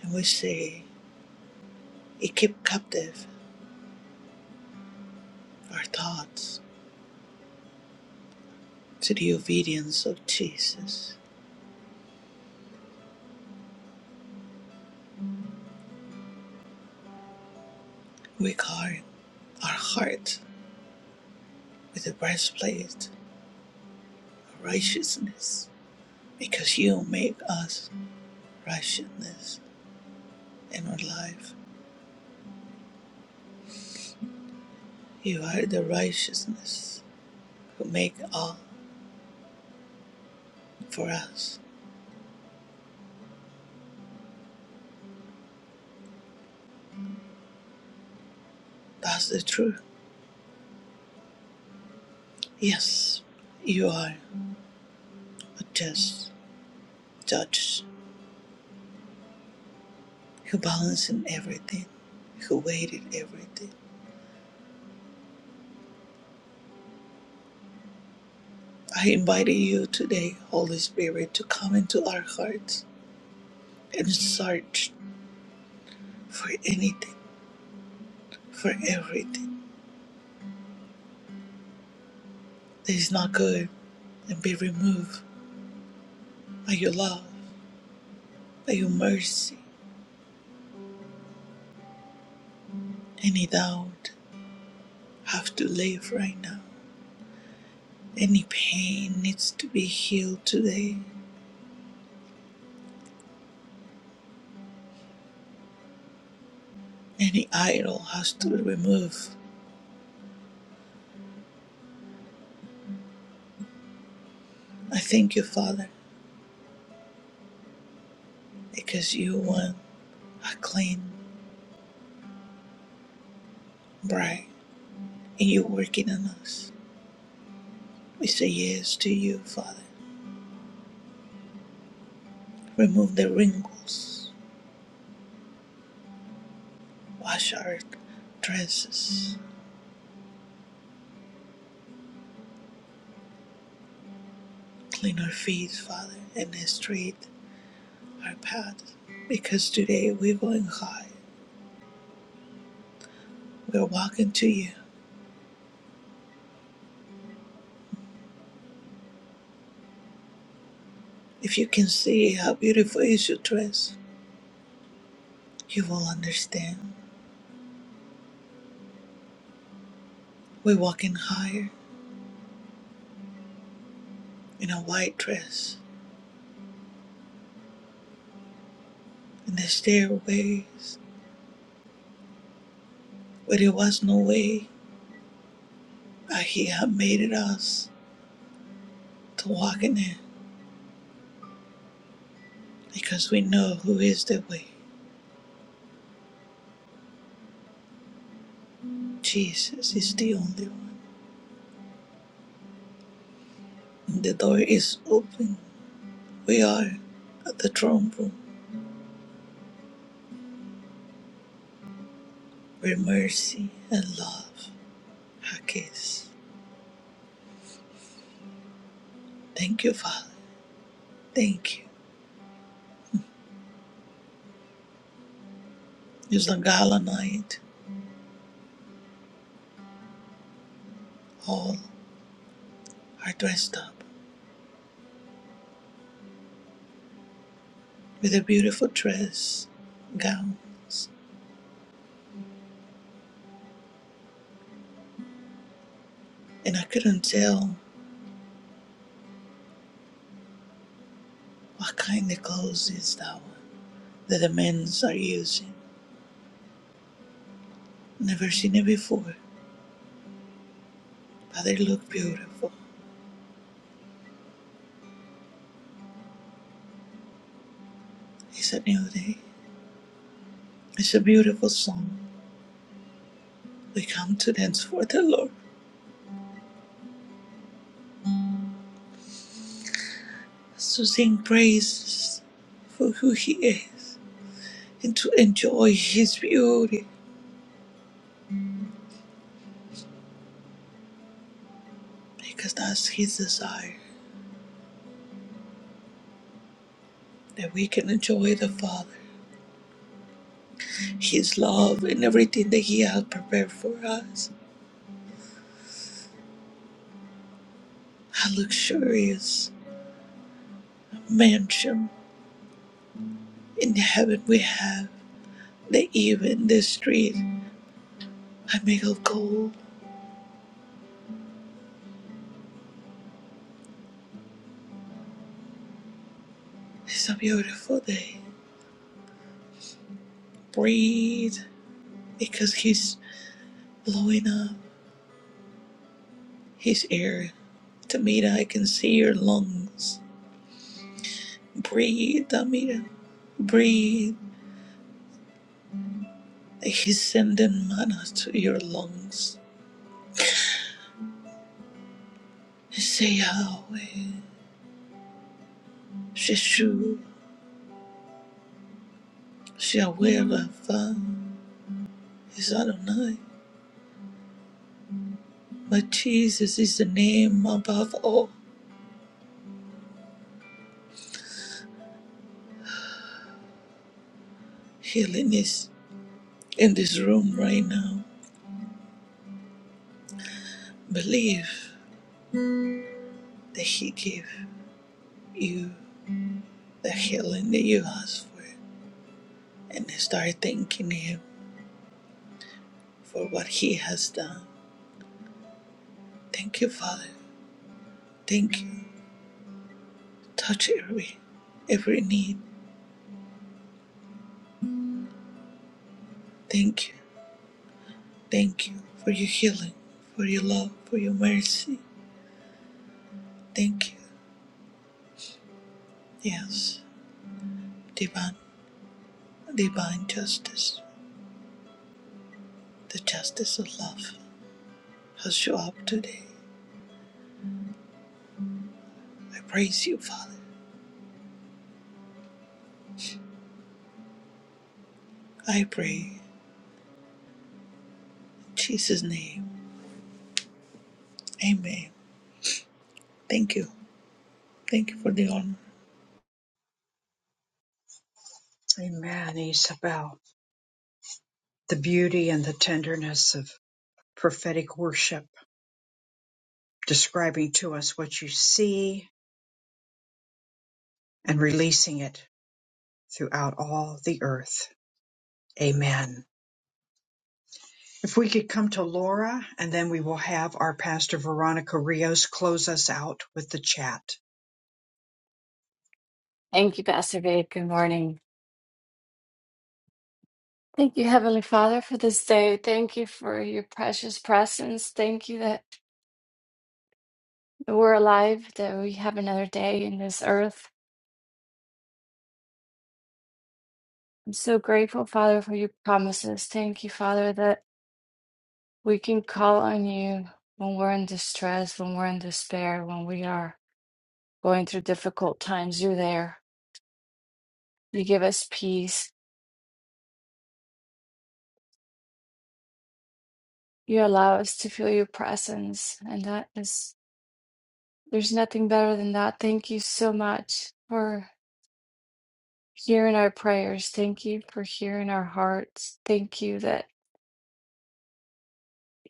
P: And we say, "You keep captive our thoughts to the obedience of Jesus. We guard our heart with the breastplate of righteousness, because you make us righteousness in our life. You are the righteousness who make all for us. That's the truth. Yes, you are a just judge who balances everything, who weighted everything. I invite you today, Holy Spirit, to come into our hearts and search for anything, for everything that is not good and be removed by your love, by your mercy. Any doubt have to leave right now. Any pain needs to be healed today. Any idol has to be removed. I thank you, Father, because you want a clean bride and you're working on us. We say yes to you, Father. Remove the wrinkles, wash our dresses, clean our feet, Father, and straighten our path. Because today we're going high We're walking to you. If you can see how beautiful is your dress, you will understand. We're walking higher in a white dress, in the stairways where there was no way, but He had made it us to walk in it because we know who is the way. Jesus is the only one. the door is open. We are at the throne room where mercy and love are kissed. Thank you, Father. Thank you. It's a gala night. All are dressed up with a beautiful dress, gowns, and I couldn't tell what kind of clothes is that one that the men's are using. Never seen it before, but they look beautiful. It's a new day. It's a beautiful song. We come to dance for the Lord, to sing praises for who He is, and to enjoy His beauty, because that's His desire, that we can enjoy the Father His love and everything that He had prepared for us. A luxurious mansion in heaven we have. The even the street I make of gold. It's a beautiful day. Breathe because He's blowing up His air. Tamira. I can see your lungs. Breathe, Tamira. Breathe. He's sending mana to your lungs. Say Yahweh, Sheshu, Shaweva, is Adonai. But Jesus is the name above all. Healing is in this room right now. Believe that He gave you the healing that you asked for and start thanking Him for what He has done. Thank you, Father. Thank you. Touch every every need. Thank you. Thank you for your healing, for your love, for your mercy. Thank you. Yes. Divine divine justice. The justice of love. Has will show up today. I praise you, Father. I pray in Jesus' name. Amen. Thank you. Thank you for the honor.
A: Amen, Isabel. The beauty and the tenderness of prophetic worship, describing to us what you see and releasing it throughout all the earth. Amen. If we could come to Laura, and then we will have our Pastor Veronica Rios close us out with the chat.
Q: Thank you, Pastor Babe. Good morning. Thank you, Heavenly Father, for this day. Thank you for your precious presence. Thank you that we're alive, that we have another day in this earth. I'm so grateful, Father, for your promises. Thank you, Father, that we can call on you when we're in distress, when we're in despair, when we are going through difficult times. You're there. You give us peace. You allow us to feel your presence. And that is, there's nothing better than that. Thank you so much for. hearing our prayers. Thank you for hearing our hearts. Thank you that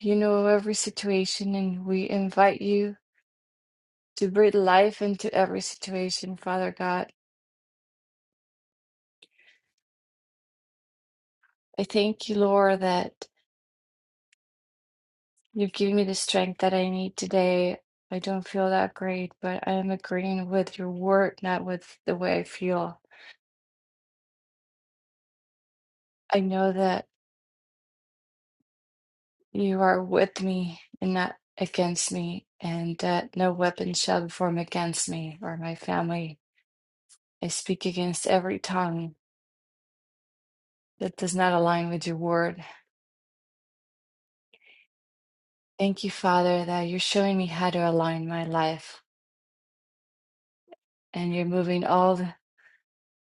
Q: you know every situation, and we invite you to breathe life into every situation, Father God. I thank you, Lord, that you've given me the strength that I need today. I don't feel that great, but I am agreeing with your word, not with the way I feel. I know that you are with me and not against me, and that no weapon shall be formed against me or my family I speak against every tongue that does not align with your word. Thank you, Father, that you're showing me how to align my life and you're moving all the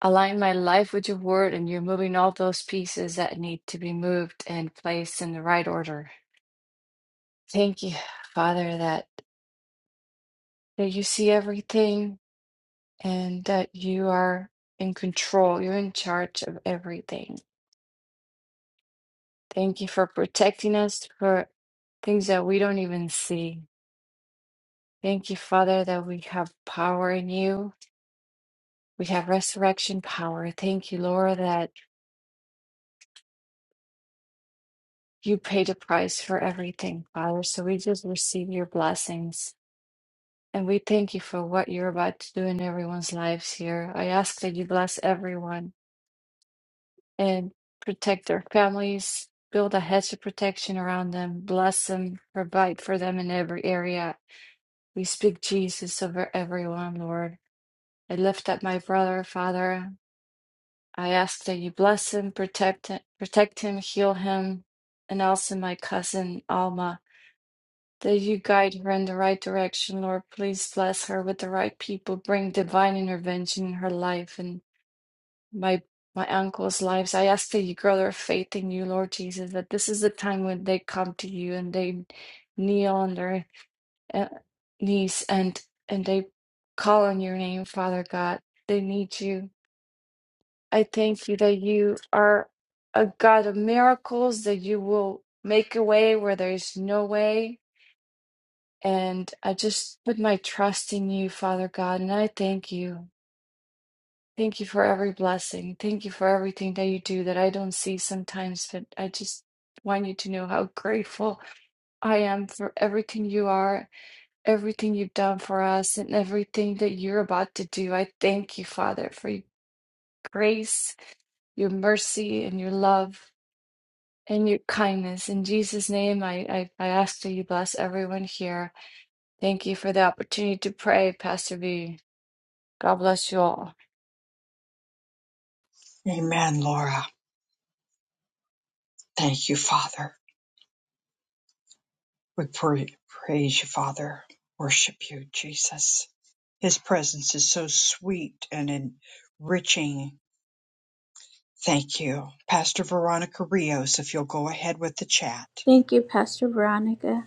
Q: align my life with your word and you're moving all those pieces that need to be moved and placed in the right order. Thank you, Father, that that you see everything and that you are in control. You're in charge of everything. Thank you for protecting us for things that we don't even see. Thank you, Father, that we have power in you. We have resurrection power. Thank you, Lord, that you paid a price for everything, Father. So we just receive your blessings. And we thank you for what you're about to do in everyone's lives here. I ask that you bless everyone and protect their families, build a hedge of protection around them, bless them, provide for them in every area. We speak Jesus over everyone, Lord. I lift up my brother, Father. I ask that you bless him, protect him, protect him, heal him, and also my cousin Alma. That you guide her in the right direction, Lord. Please bless her with the right people. Bring divine intervention in her life and my my uncle's lives. I ask that you grow their faith in you, Lord Jesus. That this is the time when they come to you and they kneel on their uh, knees and and they call on your name, Father God. They need you. I thank you that you are a God of miracles, that you will make a way where there's no way. And I just put my trust in you, Father God, and I thank you. Thank you for every blessing. Thank you for everything that you do that I don't see sometimes, but I just want you to know how grateful I am for everything you are, everything you've done for us, and everything that you're about to do. I thank you, Father, for your grace, your mercy, and your love. and your kindness. In Jesus' name, I, I, I ask that you bless everyone here. Thank you for the opportunity to pray, Pastor V. God bless you all.
A: Amen, Laura. Thank you, Father. We pra- praise you, Father. Worship you, Jesus. His presence is so sweet and enriching. Thank you. Pastor Veronica Rios, if you'll go ahead with the chat.
C: Thank you, Pastor Veronica.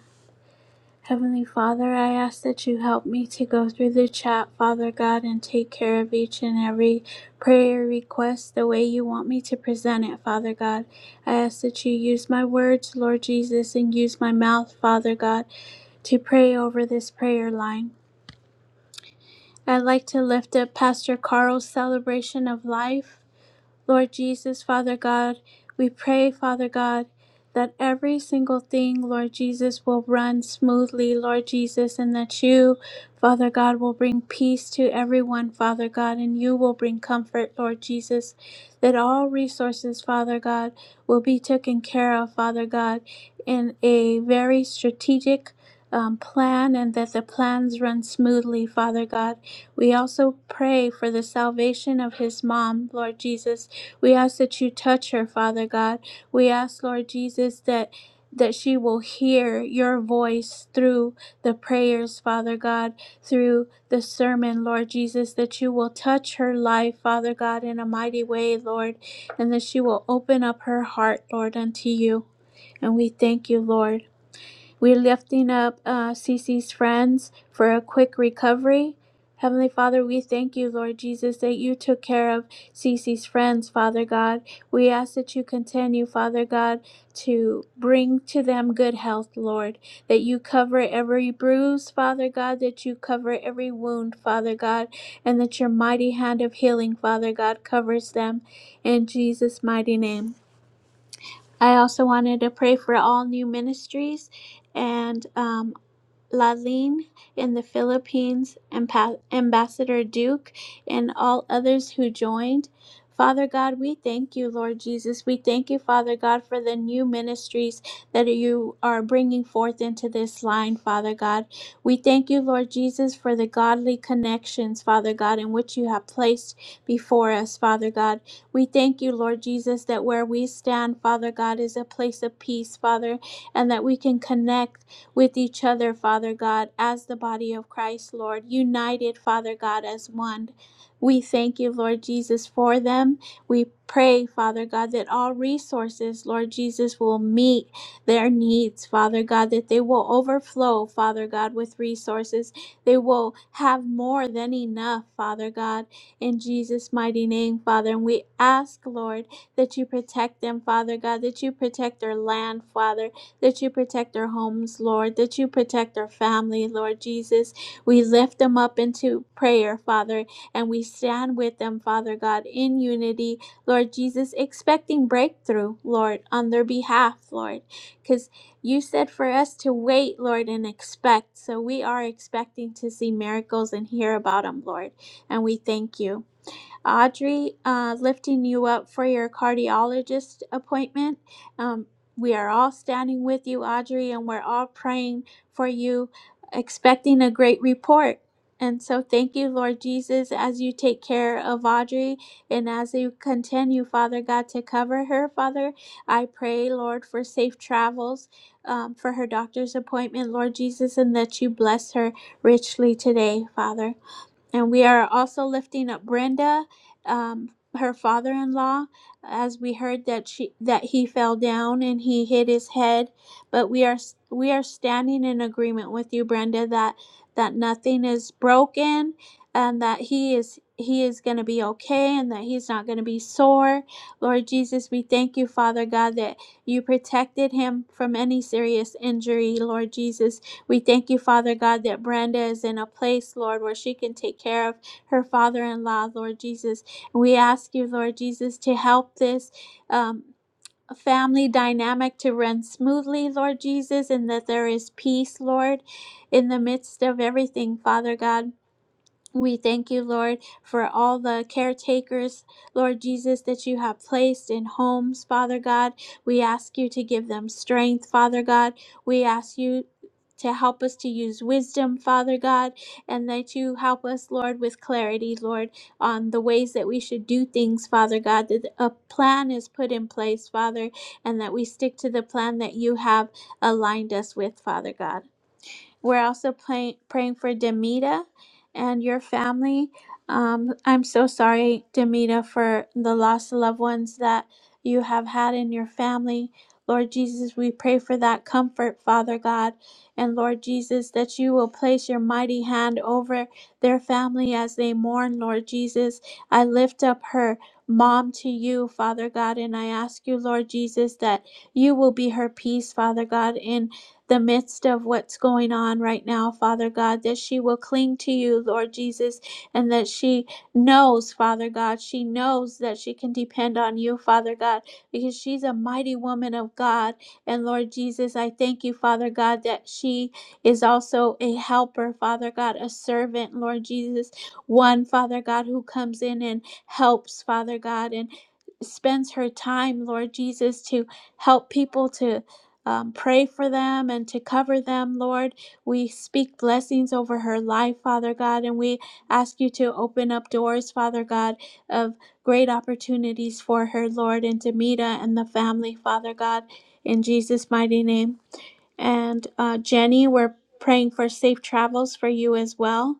C: Heavenly Father, I ask that you help me to go through the chat, Father God, and take care of each and every prayer request the way you want me to present it, Father God. I ask that you use my words, Lord Jesus, and use my mouth, Father God, to pray over this prayer line. I'd like to lift up Pastor Carl's celebration of life. Lord Jesus, Father God, we pray, Father God, that every single thing, Lord Jesus, will run smoothly, Lord Jesus, and that you, Father God, will bring peace to everyone, Father God, and you will bring comfort, Lord Jesus, that all resources, Father God, will be taken care of, Father God, in a very strategic um, plan and that the plans run smoothly, Father God. We also pray for the salvation of his mom, Lord Jesus. We ask that you touch her, Father God. We ask, Lord Jesus, that that she will hear your voice through the prayers, Father God, through the sermon, Lord Jesus, that you will touch her life, Father God, in a mighty way, Lord, and that she will open up her heart, Lord, unto you. And we thank you, Lord. We're lifting up uh, Cece's friends for a quick recovery. Heavenly Father, we thank you, Lord Jesus, that you took care of Cece's friends, Father God. We ask that you continue, Father God, to bring to them good health, Lord. That you cover every bruise, Father God, that you cover every wound, Father God, and that your mighty hand of healing, Father God, covers them. In Jesus' mighty name. I also wanted to pray for all new ministries and um, Lain in the Philippines, Ampa- Ambassador Duke, and all others who joined. Father God, we thank you, Lord Jesus. We thank you, Father God, for the new ministries that you are bringing forth into this line, Father God. We thank you, Lord Jesus, for the godly connections, Father God, in which you have placed before us, Father God. We thank you, Lord Jesus, that where we stand, Father God, is a place of peace, Father, and that we can connect with each other, Father God, as the body of Christ, Lord, united, Father God, as one. We thank you, Lord Jesus, for them. We pray, Father God, that all resources, Lord Jesus, will meet their needs, Father God, that they will overflow, Father God, with resources. They will have more than enough, Father God, in Jesus' mighty name, Father. And we ask, Lord, that you protect them, Father God, that you protect their land, Father that you protect their homes, Lord, that you protect their family, Lord Jesus. We lift them up into prayer, Father, and we stand with them, Father God, in unity, Lord Jesus, expecting breakthrough, Lord, on their behalf, Lord, because you said for us to wait, Lord, and expect. So we are expecting to see miracles and hear about them, Lord, and we thank you. Audrey, uh, lifting you up for your cardiologist appointment. Um, we are all standing with you, Audrey, and we're all praying for you, expecting a great report. And so, thank you, Lord Jesus, as you take care of Audrey and as you continue, Father God, to cover her, Father. I pray, Lord, for safe travels um, for her doctor's appointment, Lord Jesus, and that you bless her richly today, Father. And we are also lifting up Brenda, um, her father-in-law, as we heard that she that he fell down and he hit his head. But we are we are standing in agreement with you, Brenda, that that nothing is broken, and that he is he is going to be okay, and that he's not going to be sore. Lord Jesus, we thank you, Father God, that you protected him from any serious injury, Lord Jesus we thank you, Father God, that Brenda is in a place, Lord, where she can take care of her father in law, Lord Jesus. And we ask you, Lord Jesus, to help this. Um, Family dynamic to run smoothly, Lord Jesus, and that there is peace, Lord, in the midst of everything, Father God. We thank you, Lord, for all the caretakers, Lord Jesus, that you have placed in homes, Father God. We ask you to give them strength, Father God. We ask you to help us to use wisdom, Father God, and that you help us, Lord, with clarity, Lord, on the ways that we should do things, Father God, that a plan is put in place, Father, and that we stick to the plan that you have aligned us with, Father God. We're also playing, praying for Demita and your family. Um, I'm so sorry, Demita, for the lost loved ones that you have had in your family. Lord Jesus, we pray for that comfort, Father God. And Lord Jesus, that you will place your mighty hand over their family as they mourn, Lord Jesus. I lift up her mom to you, Father God, and I ask you, Lord Jesus, that you will be her peace, Father God, in the midst of what's going on right now, Father God, that she will cling to you, Lord Jesus, and that she knows, Father God, she knows that she can depend on you, Father God, because she's a mighty woman of God. And Lord Jesus, I thank you, Father God, that she is also a helper, Father God, a servant, Lord Jesus, one, Father God, who comes in and helps, Father God, and spends her time, Lord Jesus, to help people to um, pray for them and to cover them, Lord. We speak blessings over her life, Father God, and we ask you to open up doors, Father God, of great opportunities for her, Lord, and to Mita and the family, Father God, in Jesus' mighty name. And uh, Jenny, we're praying for safe travels for you as well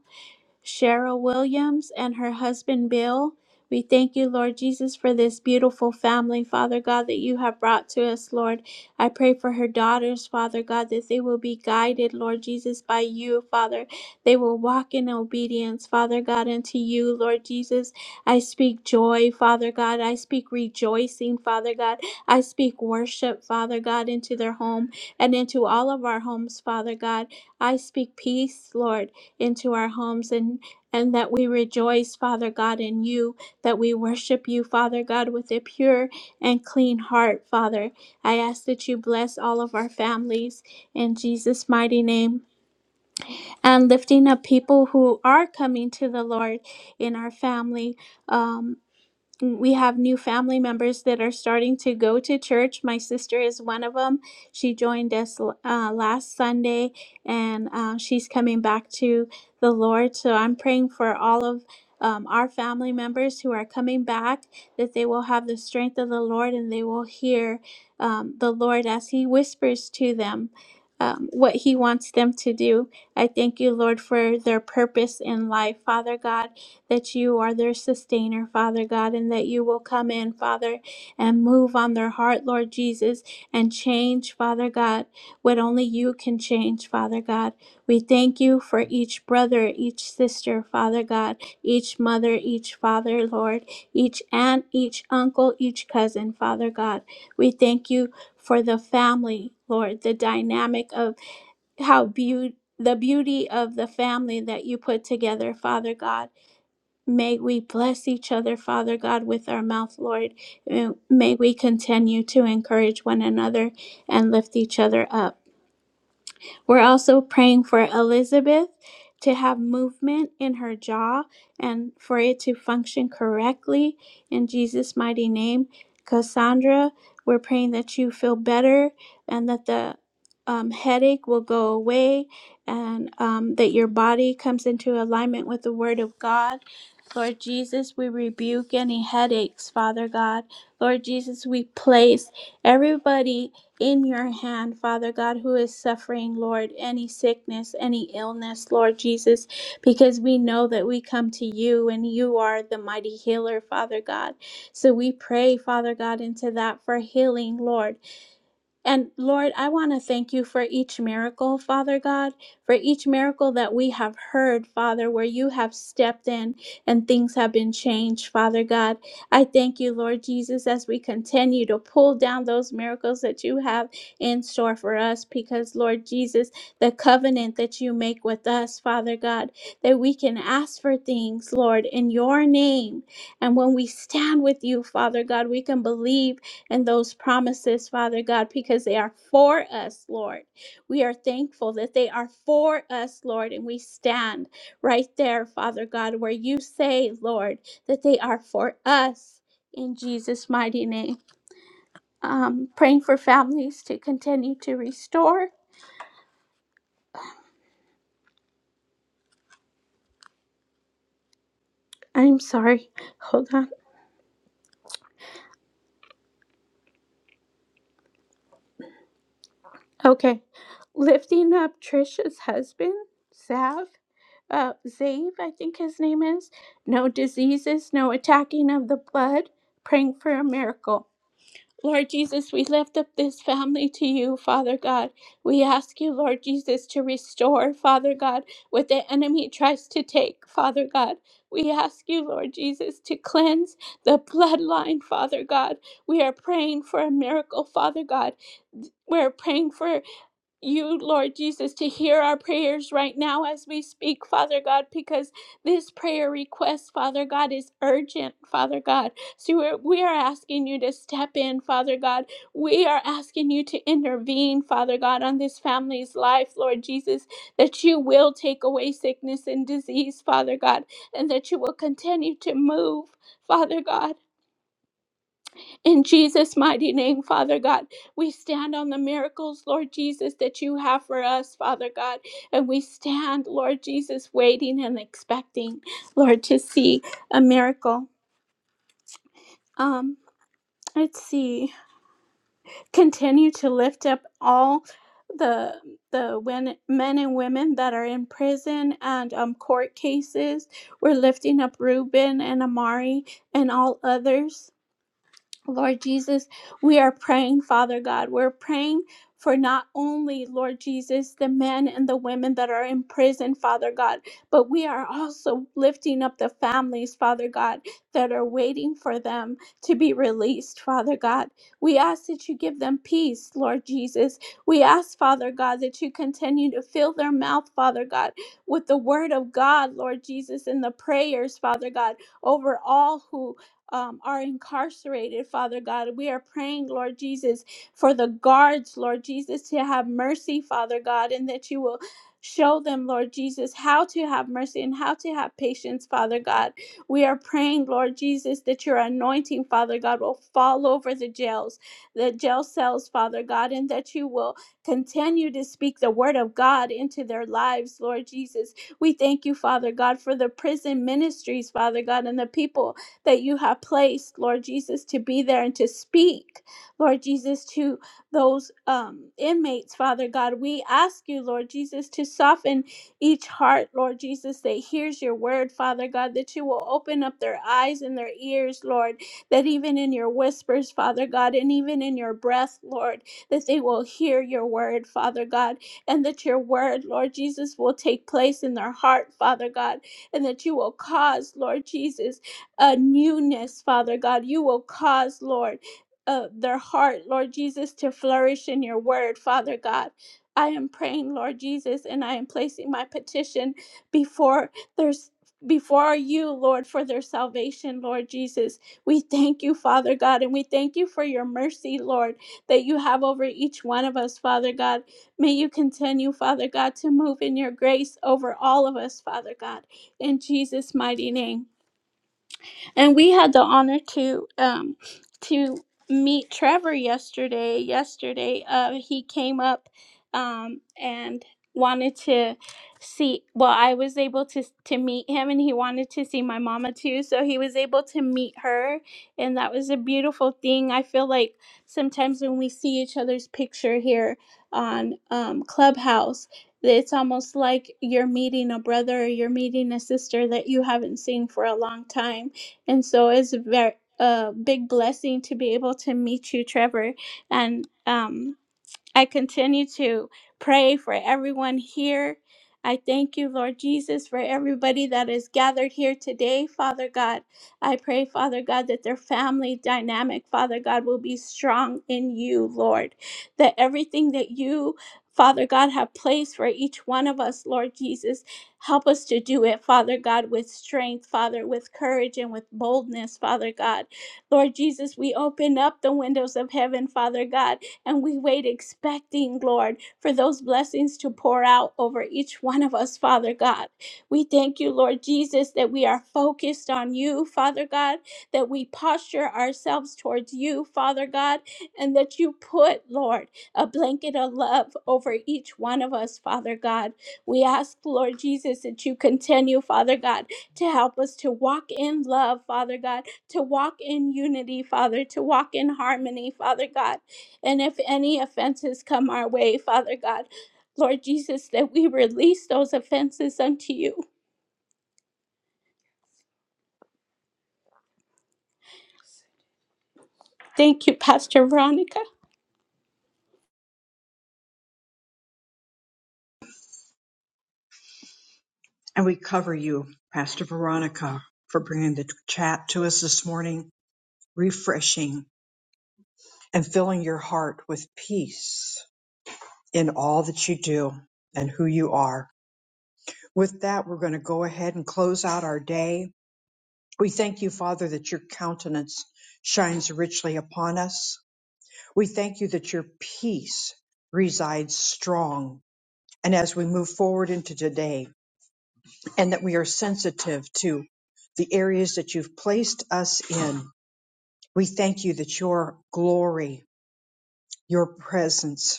C: Cheryl Williams and her husband Bill. We thank you, Lord Jesus, for this beautiful family, Father God, that you have brought to us, Lord. I pray for her daughters, Father God, that they will be guided, Lord Jesus, by you, Father. They will walk in obedience, Father God, unto you, Lord Jesus. I speak joy, Father God. I speak rejoicing, Father God. I speak worship, Father God, into their home and into all of our homes, Father God. I speak peace, Lord into our homes and and that we rejoice, Father God, in you, that we worship you, Father God, with a pure and clean heart, Father. I ask that you bless all of our families in Jesus' mighty name and lifting up people who are coming to the Lord in our family. Um we have new family members that are starting to go to church. My sister is one of them. She joined us uh, last Sunday and uh, she's coming back to the Lord. So I'm praying for all of um, our family members who are coming back that they will have the strength of the Lord and they will hear um, the Lord as He whispers to them. Um, what he wants them to do. I thank you, Lord, for their purpose in life. Father God, that you are their sustainer, Father God, and that you will come in, Father, and move on their heart, Lord Jesus, and change, Father God, what only you can change, Father God. We thank you for each brother, each sister, Father God, each mother, each father, Lord, each aunt, each uncle, each cousin, Father God. We thank you for the family, Lord, the dynamic of how beautiful. The beauty of the family that you put together, Father God. May we bless each other, Father God, with our mouth, Lord. Uh, May we continue to encourage one another and lift each other up. We're also praying for Elizabeth to have movement in her jaw and for it to function correctly in Jesus' mighty name. Cassandra, we're praying that you feel better and that the um, headache will go away and um, that your body comes into alignment with the Word of God. Lord Jesus, we rebuke any headaches, Father God. Lord Jesus, we place everybody in your hand, Father God, who is suffering, Lord, any sickness, any illness, Lord Jesus, because we know that we come to you and you are the mighty healer, Father God. So we pray, Father God, into that for healing, Lord. And Lord, I want to thank you for each miracle, Father God, for each miracle that we have heard, Father, where you have stepped in and things have been changed, Father God. I thank you, Lord Jesus, as we continue to pull down those miracles that you have in store for us, because, Lord Jesus, the covenant that you make with us, Father God, that we can ask for things, Lord, in your name. And when we stand with you, Father God, we can believe and those promises, Father God, because they are for us, Lord. We are thankful that they are for us, Lord, and we stand right there, Father God, where you say, Lord, that they are for us in Jesus' mighty name. Um, praying for families to continue to restore. I'm sorry. Hold on. Okay. Lifting up Trisha's husband, Sav. uh, Zave, I think his name is. No diseases, no attacking of the blood, praying for a miracle. Lord Jesus, we lift up this family to you, Father God. We ask you, Lord Jesus, to restore, Father God, what the enemy tries to take, Father God. We ask you, Lord Jesus, to cleanse the bloodline, Father God. We are praying for a miracle, Father God. We're praying for you, Lord Jesus, to hear our prayers right now as we speak, Father God, because this prayer request, Father God, is urgent, Father God. So we're, we are asking you to step in, Father God. We are asking you to intervene, Father God, on this family's life, Lord Jesus, that you will take away sickness and disease, Father God, and that you will continue to move, Father God. In Jesus' mighty name, Father God, we stand on the miracles, Lord Jesus, that you have for us, Father God. And we stand, Lord Jesus, waiting and expecting, Lord, to see a miracle. Um, let's see. Continue to lift up all the the wen- men and women that are in prison and um, court cases. We're lifting up Reuben and Amari and all others. Lord Jesus, we are praying, Father God. We're praying for not only, Lord Jesus, the men and the women that are in prison, Father God, but we are also lifting up the families, Father God, that are waiting for them to be released, Father God. We ask that you give them peace, Lord Jesus. We ask, Father God, that you continue to fill their mouth, Father God, with the word of God, Lord Jesus, and the prayers, Father God, over all who um, are incarcerated, Father God. We are praying, Lord Jesus, for the guards, Lord Jesus, to have mercy, Father God, and that you will show them, Lord Jesus, how to have mercy and how to have patience, Father God. We are praying, Lord Jesus, that your anointing, Father God, will fall over the jails, the jail cells, Father God, and that you will continue to speak the word of God into their lives, Lord Jesus. We thank you, Father God, for the prison ministries, Father God, and the people that you have placed, Lord Jesus, to be there and to speak, Lord Jesus, to those um, inmates, Father God. We ask you, Lord Jesus, to soften each heart, Lord Jesus, that hears your word, Father God, that you will open up their eyes and their ears, Lord, that even in your whispers, Father God, and even in your breath, Lord, that they will hear your word, Father God, and that your word, Lord Jesus, will take place in their heart, Father God, and that you will cause, Lord Jesus, a newness, Father God. You will cause, Lord, uh, their heart, Lord Jesus, to flourish in your word, Father God. I am praying, Lord Jesus, and I am placing my petition before there's before you, Lord, for their salvation, Lord Jesus. We thank you, Father God, and we thank you for your mercy, Lord, that you have over each one of us, Father God. May you continue, Father God, to move in your grace over all of us, Father God. In Jesus' mighty name and we had the honor to um to meet Trevor yesterday. Yesterday, uh, he came up um and wanted to see well i was able to to meet him and he wanted to see my mama too so he was able to meet her and that was a beautiful thing i feel like sometimes when we see each other's picture here on um, clubhouse it's almost like you're meeting a brother or you're meeting a sister that you haven't seen for a long time and so it's a very a big blessing to be able to meet you, Trevor, and um I continue to pray for everyone here. I thank you, Lord Jesus, for everybody that is gathered here today, Father God. I pray, Father God, that their family dynamic, Father God, will be strong in you, Lord. That everything that you, Father God, have placed for each one of us, Lord Jesus, help us to do it, Father God, with strength, Father, with courage and with boldness, Father God. Lord Jesus, we open up the windows of heaven, Father God and we wait expecting, Lord, for those blessings to pour out over each one of us, Father God. We thank you, Lord Jesus, that we are focused on you, Father God, that we posture ourselves towards you, Father God, and that you put, Lord, a blanket of love over each one of us, Father God. We ask, Lord Jesus, that you continue, Father God, to help us to walk in love, Father God, to walk in unity, Father, to walk in harmony, Father God. And if any offenses come our way, Father God, Lord Jesus, that we release those offenses unto you. Thank you, Pastor Veronica.
A: And we cover you, Pastor Veronica, for bringing the chat to us this morning. refreshing, and filling your heart with peace in all that you do and who you are. With that, we're going to go ahead and close out our day. We thank you, Father, that your countenance shines richly upon us. We thank you that your peace resides strong. And as we move forward into today, and that we are sensitive to the areas that you've placed us in, we thank you that your glory, your presence,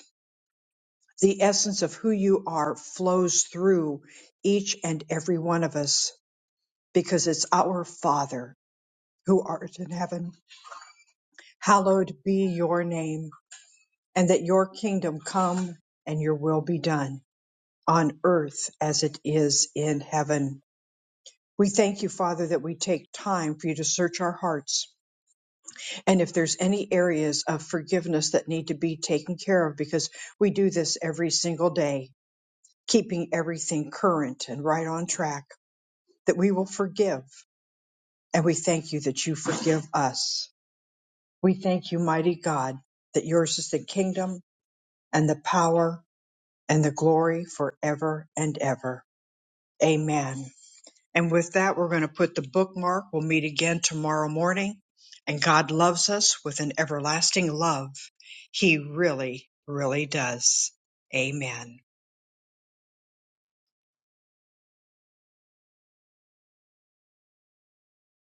A: the essence of who you are flows through each and every one of us because it's our Father who art in heaven. Hallowed be your name, and that your kingdom come and your will be done on earth as it is in heaven. We thank you, Father, that we take time for you to search our hearts. And if there's any areas of forgiveness that need to be taken care of, because we do this every single day, keeping everything current and right on track. that we will forgive. And we thank you that you forgive us. We thank you, mighty God, that yours is the kingdom and the power and the glory forever and ever. Amen. And with that, we're going to put the bookmark. We'll meet again tomorrow morning. And God loves us with an everlasting love. He really, really does. Amen.